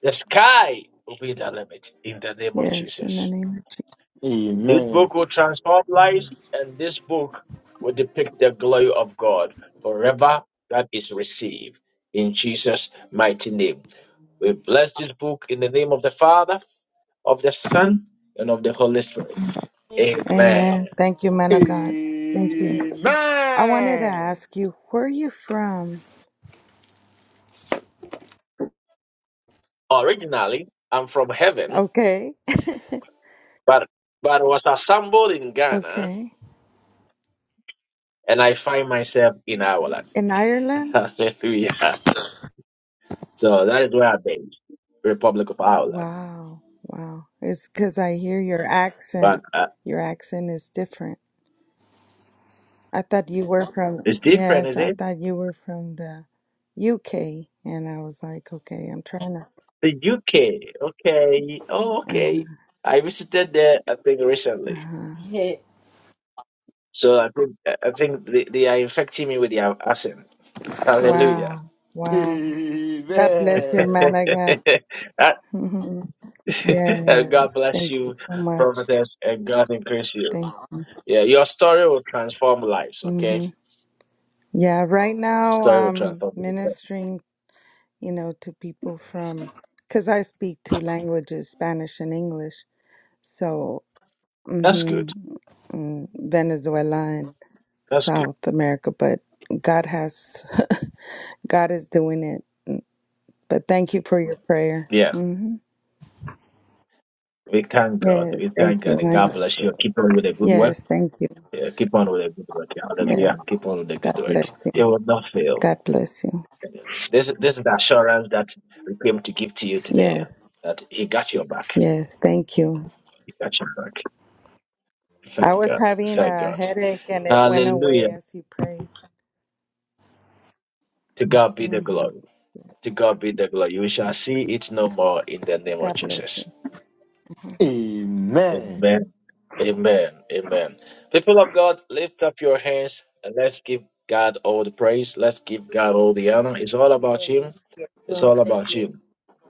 S2: the sky will be the limit in the name of
S17: Yes, in the
S2: Jesus.
S17: name of Jesus.
S2: This
S4: Amen.
S2: book will transform lives, and this book will depict the glory of God forever that is received in Jesus' mighty name. We bless this book in the name of the Father, of the Son, and of the Holy Spirit.
S17: Amen.
S2: Amen.
S17: Thank you, man of God. Thank you.
S4: Amen.
S17: I wanted to ask you, where are you from?
S2: Originally, I'm from heaven,
S17: Okay.
S2: but but was assembled in Ghana,
S17: okay.
S2: and I find myself in Ireland.
S17: In Ireland?
S2: Hallelujah. So that is where I'm based, Republic of Ireland.
S17: Wow, wow. It's because I hear your
S2: But
S17: accent.
S2: uh,
S17: Your accent is different. I thought you were from,
S2: it's different, is
S17: yes, I
S2: it?
S17: thought you were from the UK. And I was like, okay, I'm trying to.
S2: The UK. Okay. Oh,
S17: Uh,
S2: okay. I visited there, I think, recently.
S17: uh-huh.
S2: So I think I think they, they are infecting me with their accent. Hallelujah.
S17: Wow, wow. God bless you, man.
S4: Amen.
S17: I got,
S2: Uh, God
S17: yes,
S2: bless
S17: thank you
S2: you,
S17: so much.
S2: prophetess, and God increase you.
S17: Thank you.
S2: Yeah, your story will transform lives, okay?
S17: hmm Yeah, right
S2: Your
S17: now
S2: story will
S17: I'm
S2: transform lives.
S17: ministering, you know, to people from, because I speak two languages, Spanish and English So,
S2: That's
S17: hmm
S2: good.
S17: mm, Venezuela and
S2: That's good.
S17: South America, but God has, God is doing it. But thank you for your prayer.
S2: Yeah.
S17: hmm
S2: We thank God.
S17: Yes,
S2: We
S17: thank
S2: thank
S17: you,
S2: God and God
S17: honey.
S4: Thank
S2: bless you.
S4: God.
S2: Keep on with the good work.
S17: Yes, thank you.
S2: Yeah, keep on with the good work.
S17: Yes.
S2: Hallelujah. Keep on with the good
S17: God
S2: work.
S17: bless
S2: It
S17: you.
S2: will not
S17: God
S2: fail.
S17: bless you.
S2: This this is the assurance that we came to give to you today.
S17: Yes.
S2: That he got your back.
S17: Yes, thank you.
S2: He got your back.
S17: I
S2: Thank
S17: was
S2: God.
S17: having
S2: Thank
S17: a
S2: God.
S17: headache and it went
S2: Hallelujah.
S17: away as you prayed.
S2: To God be the
S17: hmm
S2: glory. To God be the glory. We shall see it no more in the name of
S17: God bless you.
S2: Jesus.
S4: Amen.
S2: Amen. Amen. Amen. People of God, lift up your hands and let's give God all the praise. Let's give God all the honor. It's all about Him. It's all
S15: Exalted
S2: about
S15: may
S2: Him.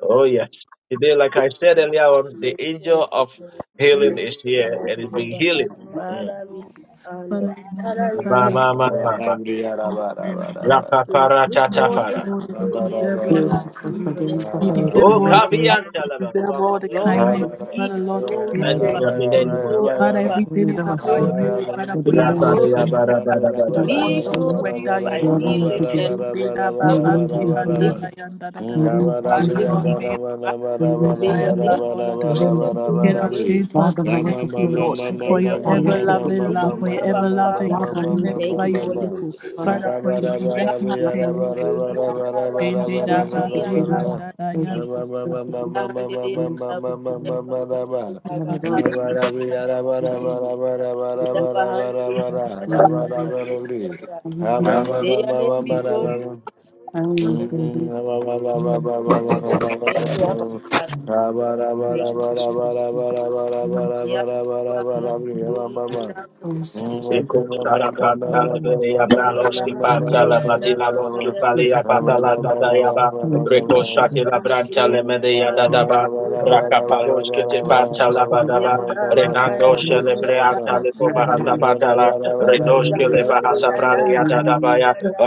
S2: Oh,
S15: you
S2: yes. Today, like I said
S15: be
S2: earlier on, the angel
S15: uplifted, O
S2: of
S15: Lord.
S2: healing is here and
S15: Lord,
S2: it's
S15: you
S2: been
S15: are
S2: healing.
S15: high.
S2: Mm.
S15: Father, we honor.
S5: we
S15: Father, we
S5: magnify
S2: Ba,
S15: bow
S4: La,
S5: your
S2: ba,
S4: la,
S2: ba,
S15: before
S4: la,
S2: ba,
S4: la,
S2: ba.
S15: you. We
S4: bria la,
S5: holy
S15: worship
S4: ba, la,
S15: you.
S4: ba, la,
S2: Ra,
S5: name.
S4: ba,
S2: pa,
S4: la.
S15: We
S2: pa,
S15: lift
S2: ra,
S15: This
S2: ta, ta,
S5: Lord
S2: fa,
S15: morning,
S2: ra.
S15: I
S5: God,
S4: ba
S15: give your
S4: ba
S5: you
S4: ba
S15: name
S5: deserve
S13: Eu
S5: all
S15: praise. I
S13: sou
S5: our
S15: give
S5: praise.
S15: your
S13: passarinho,
S15: name
S5: You
S15: honor.
S13: papagaio,
S15: I
S4: ba
S5: deserve
S2: Oh,
S15: give your
S5: all
S15: name
S5: our
S13: papagaio,
S2: kabiyan,
S15: honor.
S5: praise. You
S2: shalaba.
S5: deserve
S2: Wa, ma,
S5: all the
S2: mi, ya,
S13: eu
S4: Ba
S2: mi.
S5: kindness.
S15: Lord,
S13: sou.
S2: Yeah.
S15: be
S5: Father,
S4: ba
S5: Lord,
S13: Eu
S5: we
S13: me
S2: And
S4: ba
S2: in
S5: thank
S2: your
S13: dava
S15: glorified.
S2: name,
S5: you.
S15: Be
S2: in
S13: assim,
S2: your name.
S5: Father,
S15: glorified.
S13: eu
S5: everything
S13: me
S5: is
S13: dava
S15: Be
S5: about
S13: assim,
S5: you.
S15: glorified.
S5: Father,
S13: eu
S5: for
S13: me
S5: your
S15: Be
S2: Ya,
S13: dava
S2: pa, ra, ya,
S15: glorified.
S5: amazing
S13: assim,
S2: ba,
S5: work.
S2: ra, da,
S5: Father,
S2: da, da,
S13: se
S5: for
S13: eu
S5: your
S13: me
S2: da,
S13: dava
S2: da.
S15: Be
S5: wondrous
S13: assim, me
S5: work that you
S15: glorified.
S13: dava
S15: Be
S5: do.
S13: assim,
S15: lifted. up, O
S5: Indeda
S13: eu não
S15: Lord.
S5: baba
S13: me dava assim,
S5: sihanda
S15: lift you.
S5: da yanda da da
S13: eu não me dava
S5: da.
S13: assim,
S15: We
S5: Father,
S15: lift
S5: Lord,
S15: you.
S5: may you
S15: up.
S13: eu não me dava assim, eu não me
S15: May
S5: high
S15: your
S13: dava
S15: name
S5: above
S15: be
S5: all other names.
S15: exalted. May
S5: King
S15: your
S5: of
S15: name
S5: kings,
S15: be
S5: we
S15: magnified.
S5: thank
S13: assim,
S5: you,
S13: eu não
S5: Lord,
S13: me dava
S5: for
S15: Thank
S5: your
S13: assim,
S15: you,
S13: eu me
S15: Jesus.
S5: everlasting
S15: Thank
S5: love,
S15: you,
S5: for your
S15: Abba
S5: everlasting
S15: Father.
S5: kindness
S15: Thank
S5: over
S15: you,
S5: your
S15: Holy
S5: people.
S15: Spirit.
S5: Father, for your
S15: Yabba,
S5: mighty sake.
S15: hallelujah, ndaba,
S5: Mm.
S15: kaya,
S4: ba
S15: ndiri,
S4: ba
S15: ndaba, hallelujah, ndiri, ndaba, kaya, ndiri, ndaba, hallelujah, ndaba, hallelujah, ndaba, kaya, ndiri, ndaba. May your name be
S4: Rabba
S15: glorified. Thank you,
S4: Mm-hmm.
S13: Thank
S15: Thank you, Abba Father. Thank you, Holy Spirit. Yabba, hallelujah, ndaba, kaya, ndiri, ndaba,
S2: In the
S15: hallelujah, ndaba, kaya, ndiri, ndaba. In Jesus
S13: you. So you see, see,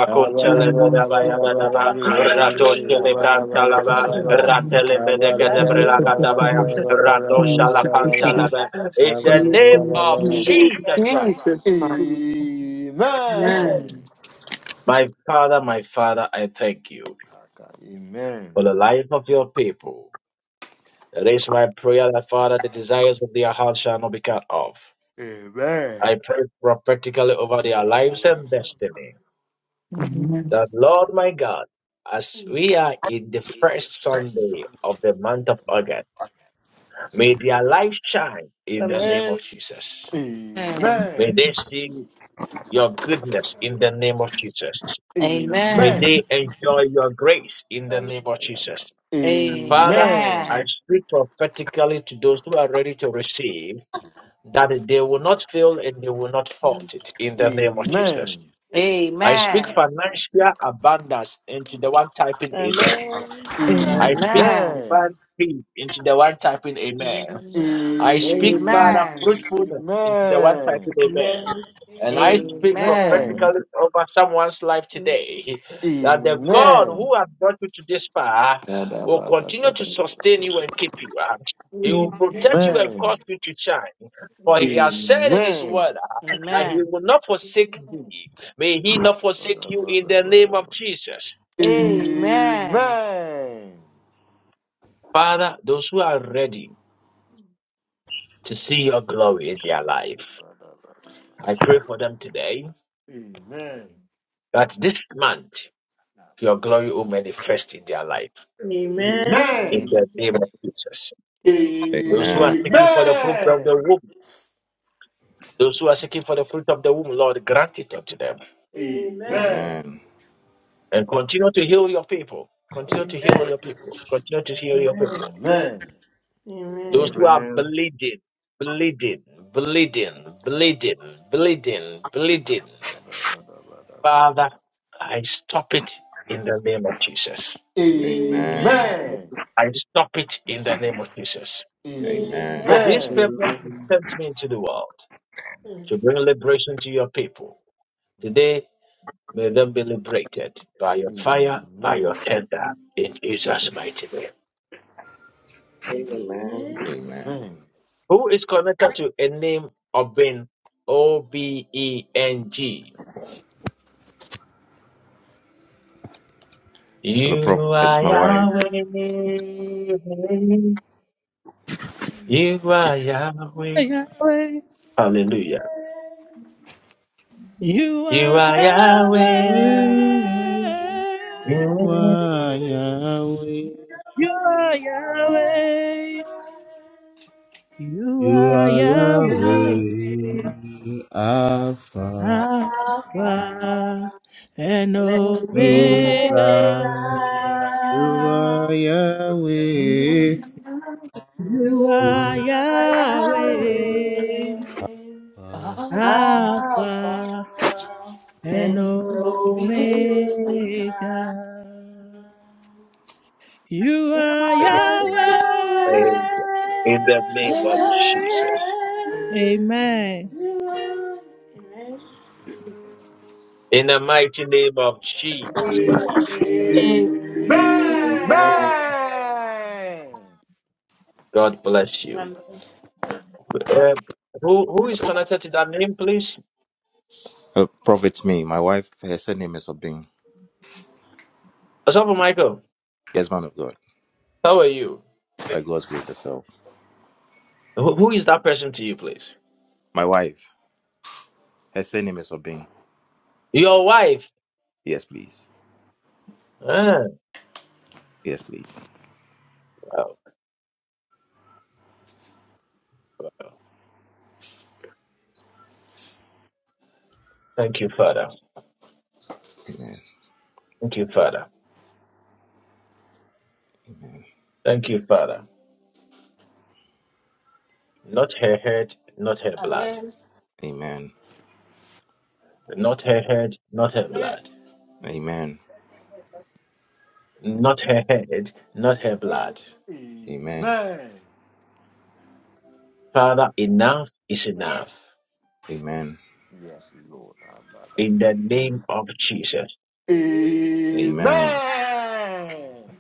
S4: Amen. Amen. Amen. Amen.
S2: name of Jesus
S15: Christ.
S2: Christ.
S13: Jesus Christ. Amen.
S2: My Father, my Father, I thank you for the life of your people. It is my prayer that, Father, the desires of their hearts shall not be cut off. I pray prophetically over their lives and destiny
S13: Amen.
S2: that, Lord my God, as we are in the first Sunday of the month of August, may their life shine in the name
S15: Amen.
S2: of Jesus.
S13: Amen.
S2: May they see your goodness in
S15: Amen.
S2: the name of Jesus. May
S13: Amen.
S2: they enjoy your grace in the
S15: Amen.
S2: name of Jesus. Father, I
S13: Amen.
S2: speak prophetically to those who are ready to receive that they will not fail and they will not fault it in the name of Jesus.
S4: Amen.
S2: I speak
S13: Amen.
S2: financial abundance into the one typing
S15: Amen.
S2: amen. I
S4: Amen.
S2: speak
S13: Amen.
S4: Amen.
S2: divine speed into the one typing amen. I speak,
S4: Amen.
S2: Father,
S13: Amen.
S2: fruitfulness into the one
S4: Amen.
S2: typing amen. And I
S4: Amen.
S2: speak
S18: Amen. Amen. Amen. Amen. Amen. Amen. Amen. Amen. Amen. Amen. Amen. Amen. Amen. Amen. Amen. Amen. Amen. Amen. Amen.
S4: Amen.
S2: prophetically over someone's life
S15: Amen.
S2: today that the God
S4: Amen.
S2: who has brought you to this far
S4: Amen. Amen.
S2: will
S4: Amen.
S2: continue to sustain you and keep you. uh, He will protect you and cause you to shine. For he has said in his word
S13: Amen.
S2: uh, that he will
S13: Amen.
S2: not forsake thee. May he not forsake you in the name of Jesus.
S13: Amen. Amen.
S2: Father, those who are ready to see your glory in their life, I pray for them today that this month your glory will manifest in their life.
S1: Amen. Amen. Amen.
S2: in the name of Jesus. Those who are
S19: Amen.
S2: seeking for the fruit of the womb, those who are seeking for the fruit, you talk to them.
S19: Amen.
S2: And continue to heal your people. Continue to heal your
S1: Amen.
S2: people. Continue to heal your
S4: Amen.
S2: people.
S4: Amen.
S1: Amen.
S2: Those who
S19: Amen.
S2: are bleeding, bleeding, bleeding, bleeding, bleeding, bleeding.
S4: Amen.
S2: Father, I stop it in the name of Jesus.
S4: Amen.
S19: Amen.
S1: Amen. Amen.
S4: Amen.
S2: I stop it in the name of Jesus.
S4: Amen.
S19: Amen.
S2: For
S1: Amen.
S2: this purpose, you sent me into the world to bring liberation to your people. Today, May them be liberated by your fire, by
S4: Amen.
S1: Alpha
S2: your tender, in Jesus' mighty name.
S19: Amen.
S4: Amen.
S2: Who is connected to a name of being O B E N G?
S19: Hello,
S2: You
S19: Prophet. It's
S2: are
S19: my wife.
S2: Yahweh. You are
S5: Yahweh,
S2: Hallelujah.
S5: you are Yahweh.
S20: You are Yahweh.
S5: You are
S4: Amen.
S5: Yahweh. You
S20: You
S5: are
S20: are
S5: Yahweh.
S20: Yahweh. Alpha,
S5: Alpha and
S1: and
S7: Never
S5: Omega.
S1: Omega,
S20: Omega. You are
S7: you
S20: Yahweh.
S5: You
S1: you
S5: are
S20: You
S1: are Yahweh.
S5: Yahweh.
S20: are
S7: are of
S1: Alpha
S5: Alpha and
S1: and
S7: and
S5: Omega.
S7: will
S1: Omega,
S5: You
S1: You are
S5: are Yahweh.
S1: Yahweh.
S2: In the name of
S5: Amen.
S2: Jesus.
S7: be.
S1: You are the way.
S2: In the mighty name of Jesus
S15: Amen.
S2: Christ. God bless you.
S15: Amen.
S2: Uh, who who is connected to that name, please?
S19: Hello, Prophet, It's me. My wife, her surname is Obing.
S2: Asafa Michael,
S19: Yes, man of God.
S2: how are you?
S19: By God's grace herself.
S2: Who who is that person to you, please?
S19: My wife, her surname is Obing.
S2: Your wife.
S19: Yes, please.
S2: Ah,
S19: Yes, please.
S2: wow. Thank you, Father.
S19: Amen.
S2: Thank you, Father. Thank you, Father. Not her head, not her blood.
S15: Amen.
S19: Amen.
S2: Not her head, not her
S15: Amen.
S2: blood.
S19: Amen.
S15: Amen.
S2: Not her head, not her
S15: Amen.
S2: blood.
S19: Amen.
S4: Amen.
S2: Father, enough is enough.
S15: Yes.
S19: Amen.
S4: Yes, Lord. Abba, Abba.
S2: In the name of Jesus.
S19: Amen.
S4: Amen.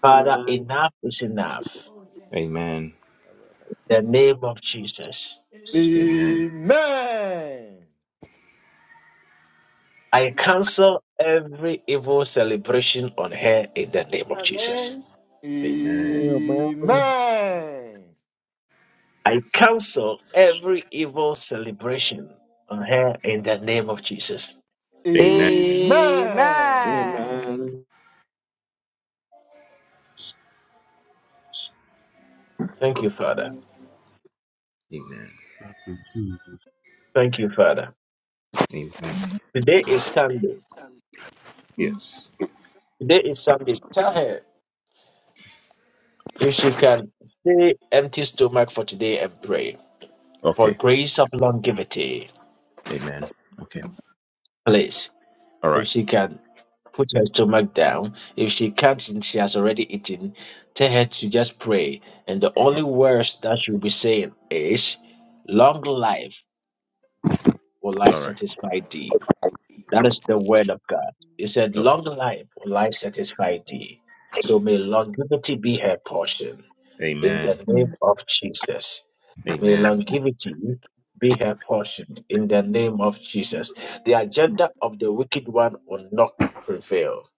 S2: Father, enough is enough.
S4: Oh, yes. Yes.
S19: Amen.
S4: Abba, Abba.
S2: The name of Jesus.
S19: Amen.
S4: Amen.
S2: I cancel every evil celebration on her in the name of Jesus.
S15: Amen.
S19: Amen.
S4: Amen.
S2: I cancel every evil celebration on her in the
S4: Abba,
S2: name of
S4: Abba.
S2: Jesus.
S19: Amen.
S13: Amen.
S4: Amen.
S18: Amen.
S2: Thank you, Father.
S19: Amen.
S2: Thank you, Father.
S19: Amen.
S2: Today is Sunday.
S19: Yes.
S2: Today is Sunday. Tell her if she can stay empty stomach for today and pray for
S19: Okay.
S2: grace of longevity.
S19: Amen. Okay.
S2: Please,
S19: All
S2: if
S19: right.
S2: she can put her stomach down, if she can't and she has already eaten, tell her to just pray. And the only words that she'll be saying is, Long life will I
S19: All right.
S2: satisfy thee That is the word of God. He said,
S19: Okay.
S2: Long life will life satisfy thee. So may longevity be her portion in
S19: Amen.
S2: the name of Jesus. May
S19: Amen.
S2: longevity be her portion in the name of Jesus. The agenda of the wicked one will not prevail.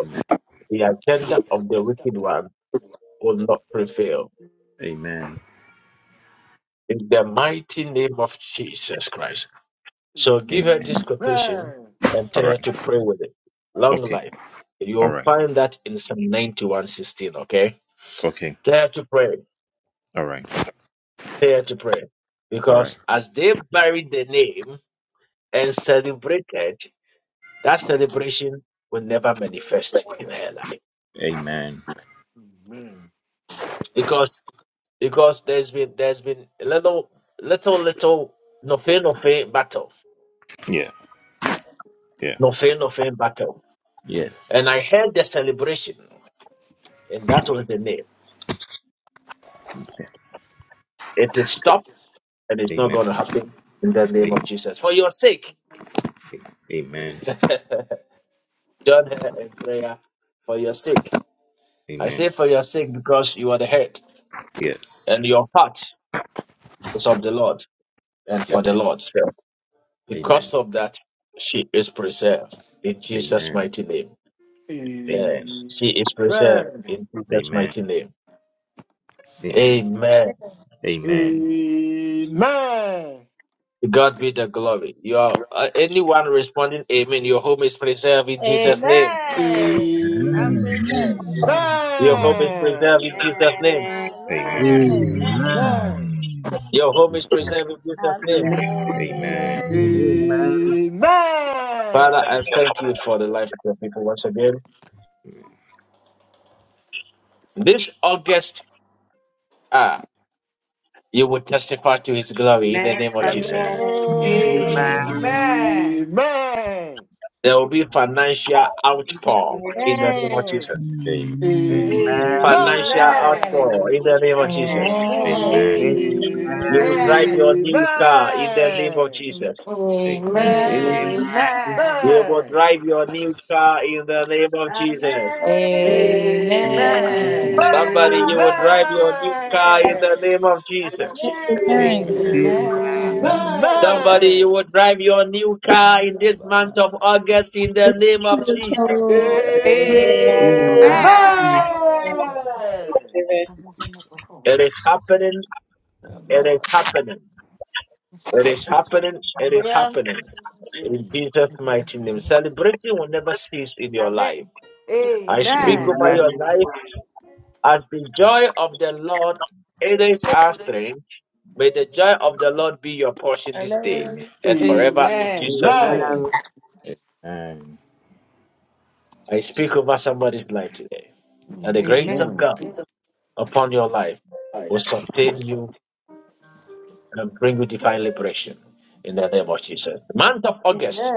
S19: Amen.
S2: The agenda of the wicked one will not prevail.
S19: Amen.
S2: In the mighty name of Jesus Christ. So
S19: Amen.
S2: give her this quotation
S4: Amen.
S2: and
S19: All
S2: tell her
S19: right.
S2: to pray with it. Long
S19: Okay.
S2: life.
S19: All
S2: You'll
S19: right.
S2: find that in Psalm 91:16, okay?
S19: Okay.
S2: Tell her to pray.
S19: All right.
S2: Tell her to pray.
S19: All right.
S2: Because as they buried the name and celebrated, that celebration will never manifest in her life.
S19: Amen.
S4: Amen.
S2: Because because there's been there's been a little little little no nothing battle.
S19: Yeah. Yeah.
S2: no fair no nothing battle.
S19: Yes.
S2: And I heard the celebration, and that was the name.
S19: Yeah.
S2: It stopped and it's not
S19: Amen.
S2: going to happen in the name
S19: Amen.
S2: of Jesus. For your sake,
S19: Amen.
S2: join her in prayer for your sake. I
S19: Amen.
S2: say for your sake because you are the head
S19: Yes.
S2: and your heart is of the Lord and for the
S19: Amen.
S2: Lord. So
S19: Amen.
S2: because of that, she is preserved in Jesus'
S19: Amen.
S2: mighty name.
S4: Amen.
S2: Uh,
S19: Amen.
S2: she is
S4: Amen. Amen.
S2: preserved in Jesus'
S19: Amen.
S2: mighty name.
S19: Amen.
S2: Amen.
S15: Amen.
S19: Amen.
S4: Amen. Amen. Amen.
S19: Amen.
S2: To God be the glory. Your uh, anyone responding, Amen. Your home is preserved in Jesus' name.
S15: Amen. I'm
S20: Amen.
S15: present.
S21: Amen.
S2: Your home is preserved in Jesus' name.
S19: Amen.
S15: Amen.
S21: Amen.
S4: Amen.
S20: Amen.
S21: Amen.
S2: Your home is preserved in Jesus' name.
S19: Amen. Amen.
S15: Amen.
S20: Amen.
S2: Father, I thank you for the life of your people once again. This August, ah, you will testify to his glory in the name of
S15: Amen.
S19: Amen.
S2: Jesus.
S15: Amen.
S13: Amen.
S2: There will be financial outpour in the name of Jesus.
S21: Amen.
S2: Financial
S13: Amen.
S2: outpour in the name of Jesus.
S13: Amen.
S15: Amen.
S19: Amen.
S7: Amen.
S13: Amen.
S2: You will drive your
S4: Amen.
S2: new car in the name of
S15: Amen.
S2: Jesus.
S13: Amen.
S19: Amen.
S7: Amen.
S13: Amen.
S2: You will
S4: Amen.
S2: drive your new car in the name of
S15: Amen.
S2: Jesus.
S7: Amen.
S4: Amen.
S13: Amen.
S7: Amen.
S2: Somebody, you will drive your new car in the name of Jesus.
S15: Amen.
S5: Amen.
S19: Amen.
S7: Amen.
S2: Somebody will
S4: Amen.
S2: drive your new car
S7: Amen.
S2: in this month of August in the name of
S7: Jesus
S2: Jesus.
S7: Christ, the
S5: So,
S7: Son of God,
S8: Amen.
S15: Amen.
S13: Amen.
S2: It is happening. It is happening. It is happening. It is
S15: Well,
S2: happening. In Jesus' mighty name. Celebrating will never cease in your
S15: Amen.
S2: life. I speak
S13: Amen.
S2: over your
S8: Amen.
S2: life as the joy of the Lord. It is our strength. May the joy of the Lord be your portion this day
S19: Amen.
S15: Amen.
S4: Amen. Mm.
S2: and
S4: Amen.
S2: forever in
S13: Amen.
S2: Jesus' name.
S19: Amen.
S2: I speak over somebody's life today. That the grace of God upon your life will sustain you and bring you divine liberation in the name of Jesus. The month of August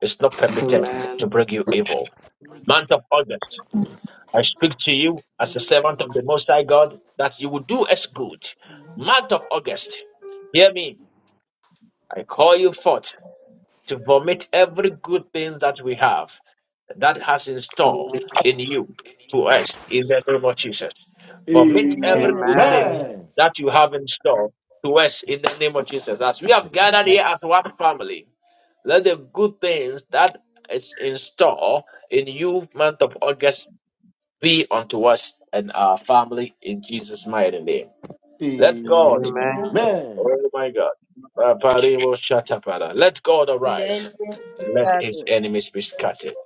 S2: is not permitted to bring you evil. Month of August, I speak to you as a servant of the Most High God that you will do us good. Month of August, hear me. I call you forth to vomit every good thing that we have. that has in store in you to us in the name of Jesus.
S4: Amen. Amen. Amen.
S2: Vomit
S1: Amen.
S2: every
S1: Amen. Amen. Amen.
S2: good thing that you have in store to us in the name of Jesus. As we have gathered here as one family, let the good things that is in store in you, month of August, be unto us and our family in Jesus' mighty name.
S1: Amen. Amen.
S2: Let
S18: Amen. Amen.
S2: God,
S19: Amen.
S1: Amen.
S2: oh my God, let God
S15: And the
S2: arise
S15: enemy is
S2: and let his
S15: starting.
S2: enemies be scattered.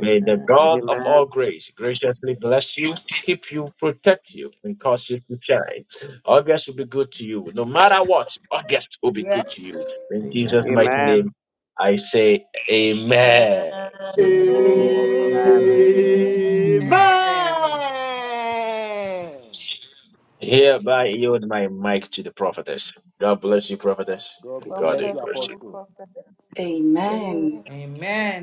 S2: May the
S18: Amen.
S2: God of all
S18: Amen.
S2: grace graciously bless you, keep you, protect you, and cause you to shine. August will be good to you. No matter what, August will be good to
S15: Yes.
S2: you. In Jesus'
S19: Amen.
S2: mighty
S18: Amen.
S2: name, I say amen.
S15: Amen.
S4: Amen.
S18: Amen.
S21: Amen.
S4: Amen.
S2: Hereby yield my mic to the prophetess. God bless you, prophetess,
S4: God
S2: and
S1: God
S2: God
S4: bless you,
S1: bless
S2: increase
S1: you,
S2: you.
S4: Apostle.
S1: Prophet.
S15: Amen.
S3: Amen.
S13: Amen.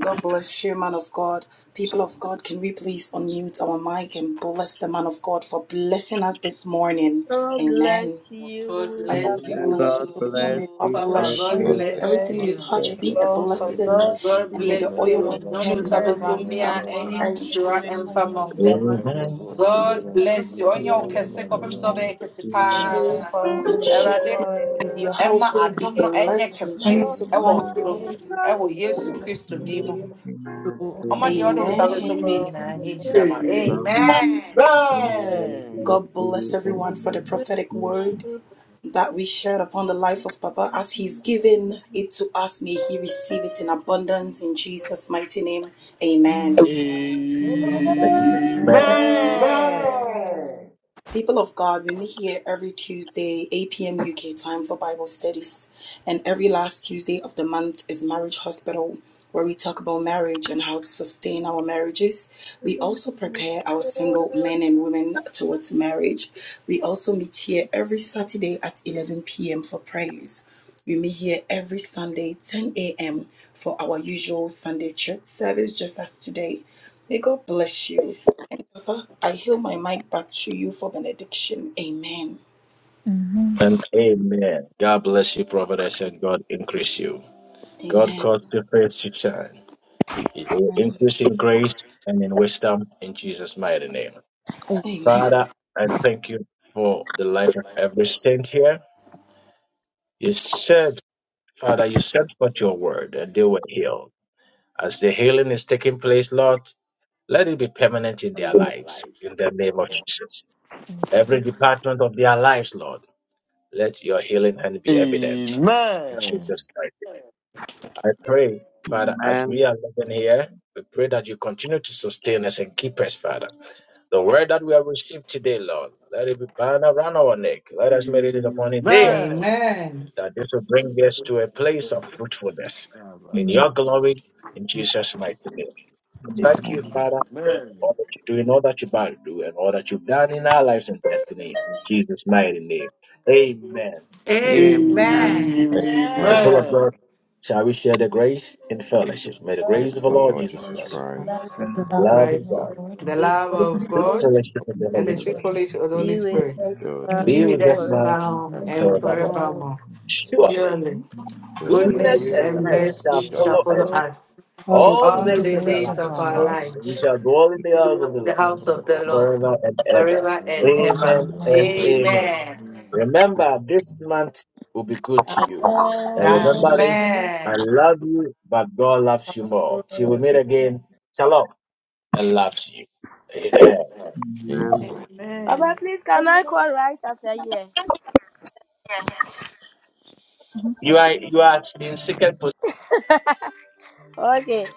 S3: God bless you, man of God. People of God, can we please unmute our mic and bless the man of God for blessing us this morning?
S15: God
S3: Amen.
S15: bless
S13: God
S15: you,
S13: bless
S15: Papa.
S18: May
S3: Hallelujah.
S18: God bless
S15: Give you
S3: May
S13: you.
S3: God
S18: you,
S13: Papa,
S3: bless
S13: God
S3: you.
S15: another
S19: God
S18: prophet.
S3: May
S19: bless
S13: bless
S1: Praise
S19: you,
S3: everything
S19: my
S3: you
S13: you.
S1: we
S3: touch
S19: God.
S3: be
S19: God
S3: a
S1: go
S19: bless you.
S3: blessing.
S1: continue
S4: Amen.
S15: God
S13: God
S3: And may
S15: give
S3: the
S13: bless
S1: and
S3: oil
S13: you.
S3: on
S1: not to
S3: your
S15: you
S13: None
S3: head
S13: of
S3: never
S15: bless
S13: us
S1: make
S3: runs
S1: have
S13: mia
S15: you.
S3: down.
S1: one
S13: any
S3: Pray in
S13: sure
S1: upliftment,
S3: Jesus'
S13: and
S3: name.
S13: famum.
S1: the mountain
S2: Amen
S13: God bless you. On
S18: Amen.
S13: okese kese kofem sobe kese
S1: will
S13: pa.
S1: come to
S3: In
S1: the
S3: Jesus'
S13: Erade
S3: mighty
S1: floor
S3: name, may your
S13: Emma
S3: household be
S13: adom no enye
S3: blessed. In
S13: kese
S3: Jesus'
S13: ewo
S3: mighty
S13: so
S15: God
S3: name.
S15: bless
S13: ewo
S15: you.
S13: Yesu Kristo dimo. Oma de odo sabe so
S3: Amen.
S15: Really
S13: na any sure
S15: bless
S13: ma.
S15: you.
S13: Amen.
S4: Amen.
S3: God bless everyone
S15: Thank
S3: for the
S15: you,
S3: prophetic word
S15: thank you,
S3: that we shared upon the life of Papa. As he's given it to us, may he receive it in abundance in Jesus' mighty name. Amen.
S1: Amen.
S3: People of God, we meet here every Tuesday, 8 p.m. UK time for Bible studies. And every last Tuesday of the month is Marriage Hospital, where we talk about marriage and how to sustain our marriages. We also prepare our single men and women towards marriage. We also meet here every Saturday at 11 p.m. for prayers. We meet here every Sunday, 10 a.m., for our usual Sunday church service, just as today. May God bless you. And Papa, I heal my mic back to you for benediction. Amen.
S2: and amen. God bless you, prophetess, and God increase you. God
S3: Amen.
S2: cause your face to shine. Increase in grace and in wisdom in Jesus' mighty name.
S3: Amen.
S2: Father, I thank you for the life of every saint here. You said, Father, you sent forth your word and they were healed. As the healing is taking place, Lord, let it be permanent in their
S15: Amen.
S2: lives in the name of Jesus. Every department of their lives, Lord, let your healing hand be evident in Jesus' mighty name. I pray, Father, as we
S18: Amen.
S2: are living here, we pray that you continue to sustain us and keep us, Father. The word that we have received today, Lord, let it be bound around our neck. Let us meditate upon it then,
S4: Amen.
S13: Amen.
S2: that this will bring us to a place of fruitfulness. In
S4: Amen.
S5: mm,
S2: your glory, in Jesus' mighty name. Thank you, Father, for
S4: Amen.
S2: all that you do and all that you're about to do and all that you've done in our lives and destiny. In Jesus' mighty name. Amen.
S1: Amen.
S18: Amen.
S1: Amen.
S13: Amen.
S4: Amen.
S2: The
S19: Amen.
S2: people of God, shall we share the grace and fellowship? May the
S19: Yes,
S15: God
S2: grace of
S15: give
S2: the
S19: my
S15: you
S2: Lord
S19: Lord
S2: Jesus
S19: Jesus
S15: praise,
S4: Hallelujah.
S2: Christ,
S19: Christ.
S15: of
S19: Lord,
S15: God.
S2: love of
S13: Christ,
S2: God,
S19: Lord,
S13: the
S4: Hallelujah.
S15: Is
S13: love
S19: and
S2: the
S19: the
S13: of
S2: good
S15: responsible
S13: God.
S2: fellowship
S19: Lord,
S2: of the
S13: and the
S2: Holy
S19: of
S13: sweet
S2: Spirit
S13: fellowship of the Holy
S15: Be with
S13: Spirit
S19: the
S15: us now
S7: be
S19: Lord,
S13: be
S2: be
S7: with
S13: with
S15: and
S2: with
S7: us.
S2: us
S13: us
S15: forever.
S2: now
S13: now
S7: And
S2: and
S19: and
S13: and
S19: for
S2: forevermore.
S15: Our
S7: forever.
S13: forevermore.
S2: Surely
S13: Surely,
S19: goodness,
S2: goodness
S4: We
S13: goodness
S18: Amen.
S2: and
S15: mercies
S7: Goodness
S4: are
S15: are
S13: and
S7: and
S2: mercy
S7: mercy
S4: rest
S13: mercy
S2: shall
S4: in
S7: shall
S19: God,
S4: the
S2: follow
S13: shall
S4: grace
S13: follow
S7: follow us
S15: for
S2: us
S13: us
S5: all the
S2: all the
S13: all
S7: all
S4: of
S7: the
S2: days
S4: the
S13: the
S2: of our
S7: days
S13: days
S7: of
S4: grace
S13: of
S4: of
S7: our
S2: lives,
S4: the
S13: our
S19: life.
S4: Lord.
S7: life.
S2: and we
S13: lives,
S2: shall dwell in
S19: and
S2: the
S13: and we
S2: house
S13: will
S2: of the
S13: in the
S2: Lord
S13: house
S19: for the
S13: of the
S19: Lord.
S13: Lord
S2: forever and ever.
S13: forever and ever.
S2: Amen
S4: Amen.
S2: and
S7: Amen.
S2: amen.
S13: Amen.
S4: Amen.
S2: Remember, this month will be good to
S15: us.
S2: you. And
S19: Amen.
S2: remember
S7: Amen.
S2: this,
S15: Amen.
S2: I
S13: Amen.
S2: love you, but God loves you more. Till we meet again, shalom and love to you. Amen.
S18: Amen.
S19: Amen.
S1: Amen.
S15: Papa, please, can I call right after here?
S2: You are you are in second
S15: Okay.